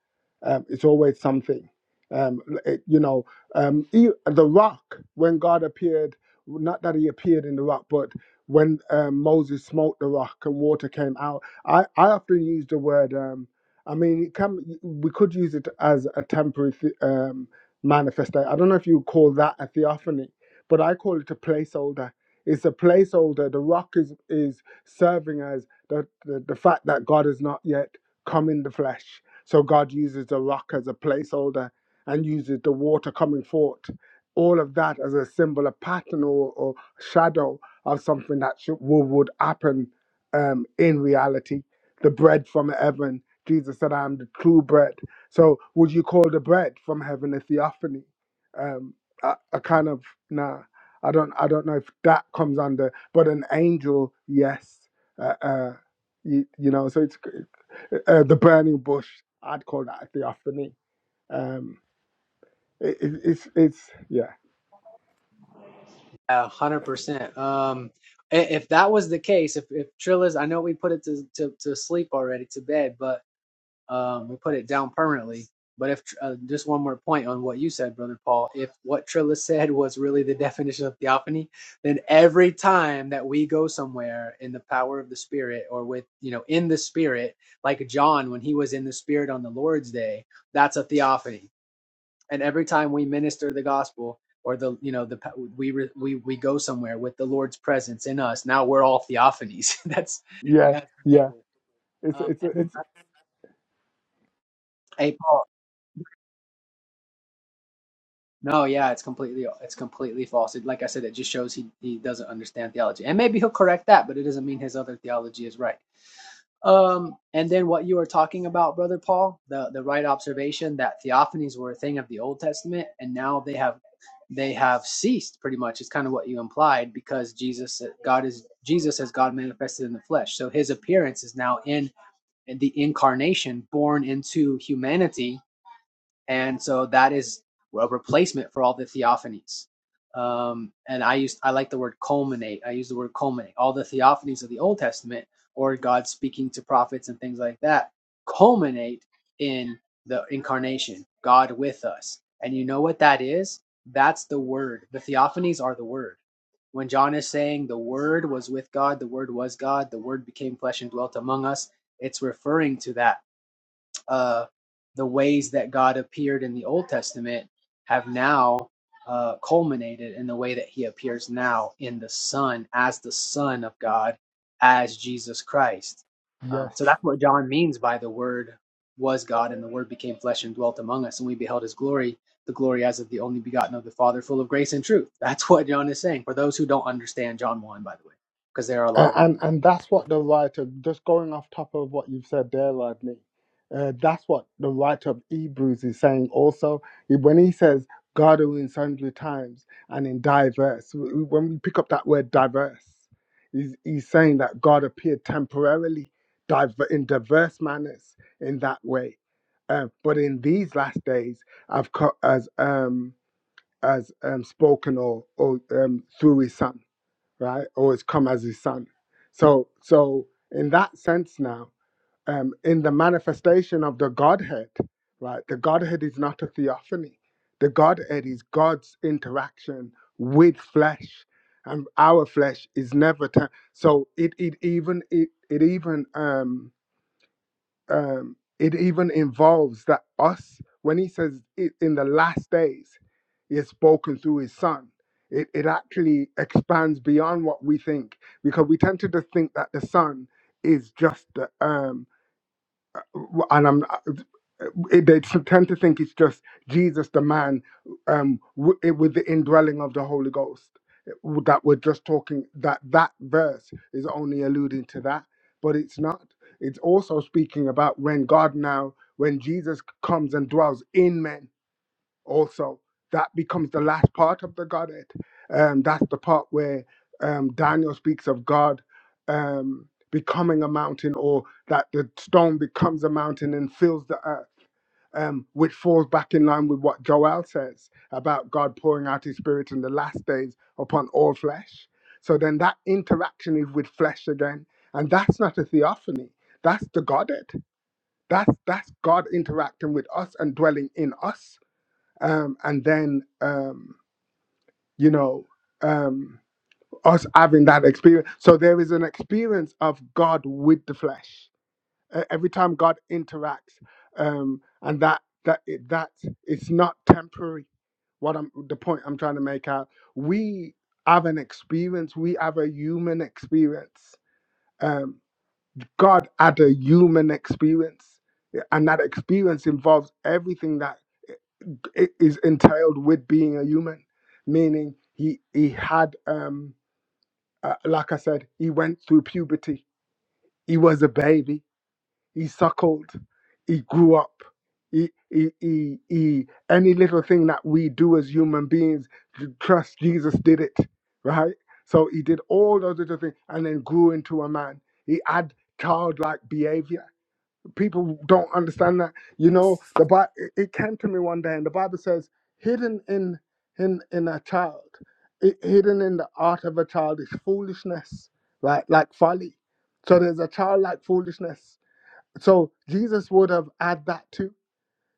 um, it's always something. Um, it, you know, um, e- the rock when God appeared, not that He appeared in the rock, but when um, Moses smote the rock and water came out. I, I often use the word. Um, I mean, it can we could use it as a temporary th- um, manifesto. I don't know if you call that a theophany, but I call it a placeholder. It's a placeholder. The rock is is serving as the the, the fact that God has not yet come in the flesh. So God uses the rock as a placeholder and uses the water coming forth. All of that as a symbol, a pattern, or, or shadow of something that should, would, would happen um, in reality. The bread from heaven. Jesus said, I am the true bread. So would you call the bread from heaven a theophany? Um, a, a kind of, nah, I don't, I don't know if that comes under, but an angel, yes. Uh, uh, you, you know, so it's uh, the burning bush. I'd call that a theophany. Um, it, it, it's, it's, yeah,
A hundred percent. Um, i- if that was the case, if if Trilla's, I know we put it to to, to sleep already to bed, but um, we put it down permanently. But if Tr- uh, just one more point on what you said, brother Paul, if what Trilla said was really the definition of theophany, then every time that we go somewhere in the power of the Spirit or with you know in the Spirit, like John when he was in the Spirit on the Lord's day, that's a theophany and every time we minister the gospel or the you know the we re, we we go somewhere with the lord's presence in us now we're all theophanies that's
yeah,
that's
yeah.
ridiculous
It's,
um
it's,
and then-
it's,
hey paul no yeah it's completely it's completely false it, like i said it just shows he he doesn't understand theology and maybe he'll correct that but it doesn't mean his other theology is right Um, and then what you were talking about, brother Paul, the the right observation that theophanies were a thing of the Old Testament, and now they have they have ceased. Pretty much is kind of what you implied because Jesus, uh, God is Jesus as God manifested in the flesh. So His appearance is now in the incarnation, born into humanity and so that is a replacement for all the theophanies um, and i used i like the word culminate i use the word culminate all the theophanies of the old testament or god speaking to prophets and things like that culminate in the incarnation god with us and you know what that is that's the word the theophanies are the word when john is saying the word was with god the word was god the word became flesh and dwelt among us it's referring to that uh, the ways that God appeared in the Old Testament have now uh, culminated in the way that He appears now in the Son as the Son of God, as Jesus Christ. Um,
yes.
so that's what John means by the Word was God, and the Word became flesh and dwelt among us, and we beheld His glory, the glory as of the only begotten of the Father, full of grace and truth. That's what John is saying. For those who don't understand John one, by the way, because there are a lot
A-
of them
And
who don't.
and that's what the writer, just going off top of what you've said there, Rodney, uh, that's what the writer of Hebrews is saying also. He- When he says God who in sundry times and in diverse, w- when we pick up that word diverse, he's, he's saying that God appeared temporarily diver, in diverse manners in that way. Uh, but in these last days, I've co- as um as um spoken or or um through his son right? Or it's come as his son. So, so in that sense now, um, in the manifestation of the Godhead, right? The Godhead is not a theophany. The Godhead is God's interaction with flesh, and our flesh is never. T- so it it even it it even um um, it even involves that us when he says it in the last days he has spoken through his son it, it actually expands beyond what we think because we tend to just think that the son is just the, um, and I'm it, they tend to think it's just Jesus, the man, um, w- it, with the indwelling of the Holy Ghost. w- That we're just talking that that verse is only alluding to that, but it's not. It's also speaking about when God now, when Jesus comes and dwells in men also that becomes the last part of the Godhead. Um, that's the part where um, Daniel speaks of God um, becoming a mountain, or that the stone becomes a mountain and fills the earth, um, which falls back in line with what Joel says about God pouring out His Spirit in the last days upon all flesh. So then that interaction is with flesh again, and that's not a theophany. That's the Godhead. That's that's God interacting with us and dwelling in us um, and then um, you know um, us having that experience. So there is an experience of God with the flesh Uh, every time God interacts, um, and that that it, that it's not temporary. What I'm the point I'm trying to make out, we have an experience. We have a human experience. Um, God had a human experience, and that experience involves everything that i- is entailed with being a human, meaning he he had um uh, like I said, he went through puberty. He was a baby. He suckled. He grew up. He, he, he, he, any little thing that we do as human beings, j- trust Jesus did it, right? So he did all those little things and then grew into a man. He had childlike behavior people don't understand that you know the bible it came to me one day and the bible says hidden in in in a child hi- hidden in the heart of a child is foolishness like like folly so there's a childlike foolishness so jesus would have had that too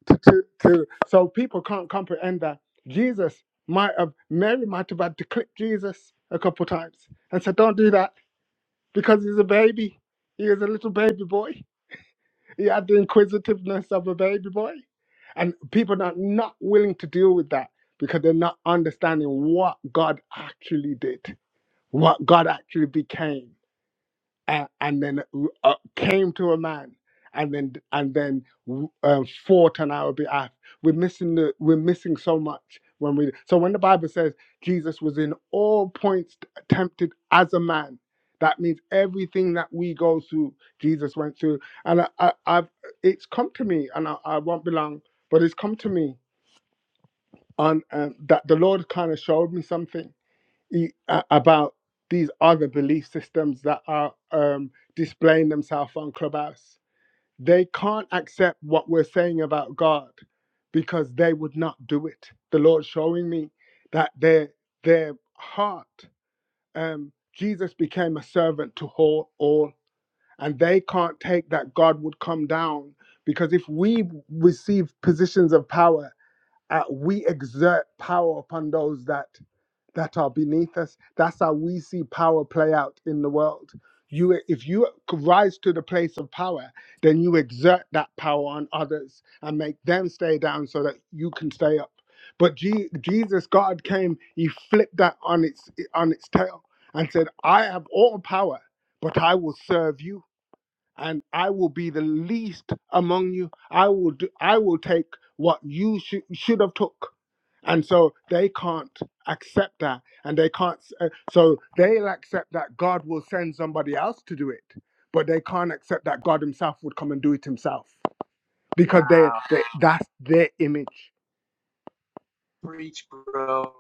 to, to, to so people can't comprehend that jesus might have mary might have had to clip jesus a couple times and said don't do that because he's a baby he is a little baby boy he had the inquisitiveness of a baby boy. And people are not willing to deal with that because they're not understanding what God actually did, what God actually became and, and then uh, uh, came to a man and then and then uh, fought on our behalf we're missing the we're missing so much when we so when the bible says jesus was in all points tempted as a man that means everything that we go through jesus went through and I, I, i've it's come to me and I, I won't be long but it's come to me on um, that the lord kind of showed me something e- a- about these other belief systems that are um, displaying themselves on Clubhouse. They can't accept what we're saying about God because they would not do it. The Lord's showing me that their their heart, um, Jesus became a servant to all, all, and they can't take that God would come down because if we receive positions of power, uh, we exert power upon those that that are beneath us. That's how we see power play out in the world. You, if you rise to the place of power, then you exert that power on others and make them stay down so that you can stay up. But Je- Jesus, God came, He flipped that on its on its tail and said, "I have all power, but I will serve you." and I will be the least among you. I will do, I will take what you should should have took, and so they can't accept that, and they can't. s- uh, So they'll accept that God will send somebody else to do it, but they can't accept that God Himself would come and do it Himself because they,
Wow,
they that's their image.
preach, bro.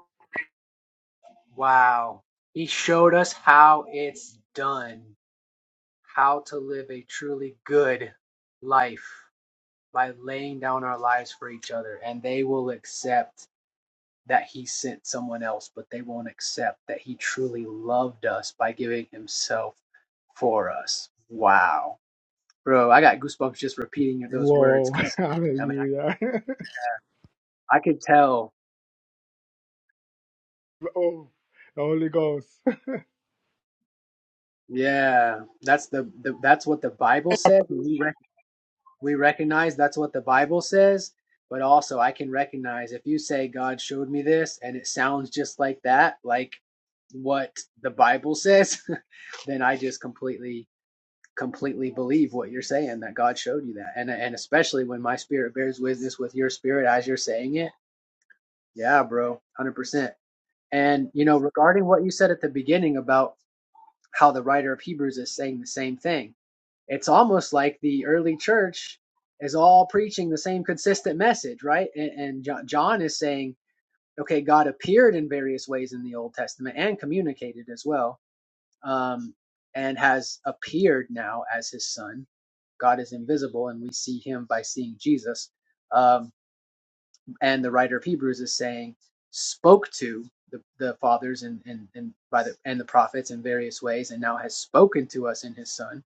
Wow. He showed us how it's done, how to live a truly good life by laying down our lives for each other. And they will accept that he sent someone else, but they won't accept that he truly loved us by giving himself for us. Wow. Bro, I got goosebumps just repeating those words
Whoa!
because I mean,
Hallelujah!
I, I could tell.
oh, the Holy Ghost.
Yeah, that's the, the that's what the Bible says. When We We recognize that's what the Bible says, but also I can recognize if you say God showed me this and it sounds just like that, like what the Bible says, then I just completely completely believe what you're saying that God showed you that. And and especially when my spirit bears witness with your spirit as you're saying it. Yeah, bro. 100%. And you know, regarding what you said at the beginning about how the writer of Hebrews is saying the same thing it's almost like the early church is all preaching the same consistent message, right? And, and John is saying, okay, God appeared in various ways in the Old Testament and communicated as well, um, and has appeared now as his son. God is invisible, and we see him by seeing Jesus. Um, and the writer of Hebrews is saying, spoke to the, the fathers and, and, and by the and the prophets in various ways, and now has spoken to us in his son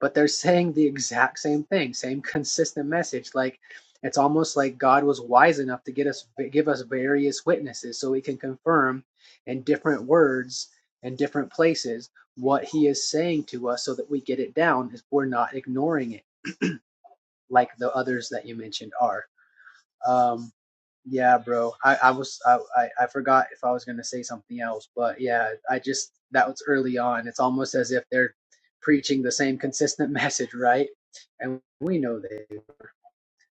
but they're saying the exact same thing, same consistent message. Like it's almost like God was wise enough to get us give us various witnesses so we can confirm in different words and different places what he is saying to us so that we get it down if we're not ignoring it like the others that you mentioned are. Um, yeah, bro. I, I was I, I I forgot if I was gonna say something else, but yeah, I just that was early on. It's almost as if they're preaching the same consistent message, right? And we know they were.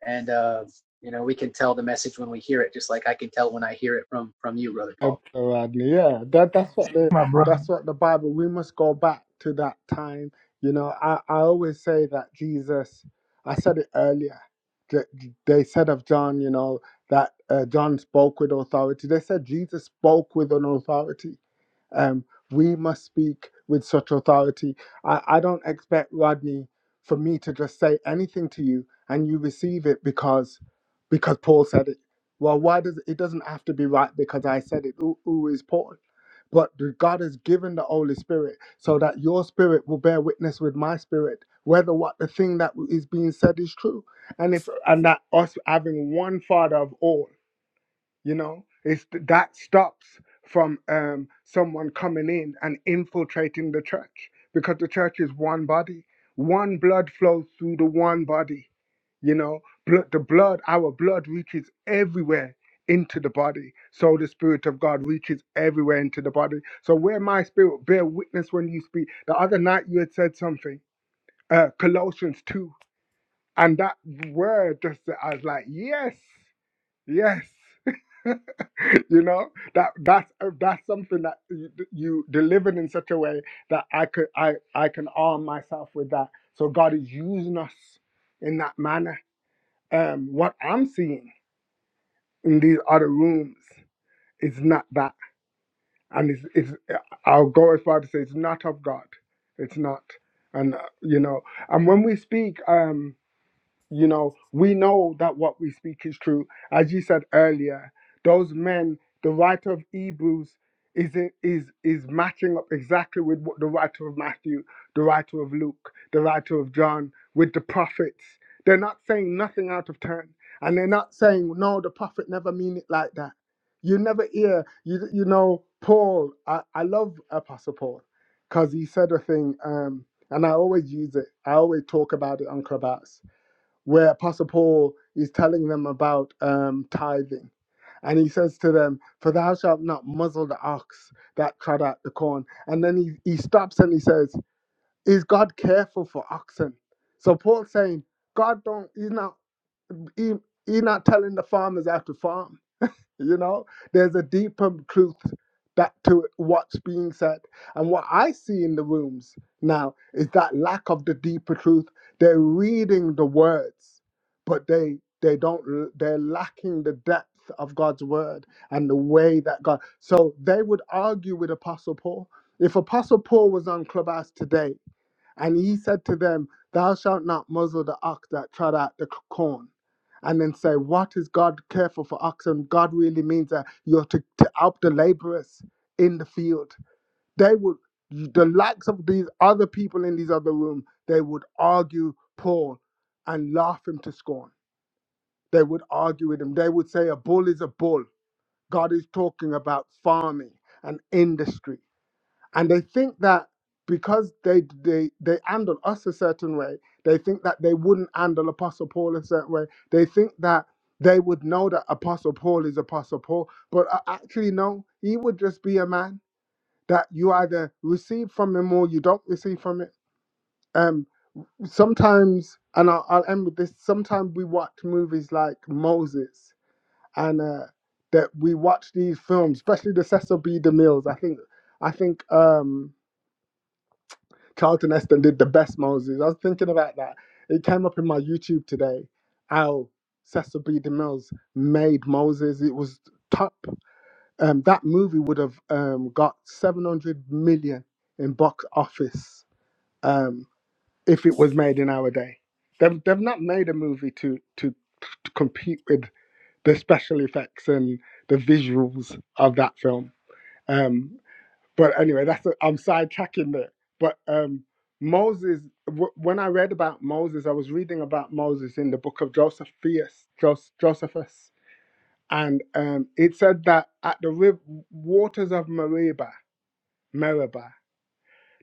And uh, you know, we can tell the message when we hear it, just like I can tell when I hear it from from you, brother
Yeah,
Paul.
bro, Rodney, yeah. That that's what the
My brother.
that's what the Bible. We must go back to that time. You know, I, I always say that Jesus. I said it earlier. J- j- They said of John, you know, that uh, John spoke with authority. They said Jesus spoke with an authority. Um, we must speak with such authority. I, I don't expect Rodney for me to just say anything to you and you receive it because because Paul said it. Well, why does it doesn't have to be right because I said it? Who, who is Paul? But the- God has given the Holy Spirit so that your spirit will bear witness with my spirit whether what the thing that is being said is true, and if and that us having one Father of all you know it's that stops from um, someone coming in and infiltrating the church because the church is one body one blood flows through the one body you know blood, the blood our blood reaches everywhere into the body so the spirit of god reaches everywhere into the body so where my spirit bear witness when you speak the other night you had said something uh colossians 2 and that word just i was like yes yes you know that that's uh, that's something that you, you delivered in such a way that i could i i can arm myself with that so god is using us in that manner um what i'm seeing in these other rooms is not that and it's, it's uh, i'll go as far to say it's not of god it's not and uh, you know and when we speak um You know, we know that what we speak is true. As you said earlier, those men, the writer of Hebrews is is is matching up exactly with what the writer of Matthew, the writer of Luke, the writer of John, with the prophets. They're not saying nothing out of turn, and they're not saying no. The prophet never mean it like that. You never hear you you know Paul. I, I love Apostle Paul because he said a thing, um, and I always use it. I always talk about it on Clubhouse where Apostle Paul is telling them about um, tithing. And he says to them, For thou shalt not muzzle the ox that trod out the corn. And then he, he stops and he says, Is God careful for oxen? So Paul's saying, God don't, he's not, he, he's not telling the farmers how to farm you know there's a deeper truth back to what's being said and what i see in the rooms now is that lack of the deeper truth they're reading the words but they they don't they're lacking the depth of god's word and the way that god so they would argue with apostle paul if apostle paul was on clubhouse today and he said to them, Thou shalt not muzzle the ox that trod out the corn. And then say, What is God careful for oxen? God really means that you're to, to help the laborers in the field. They would, the likes of these other people in these other room, they would argue Paul and laugh him to scorn. They would argue with him. They would say, A bull is a bull. God is talking about farming and industry and they think that because they they they handle us a certain way they think that they wouldn't handle apostle paul a certain way they think that they would know that apostle paul is apostle paul but a- actually no he would just be a man that you either receive from him or you don't receive from it um sometimes and i'll, I'll end with this sometimes we watch movies like moses and uh that we watch these films especially the cecil b demilles i think i think um Charlton Heston did the best Moses. I was thinking about that. It came up in my YouTube today. How Cecil B. DeMille's made Moses. It was top. Um, that movie would have um, got 700 million in box office um, if it was made in our day. They've, they've not made a movie to, to, to compete with the special effects and the visuals of that film. Um, but anyway, that's a, I'm sidetracking there. But um, Moses, w- when I read about Moses, I was reading about Moses in the book of Josephus, Jos- Josephus, and um, it said that at the riv- waters of Meribah, Meribah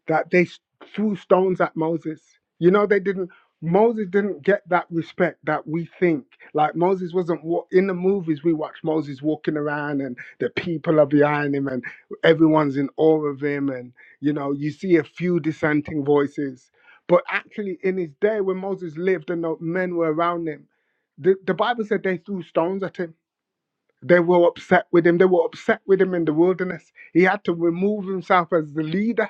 that they s- threw stones at Moses. You know, they didn't. Moses didn't get that respect that we think. Like Moses wasn't wa- in the movies. We watch Moses walking around, and the people are behind him, and everyone's in awe of him, and you know, you see a few dissenting voices. But actually, in his day, when Moses lived and the men were around him, the, the Bible said they threw stones at him. They were upset with him. They were upset with him in the wilderness. He had to remove himself as the leader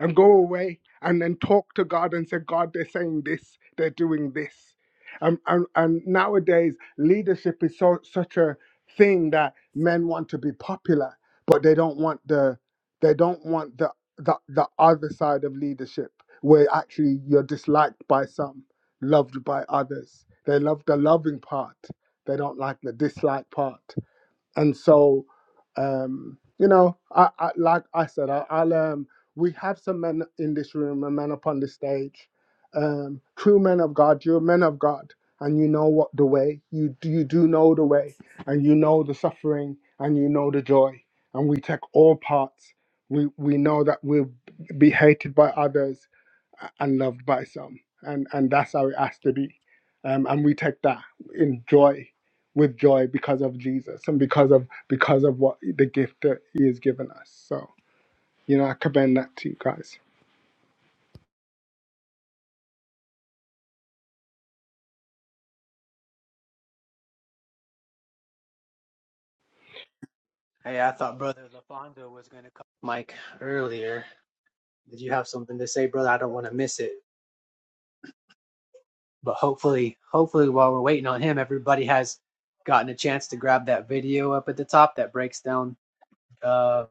and go away and then talk to God and say, God, they're saying this, they're doing this. Um, and, and nowadays, leadership is so, such a thing that men want to be popular, but they don't want the they don't want the the, the other side of leadership where actually you're disliked by some, loved by others. They love the loving part. They don't like the dislike part and so um you know i, I like i said I, i'll um we have some men in this room and men upon the stage um true men of god you're men of god and you know what the way you do you do know the way and you know the suffering and you know the joy and we take all parts we we know that we'll be hated by others and loved by some, and and that's how it has to be. Um, and we take that in joy, with joy because of Jesus and because of because of what the gift that He has given us. So you know, I commend that to you guys.
Hey, I thought brother Lafondo was gonna come, Mike, earlier. Did you have something to say, brother? I don't want to miss it. But hopefully, hopefully while we're waiting on him, everybody has gotten a chance to grab that video up at the top that breaks down uh,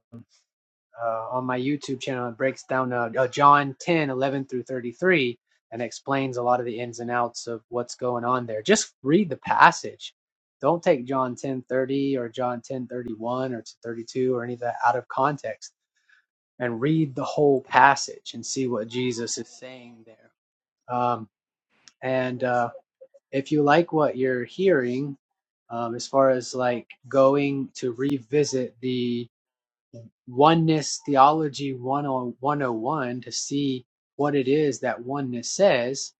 uh, on my YouTube channel. It breaks down uh, uh, John 10 11 through 33 and explains a lot of the ins and outs of what's going on there. Just read the passage. Don't take John 10 30 or John 10 31 or 32 or any of that out of context and read the whole passage and see what Jesus is saying there. Um, and uh, if you like what you're hearing, um, as far as like going to revisit the oneness theology one hundred one hundred one to see what it is that oneness says,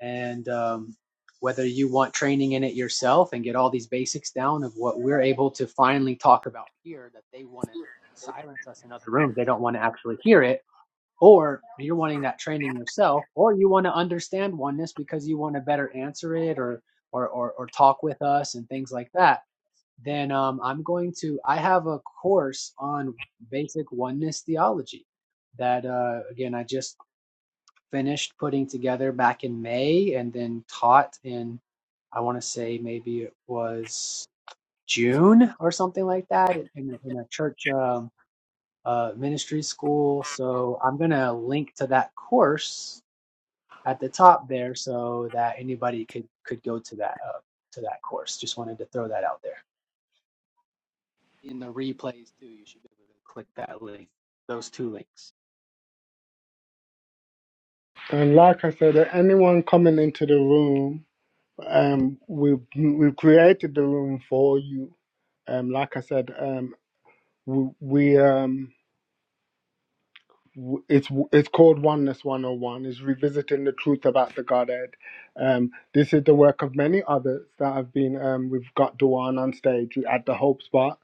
and um, whether you want training in it yourself and get all these basics down of what we're able to finally talk about here that they want to silence us in other rooms, they don't want to actually hear it or you're wanting that training yourself or you want to understand oneness because you want to better answer it or or or, or talk with us and things like that then um, i'm going to i have a course on basic oneness theology that uh, again i just finished putting together back in may and then taught in i want to say maybe it was june or something like that in, a in a church um, uh, ministry school. So I'm going to link to that course at the top there so that anybody could could go to that uh, to that course. Just wanted to throw that out there. In the replays too, you should be able to click that link, those two links.
And like I said, anyone coming into the room, um, we've we've created the room for you. Um, like I said, um, we we um w- it's w- it's called Oneness 101. Is revisiting the truth about the Godhead. Um, this is the work of many others that have been. Um, we've got Duane on stage. We had the Hope Spot.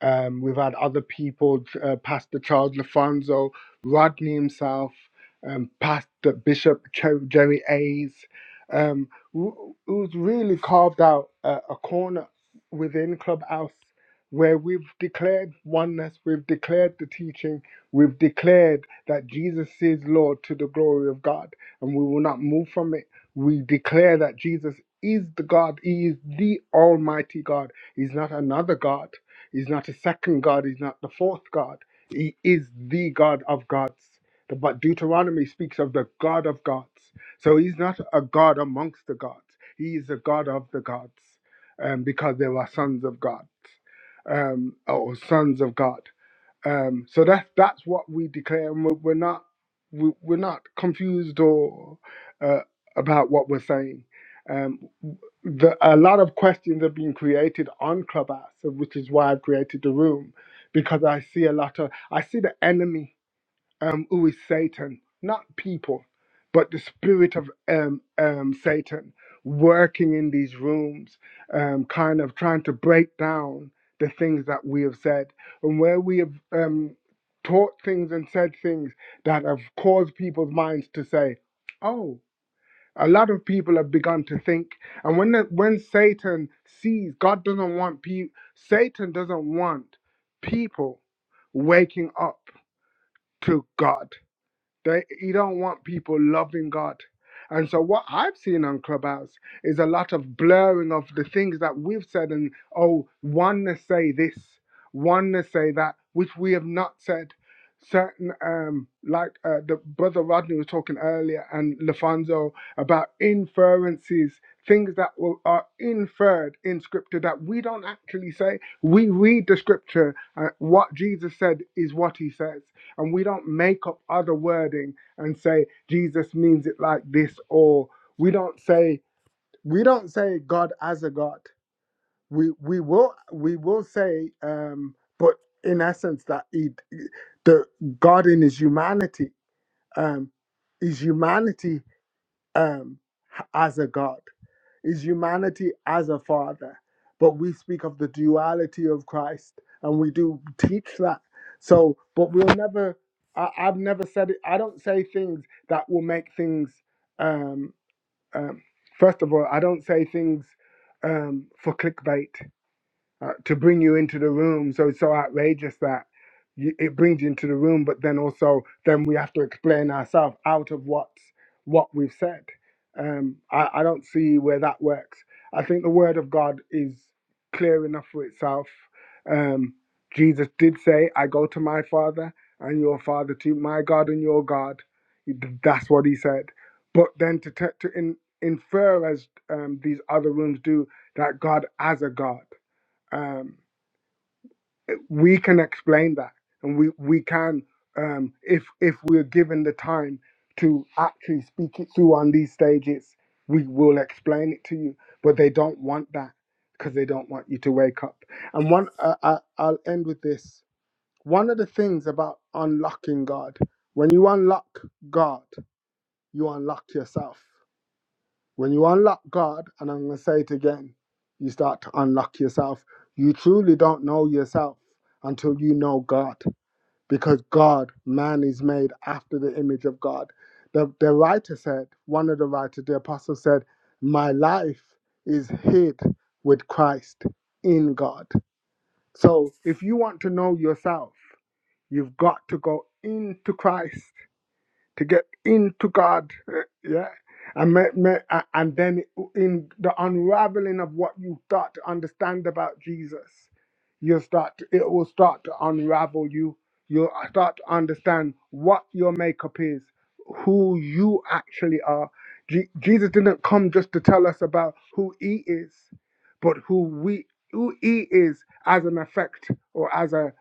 Um, we've had other people, uh, Pastor Charles Lafonso, Rodney himself, um, Pastor Bishop Cher- Jerry Hayes, um, who- who's really carved out a, a corner within Clubhouse where we've declared oneness, we've declared the teaching, we've declared that Jesus is Lord to the glory of God, and we will not move from it. We declare that Jesus is the God, He is the Almighty God, He's not another God. He's not a second God. He's not the fourth God. He is the God of gods. The- But Deuteronomy speaks of the God of gods. So he's not a God amongst the gods. He is the God of the gods um, because there are sons of God um, or sons of God. Um, so that's that's what we declare, and we're, we're not we, we're not confused or uh, about what we're saying. Um, the, a lot of questions are being created on Clubhouse, which is why I've created the room because I see a lot of I see the enemy um, who is Satan, not people, but the spirit of um, um, Satan working in these rooms, um, kind of trying to break down the things that we have said and where we have um, taught things and said things that have caused people's minds to say, oh, a lot of people have begun to think, and when the, when Satan sees God doesn't want people, Satan doesn't want people waking up to God. They, you don't want people loving God. And so what I've seen on Clubhouse is a lot of blurring of the things that we've said and oh, oneness say this, oneness say that, which we have not said. Certain, um, like uh, the brother Rodney was talking earlier, and Lafonso about inferences, things that will, are inferred in scripture that we don't actually say. We read the scripture, uh, what Jesus said is what he says and we don't make up other wording and say Jesus means it like this or we don't say we don't say God as a God. We we will we will say um but in essence that he, the God in his humanity um is humanity um h- as a God is humanity as a father. But we speak of the duality of Christ and we do teach that. So, but we'll never, I, I've never said it, I don't say things that will make things, um, um, first of all, I don't say things um, for clickbait uh, to bring you into the room. So it's so outrageous that you, it brings you into the room, but then also then we have to explain ourselves out of what's what we've said. Um, I, I don't see where that works. I think the word of God is clear enough for itself. Um, Jesus did say, "I go to my Father and your Father to my God and your God." He- d- That's what he said. But then to t- to in, infer as um, these other rooms do that God as a God um, we can explain that and we we can um, if if we're given the time to actually speak it through on these stages we will explain it to you but they don't want that because they don't want you to wake up and one uh, I, I- i'll end with this one of the things about unlocking god when you unlock god you unlock yourself when you unlock God, and I'm going to say it again, you start to unlock yourself. You truly don't know yourself until you know God, because God, man is made after the image of God. The, the writer said, one of the writers, the apostle said, My life is hid with Christ in God. So if you want to know yourself, you've got to go into Christ to get into God, yeah, and ma- ma- a- and then in the unraveling of what you start to understand about Jesus, you start to, it will start to unravel you. You'll start to understand what your makeup is, who you actually are. Je- Jesus didn't come just to tell us about who He is, but who we who He is as an effect or as a,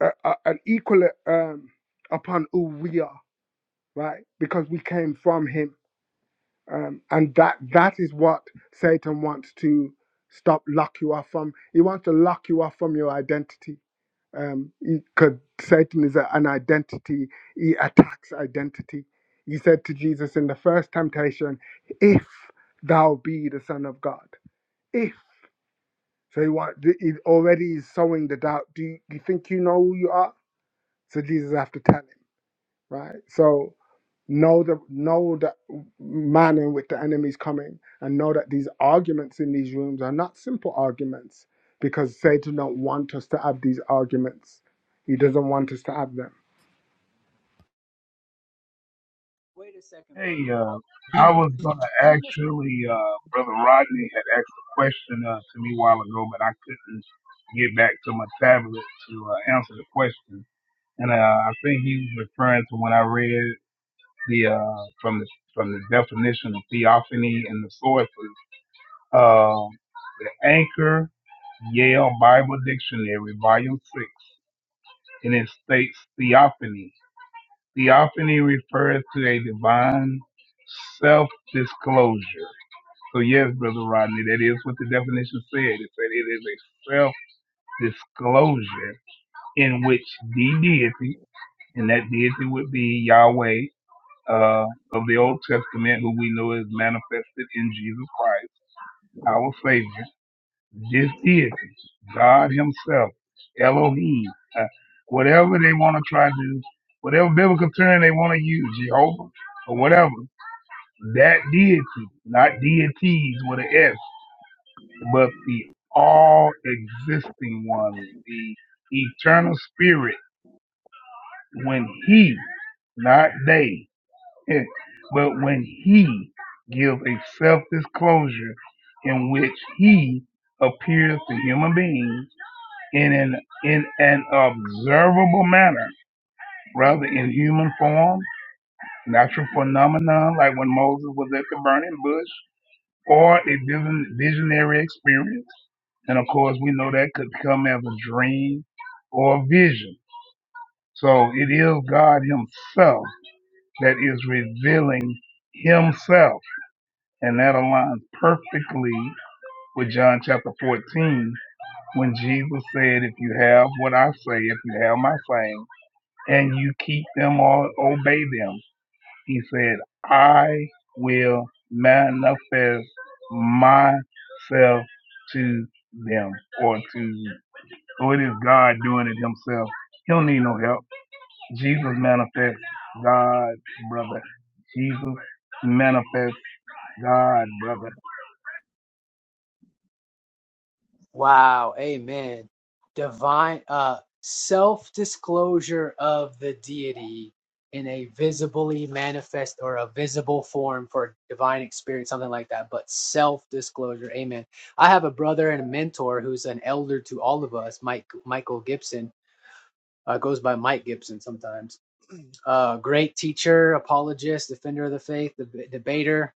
a, a- an equal um, upon who we are right? Because we came from him. Um, and that that is what Satan wants to stop, lock you off from. He wants to lock you off from your identity. Um, because Satan is a, an identity, he attacks identity. He said to Jesus in the first temptation, If thou be the Son of God, if. So he, want, he already is sowing the doubt. Do you, you think you know who you are? So Jesus have to tell him, right? So know the know that man in which the enemy is coming and know that these arguments in these rooms are not simple arguments because satan don't want us to have these arguments he doesn't want us to have them
Wait a second,
Hey,
brother.
uh,
Paul.
I
You,
was gonna
did you just
actually, uh, brother Rodney had asked a question uh, to me a while ago, but I couldn't get back to my tablet to uh, answer the question. And uh, I think he's referring to when I read the uh, from the from the definition of theophany and the sources, uh, the Anchor Yale Bible Dictionary, Volume Six, and it states theophany. Theophany refers to a divine self-disclosure. So yes, Brother Rodney, that is what the definition said. It said it is a self-disclosure in which the deity, and that deity would be Yahweh uh, of the Old Testament, who we know is manifested in Jesus Christ, our Savior, this deity, God Himself, Elohim, uh, whatever they want to try to, whatever biblical term they want to use, Jehovah, or whatever, that deity, not deities with an S, but the all existing one, the eternal spirit, when He, not they. Eh, But when he gives a self-disclosure in which he appears to human beings in an in an observable manner, rather in human form, natural phenomenon like when Moses was at the burning bush, or a vision, visionary experience, and of course we know that could come as a dream or a vision. So it is God Himself that is revealing Himself And that aligns perfectly with John chapter 14 when Jesus said, If you have what I say, if you have my saying, and you keep them or obey them, he said, I will manifest myself to them or to you. So it is God doing it himself. He don't need no help. Jesus manifests God, brother. Jesus manifests God, brother.
Wow, amen. Divine uh self-disclosure of the deity in a visibly manifest or a visible form for divine experience, something like that, but self-disclosure. Amen. I have a brother and a mentor who's an elder to all of us, Mike Michael Gibson. Uh, goes by Mike Gibson sometimes. Uh, great teacher, apologist, defender of the faith, deb- debater,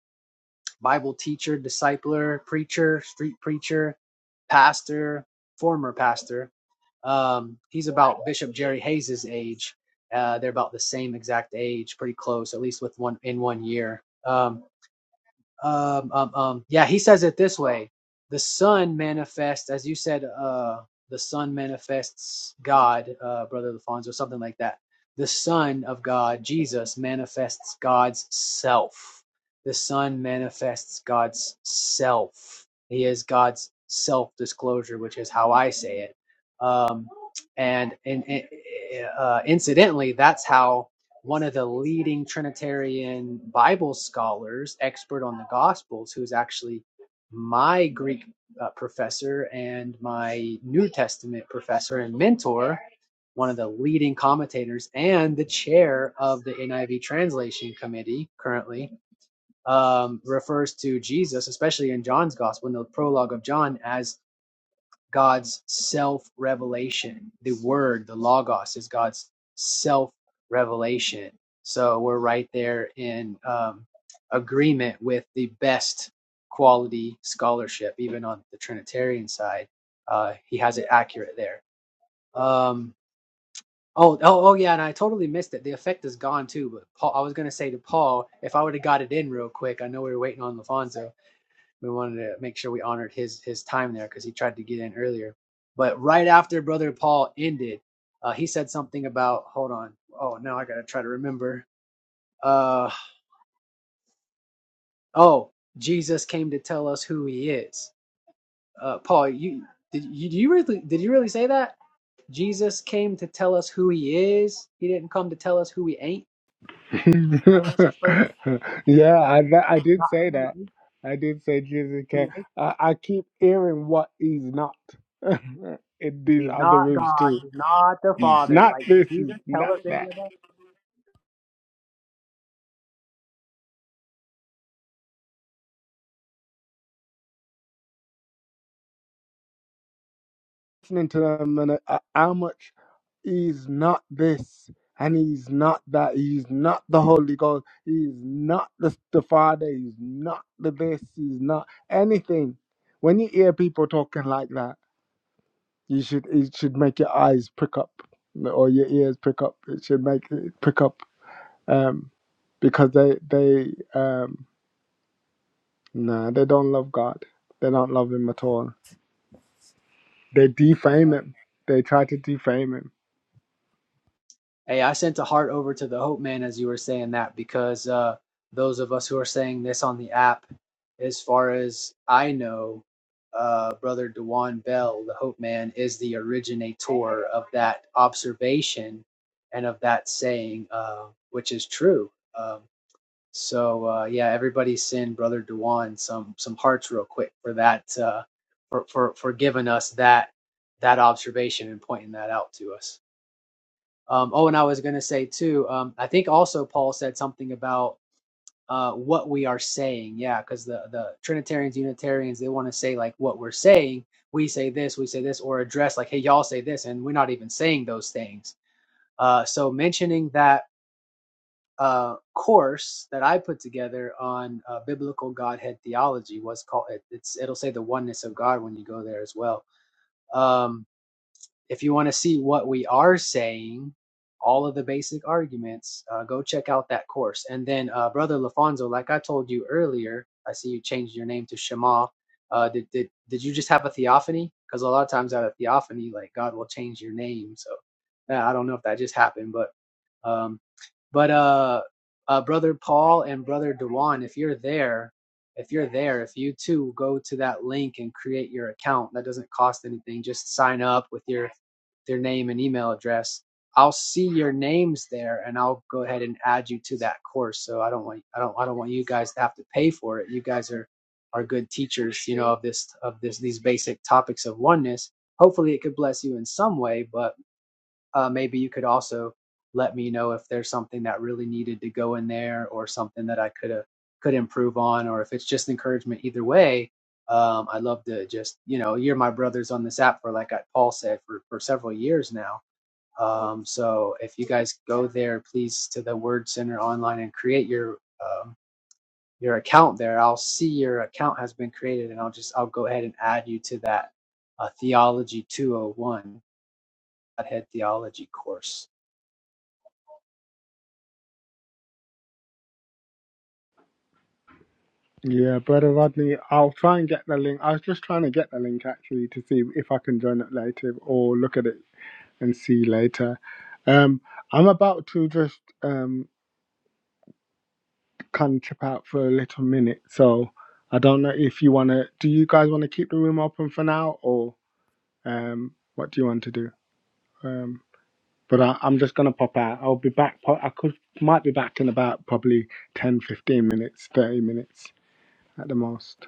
Bible teacher, discipler, preacher, street preacher, pastor, former pastor. Um, he's about Bishop Jerry Hayes's age. Uh, they're about the same exact age, pretty close, at least with one in one year. Um, um, um, um, yeah, he says it this way: the Son manifests, as you said, uh, the Son manifests God, uh, Brother Alfonso, something like that. The Son of God, Jesus, manifests God's self. The Son manifests God's self. He is God's self-disclosure, which is how I say it. Um, and and, and, uh, incidentally, that's how one of the leading Trinitarian Bible scholars, expert on the Gospels, who's actually my Greek uh, professor and my New Testament professor and mentor, one of the leading commentators and the chair of the NIV translation committee currently, um, refers to Jesus, especially in John's Gospel, in the prologue of John, as God's self revelation. The word, the logos, is God's self revelation. So we're right there in um, agreement with the best quality scholarship, even on the Trinitarian side. Uh, he has it accurate there. Um, oh, oh, oh, yeah, and I totally missed it. The effect is gone too. But Paul, I was gonna say to Paul, if I would have got it in real quick, I know we were waiting on Lafonso we wanted to make sure we honored his his time there because he tried to get in earlier. But right after Brother Paul ended, uh, he said something about hold on. Oh, now I gotta try to remember. Uh, oh, Jesus came to tell us who He is. Uh, Paul, you did you, you really did you really say that? Jesus came to tell us who He is. He didn't come to tell us who He ain't. That was His purpose.
yeah I, I did
Not
say
who
that
He is.
i did say jesus
He
came
ain't.
i, I keep hearing what he's not in these
He's
other
not
rooms
God.
too
He's not the
he's
Father.
not
Like did
this he's
Jesus tell
not
us any
that
of that?
listening to them and uh, how much he's not this and he's not that. He's not the Holy Ghost. He's not the, the Father. He's not the this. He's not anything. When you hear people talking like that, you should it should make your eyes prick up or your ears prick up. It should make it prick up um, because they they um, nah they don't love God. They don't love Him at all. They defame Him. They try to defame Him
Hey, I sent a heart over to the Hope Man as you were saying that because uh, those of us who are saying this on the app, as far as I know, uh, Brother Dewan Bell, the Hope Man, is the originator of that observation and of that saying, uh, which is true. Um, so uh, yeah, everybody send Brother Dewan some some hearts real quick for that uh, for for for giving us that that observation and pointing that out to us. Um, oh, and I was going to say too. Um, I think also Paul said something about uh, what we are saying. Yeah, because the the Trinitarians, Unitarians, they want to say like what we're saying. We say this, we say this, or address like, hey, y'all say this, and we're not even saying those things. Uh, so mentioning that uh, course that I put together on uh, biblical Godhead theology was called. It, it's it'll say the oneness of God when you go there as well. Um, if you want to see what we are saying, all of the basic arguments, uh, go check out that course. And then, uh, Brother Lafonso, like I told you earlier, I see you changed your name to Shema. Uh, did, did, did you just have a theophany? Because a lot of times out of theophany, like God will change your name. So yeah, I don't know if that just happened, but um, but uh, uh, Brother Paul and Brother Dewan, if you're there, if you're there, if you too go to that link and create your account, that doesn't cost anything. Just sign up with your their name and email address, I'll see your names there and I'll go ahead and add you to that course. So I don't want I don't I don't want you guys to have to pay for it. You guys are are good teachers, you know, of this of this these basic topics of oneness. Hopefully it could bless you in some way, but uh, maybe you could also let me know if there's something that really needed to go in there or something that I could have could improve on or if it's just encouragement either way um, I'd love to just you know you're my brothers on this app for like I, Paul said for, for several years now um, so if you guys go there please to the word center online and create your um, your account there I'll see your account has been created and I'll just I'll go ahead and add you to that uh, theology 201 head theology course
Yeah, brother Rodney, I'll try and get the link. I was just trying to get the link actually to see if I can join it later or look at it and see later. Um, I'm about to just um kind of trip out for a little minute, so I don't know if you wanna. Do you guys want to keep the room open for now, or um, what do you want to do? Um, but I, I'm just gonna pop out. I'll be back. po- I could might be back in about probably 10, 15 minutes, 30 minutes at the most.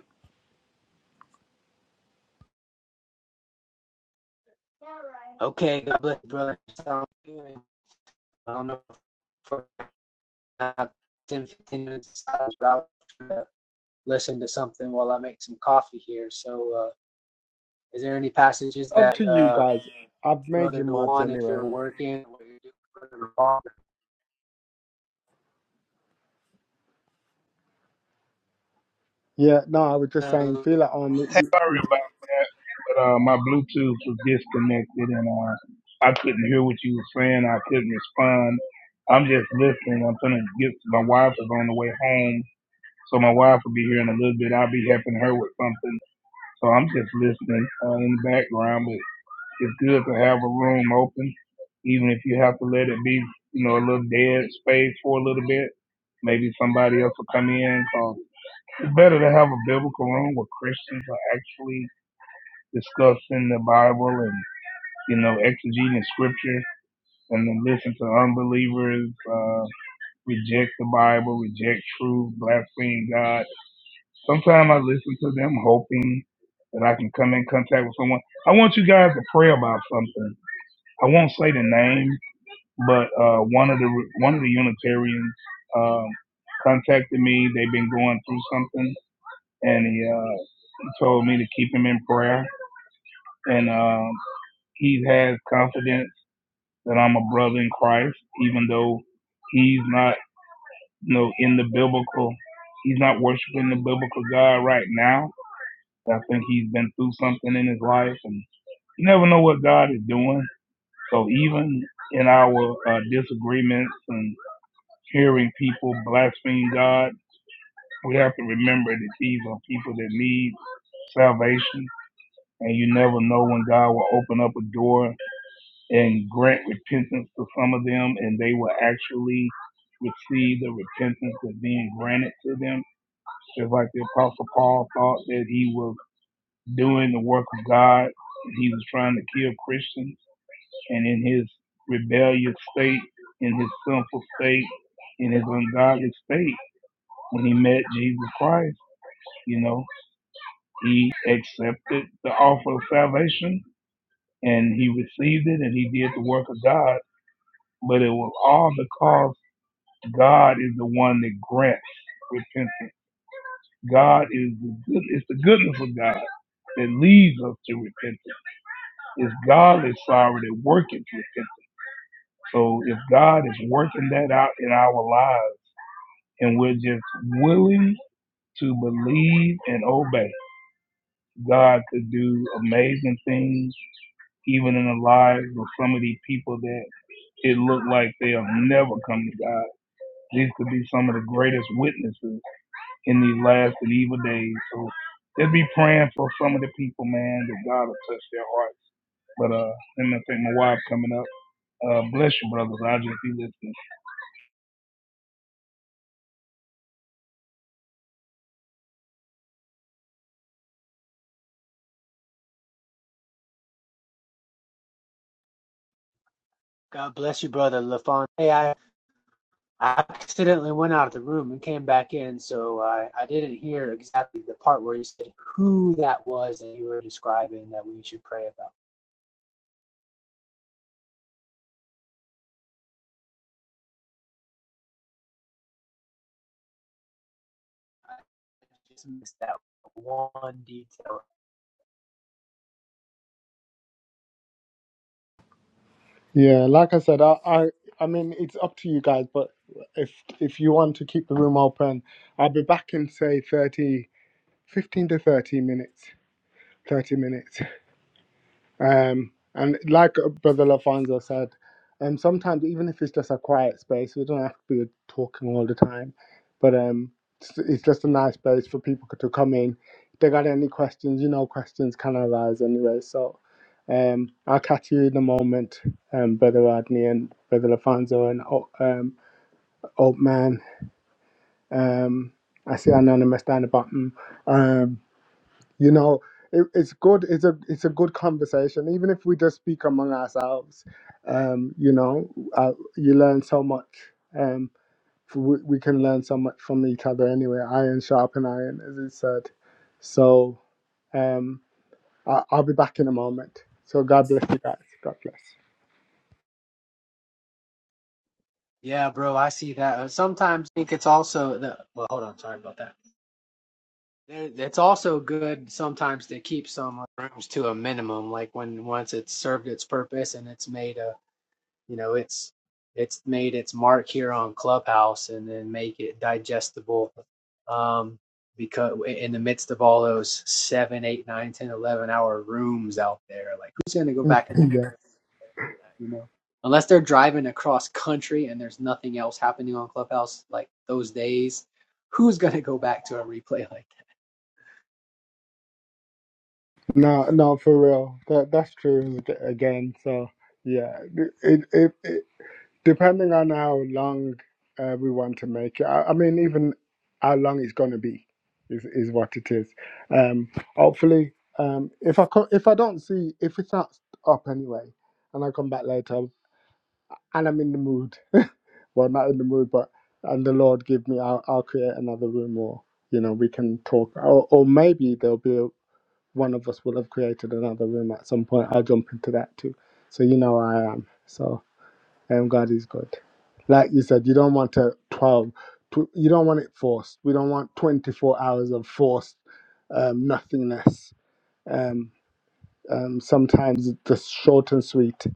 Okay, God bless you, brother. I don't know for about 10, 15 minutes, but I'll try to listen to something while I make some coffee here. So, uh, is there any passages
up to
that,
you
uh,
guys. I've made
Brother
you mods
Dewan, if you're
anyway.
working, what you're Brother
Yeah, no, I was just saying,
Lafon-
feel at home.
Sorry about that, but uh, my Bluetooth was disconnected and uh, I couldn't hear what you were saying. I couldn't respond. I'm just listening. I'm gonna get my wife is on the way home, so my wife will be here in a little bit. I'll be helping her with something, so I'm just listening uh, in the background. But it's good to have a room open, even if you have to let it be, you know, a little dead space for a little bit. Maybe somebody else will come in. So it's better to have a biblical room where Christians are actually discussing the Bible and you know exegeting scripture, and then listen to unbelievers uh, reject the Bible, reject truth, blaspheme God. Sometimes I listen to them hoping that I can come in contact with someone. I want you guys to pray about something. I won't say the name, but uh, one of the one of the Unitarians um, contacted me. They've been going through something, and he, uh, he told me to keep him in prayer. And um, he has confidence that I'm a brother in Christ, even though he's not, you know, in the biblical, he's not worshiping the biblical God right now. I think he's been through something in his life, and you never know what God is doing. So even in our uh, disagreements and hearing people blaspheme God, we have to remember that these are people that need salvation, and you never know when God will open up a door and grant repentance to some of them, and they will actually receive the repentance that's being granted to them. Just like the Apostle Paul thought that he was doing the work of God, and he was trying to kill Christians, and in his rebellious state, in his sinful state, in his ungodly state, when he met Jesus Christ, you know, he accepted the offer of salvation and he received it and he did the work of God but it was all because God is the one that grants repentance. God is the good, it's the goodness of God that leads us to repentance. It's godly sorrow that worketh repentance. So if God is working that out in our lives and we're just willing to believe and obey, God could do amazing things even in the lives of some of these people that it looked like they'll never come to God. These could be some of the greatest witnesses in these last and evil days. So just be praying for some of the people, man, that God will touch their hearts. But uh, let me think my wife coming up. Uh, bless you, brothers. I'll just be listening.
God bless you, Brother LaFon. Hey, I, I accidentally went out of the room and came back in, so I, I didn't hear exactly the part where you said who that was that you were describing that we should pray about. I just missed that one detail.
Yeah, like I said, I, I, I mean, it's up to you guys. But if if you want to keep the room open, I'll be back in say 30, 15 to thirty minutes. Thirty minutes. Um, and like Brother Lafonso said, um, sometimes even if it's just a quiet space, we don't have to be talking all the time. But um, it's, it's just a nice space for people to come in. If they got any questions, you know, questions can arise anyway. So um, I'll catch you in a moment, um, Brother Rodney and Brother Lafonso and O- um, Old Man. Um, I see Anonymous down the bottom. Um, you know it, it's good it's a it's a good conversation even if we just speak among ourselves um you know uh, you learn so much um f- we, we can learn so much from each other anyway iron sharpen iron as it said so um I, i'll be back in a moment so god bless you guys god bless
Yeah, bro, I see that. Uh, Sometimes I think it's also the well, hold on, sorry about that. It's also good sometimes to keep some rooms to a minimum, like when once it's served its purpose and it's made a You know, it's it's made its mark here on Clubhouse and then make it digestible um, because in the midst of all those seven, eight, nine, ten, eleven hour rooms out there, like who's going to go back and listen
yeah
to it like that? You know, unless they're driving across country and there's nothing else happening on Clubhouse like those days, who's going to go back to a replay like that?
no no for real that that's true ag- again so yeah it it it. depending on how long uh, we want to make it. I, I mean, even how long it's going to be is, is what it is. Um, hopefully, um, if I co- if I don't see if it's not up anyway, and I come back later, and I'm in the mood, well, not in the mood, but and the Lord give me, I'll, I'll create another room, or you know, we can talk, or, or maybe there'll be a, one of us will have created another room at some point. I'll jump into that too. So you know, I am. So, and God is good. Like you said, you don't want a 12, tw- you don't want it forced. We don't want 24 hours of forced um, nothingness. Um, um, sometimes the short and sweet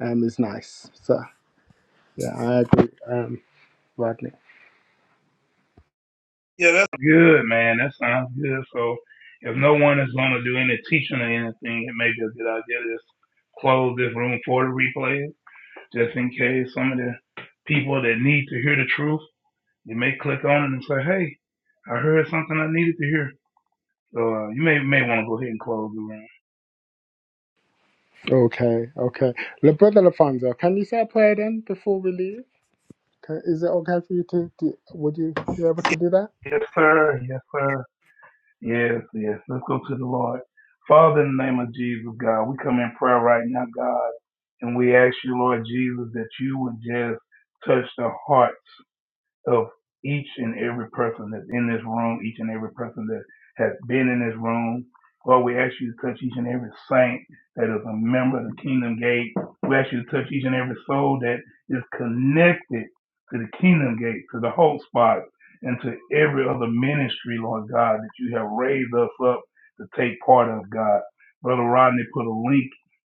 um, is nice. So, yeah, I agree, um, Rodney.
Yeah, that's Good, man. That sounds good. So if no one is going to do any teaching or anything, it may be a good idea to just close this room for the replay, just in case some of the people that need to hear the truth, you may click on it and say, hey, I heard something I needed to hear. So uh, you may may want to go ahead and close the room.
Okay, okay. Le Brother Alfonso, can you say a prayer then before we leave? Can, is it okay for you to, do, would you be able
Yes,
to do that?
yes, sir. Yes, sir. Yes, yes. Let's go to the Lord. Father, in the name of Jesus, God, we come in prayer right now, God, and we ask you, Lord Jesus, that you would just touch the hearts of each and every person that's in this room, each and every person that has been in this room. Lord, we ask you to touch each and every saint that is a member of the Kingdom Gate. We ask you to touch each and every soul that is connected to the Kingdom Gate, to the Hope Spot, and to every other ministry, Lord God, that you have raised us up to take part of, God. Brother Rodney put a link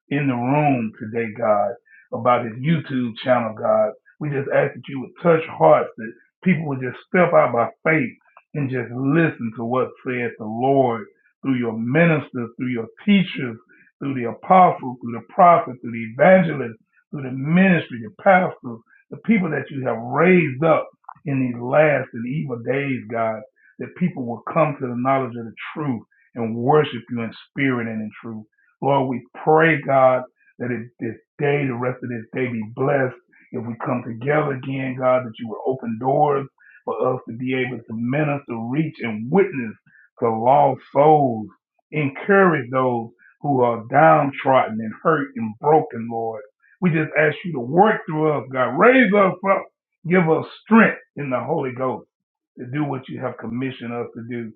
in the room today, God, about his YouTube channel, God. We just ask that you would touch hearts that people would just step out by faith and just listen to what said the Lord through your ministers, through your teachers, through the apostles, through the prophets, through the evangelists, through the ministry, the pastors, the people that you have raised up in these last and evil days, God, that people will come to the knowledge of the truth and worship you in spirit and in truth. Lord, we pray, God, that it, this day, the rest of this day be blessed if we come together again, God, that you will open doors for us to be able to minister, reach, and witness to lost souls. Encourage those who are downtrodden and hurt and broken, Lord. We just ask you to work through us, God. Raise us up. Give us strength in the Holy Ghost to do what you have commissioned us to do.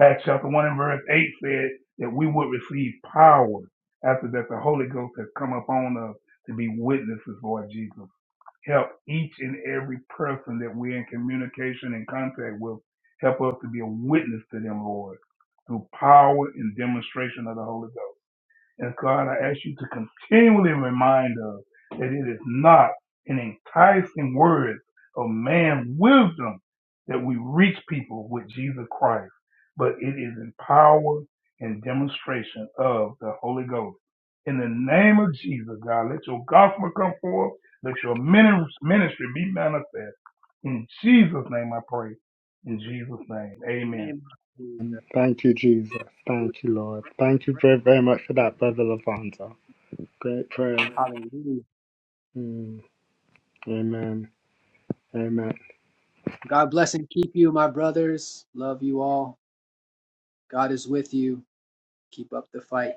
Acts chapter 1 and verse 8 said that we would receive power after that the Holy Ghost has come upon us to be witnesses, Lord Jesus help each and every person that we're in communication and contact with. Help us to be a witness to them, Lord, through power and demonstration of the Holy Ghost. And God, I ask you to continually remind us that it is not in enticing words of man wisdom that we reach people with Jesus Christ, but it is in power and demonstration of the Holy Ghost. In the name of Jesus, God, let your gospel come forth. Let your mini- ministry be manifest. In Jesus' name I pray. In Jesus' name. Amen.
Name of
Mm,
Jesus.
Thank you, Jesus. Thank you, Lord. Thank you very, very much for that, Brother Alfonso. Great prayer.
Hallelujah.
Mm. Amen. Amen.
God bless and keep you, my brothers. Love you all. God is with you. keep up the fight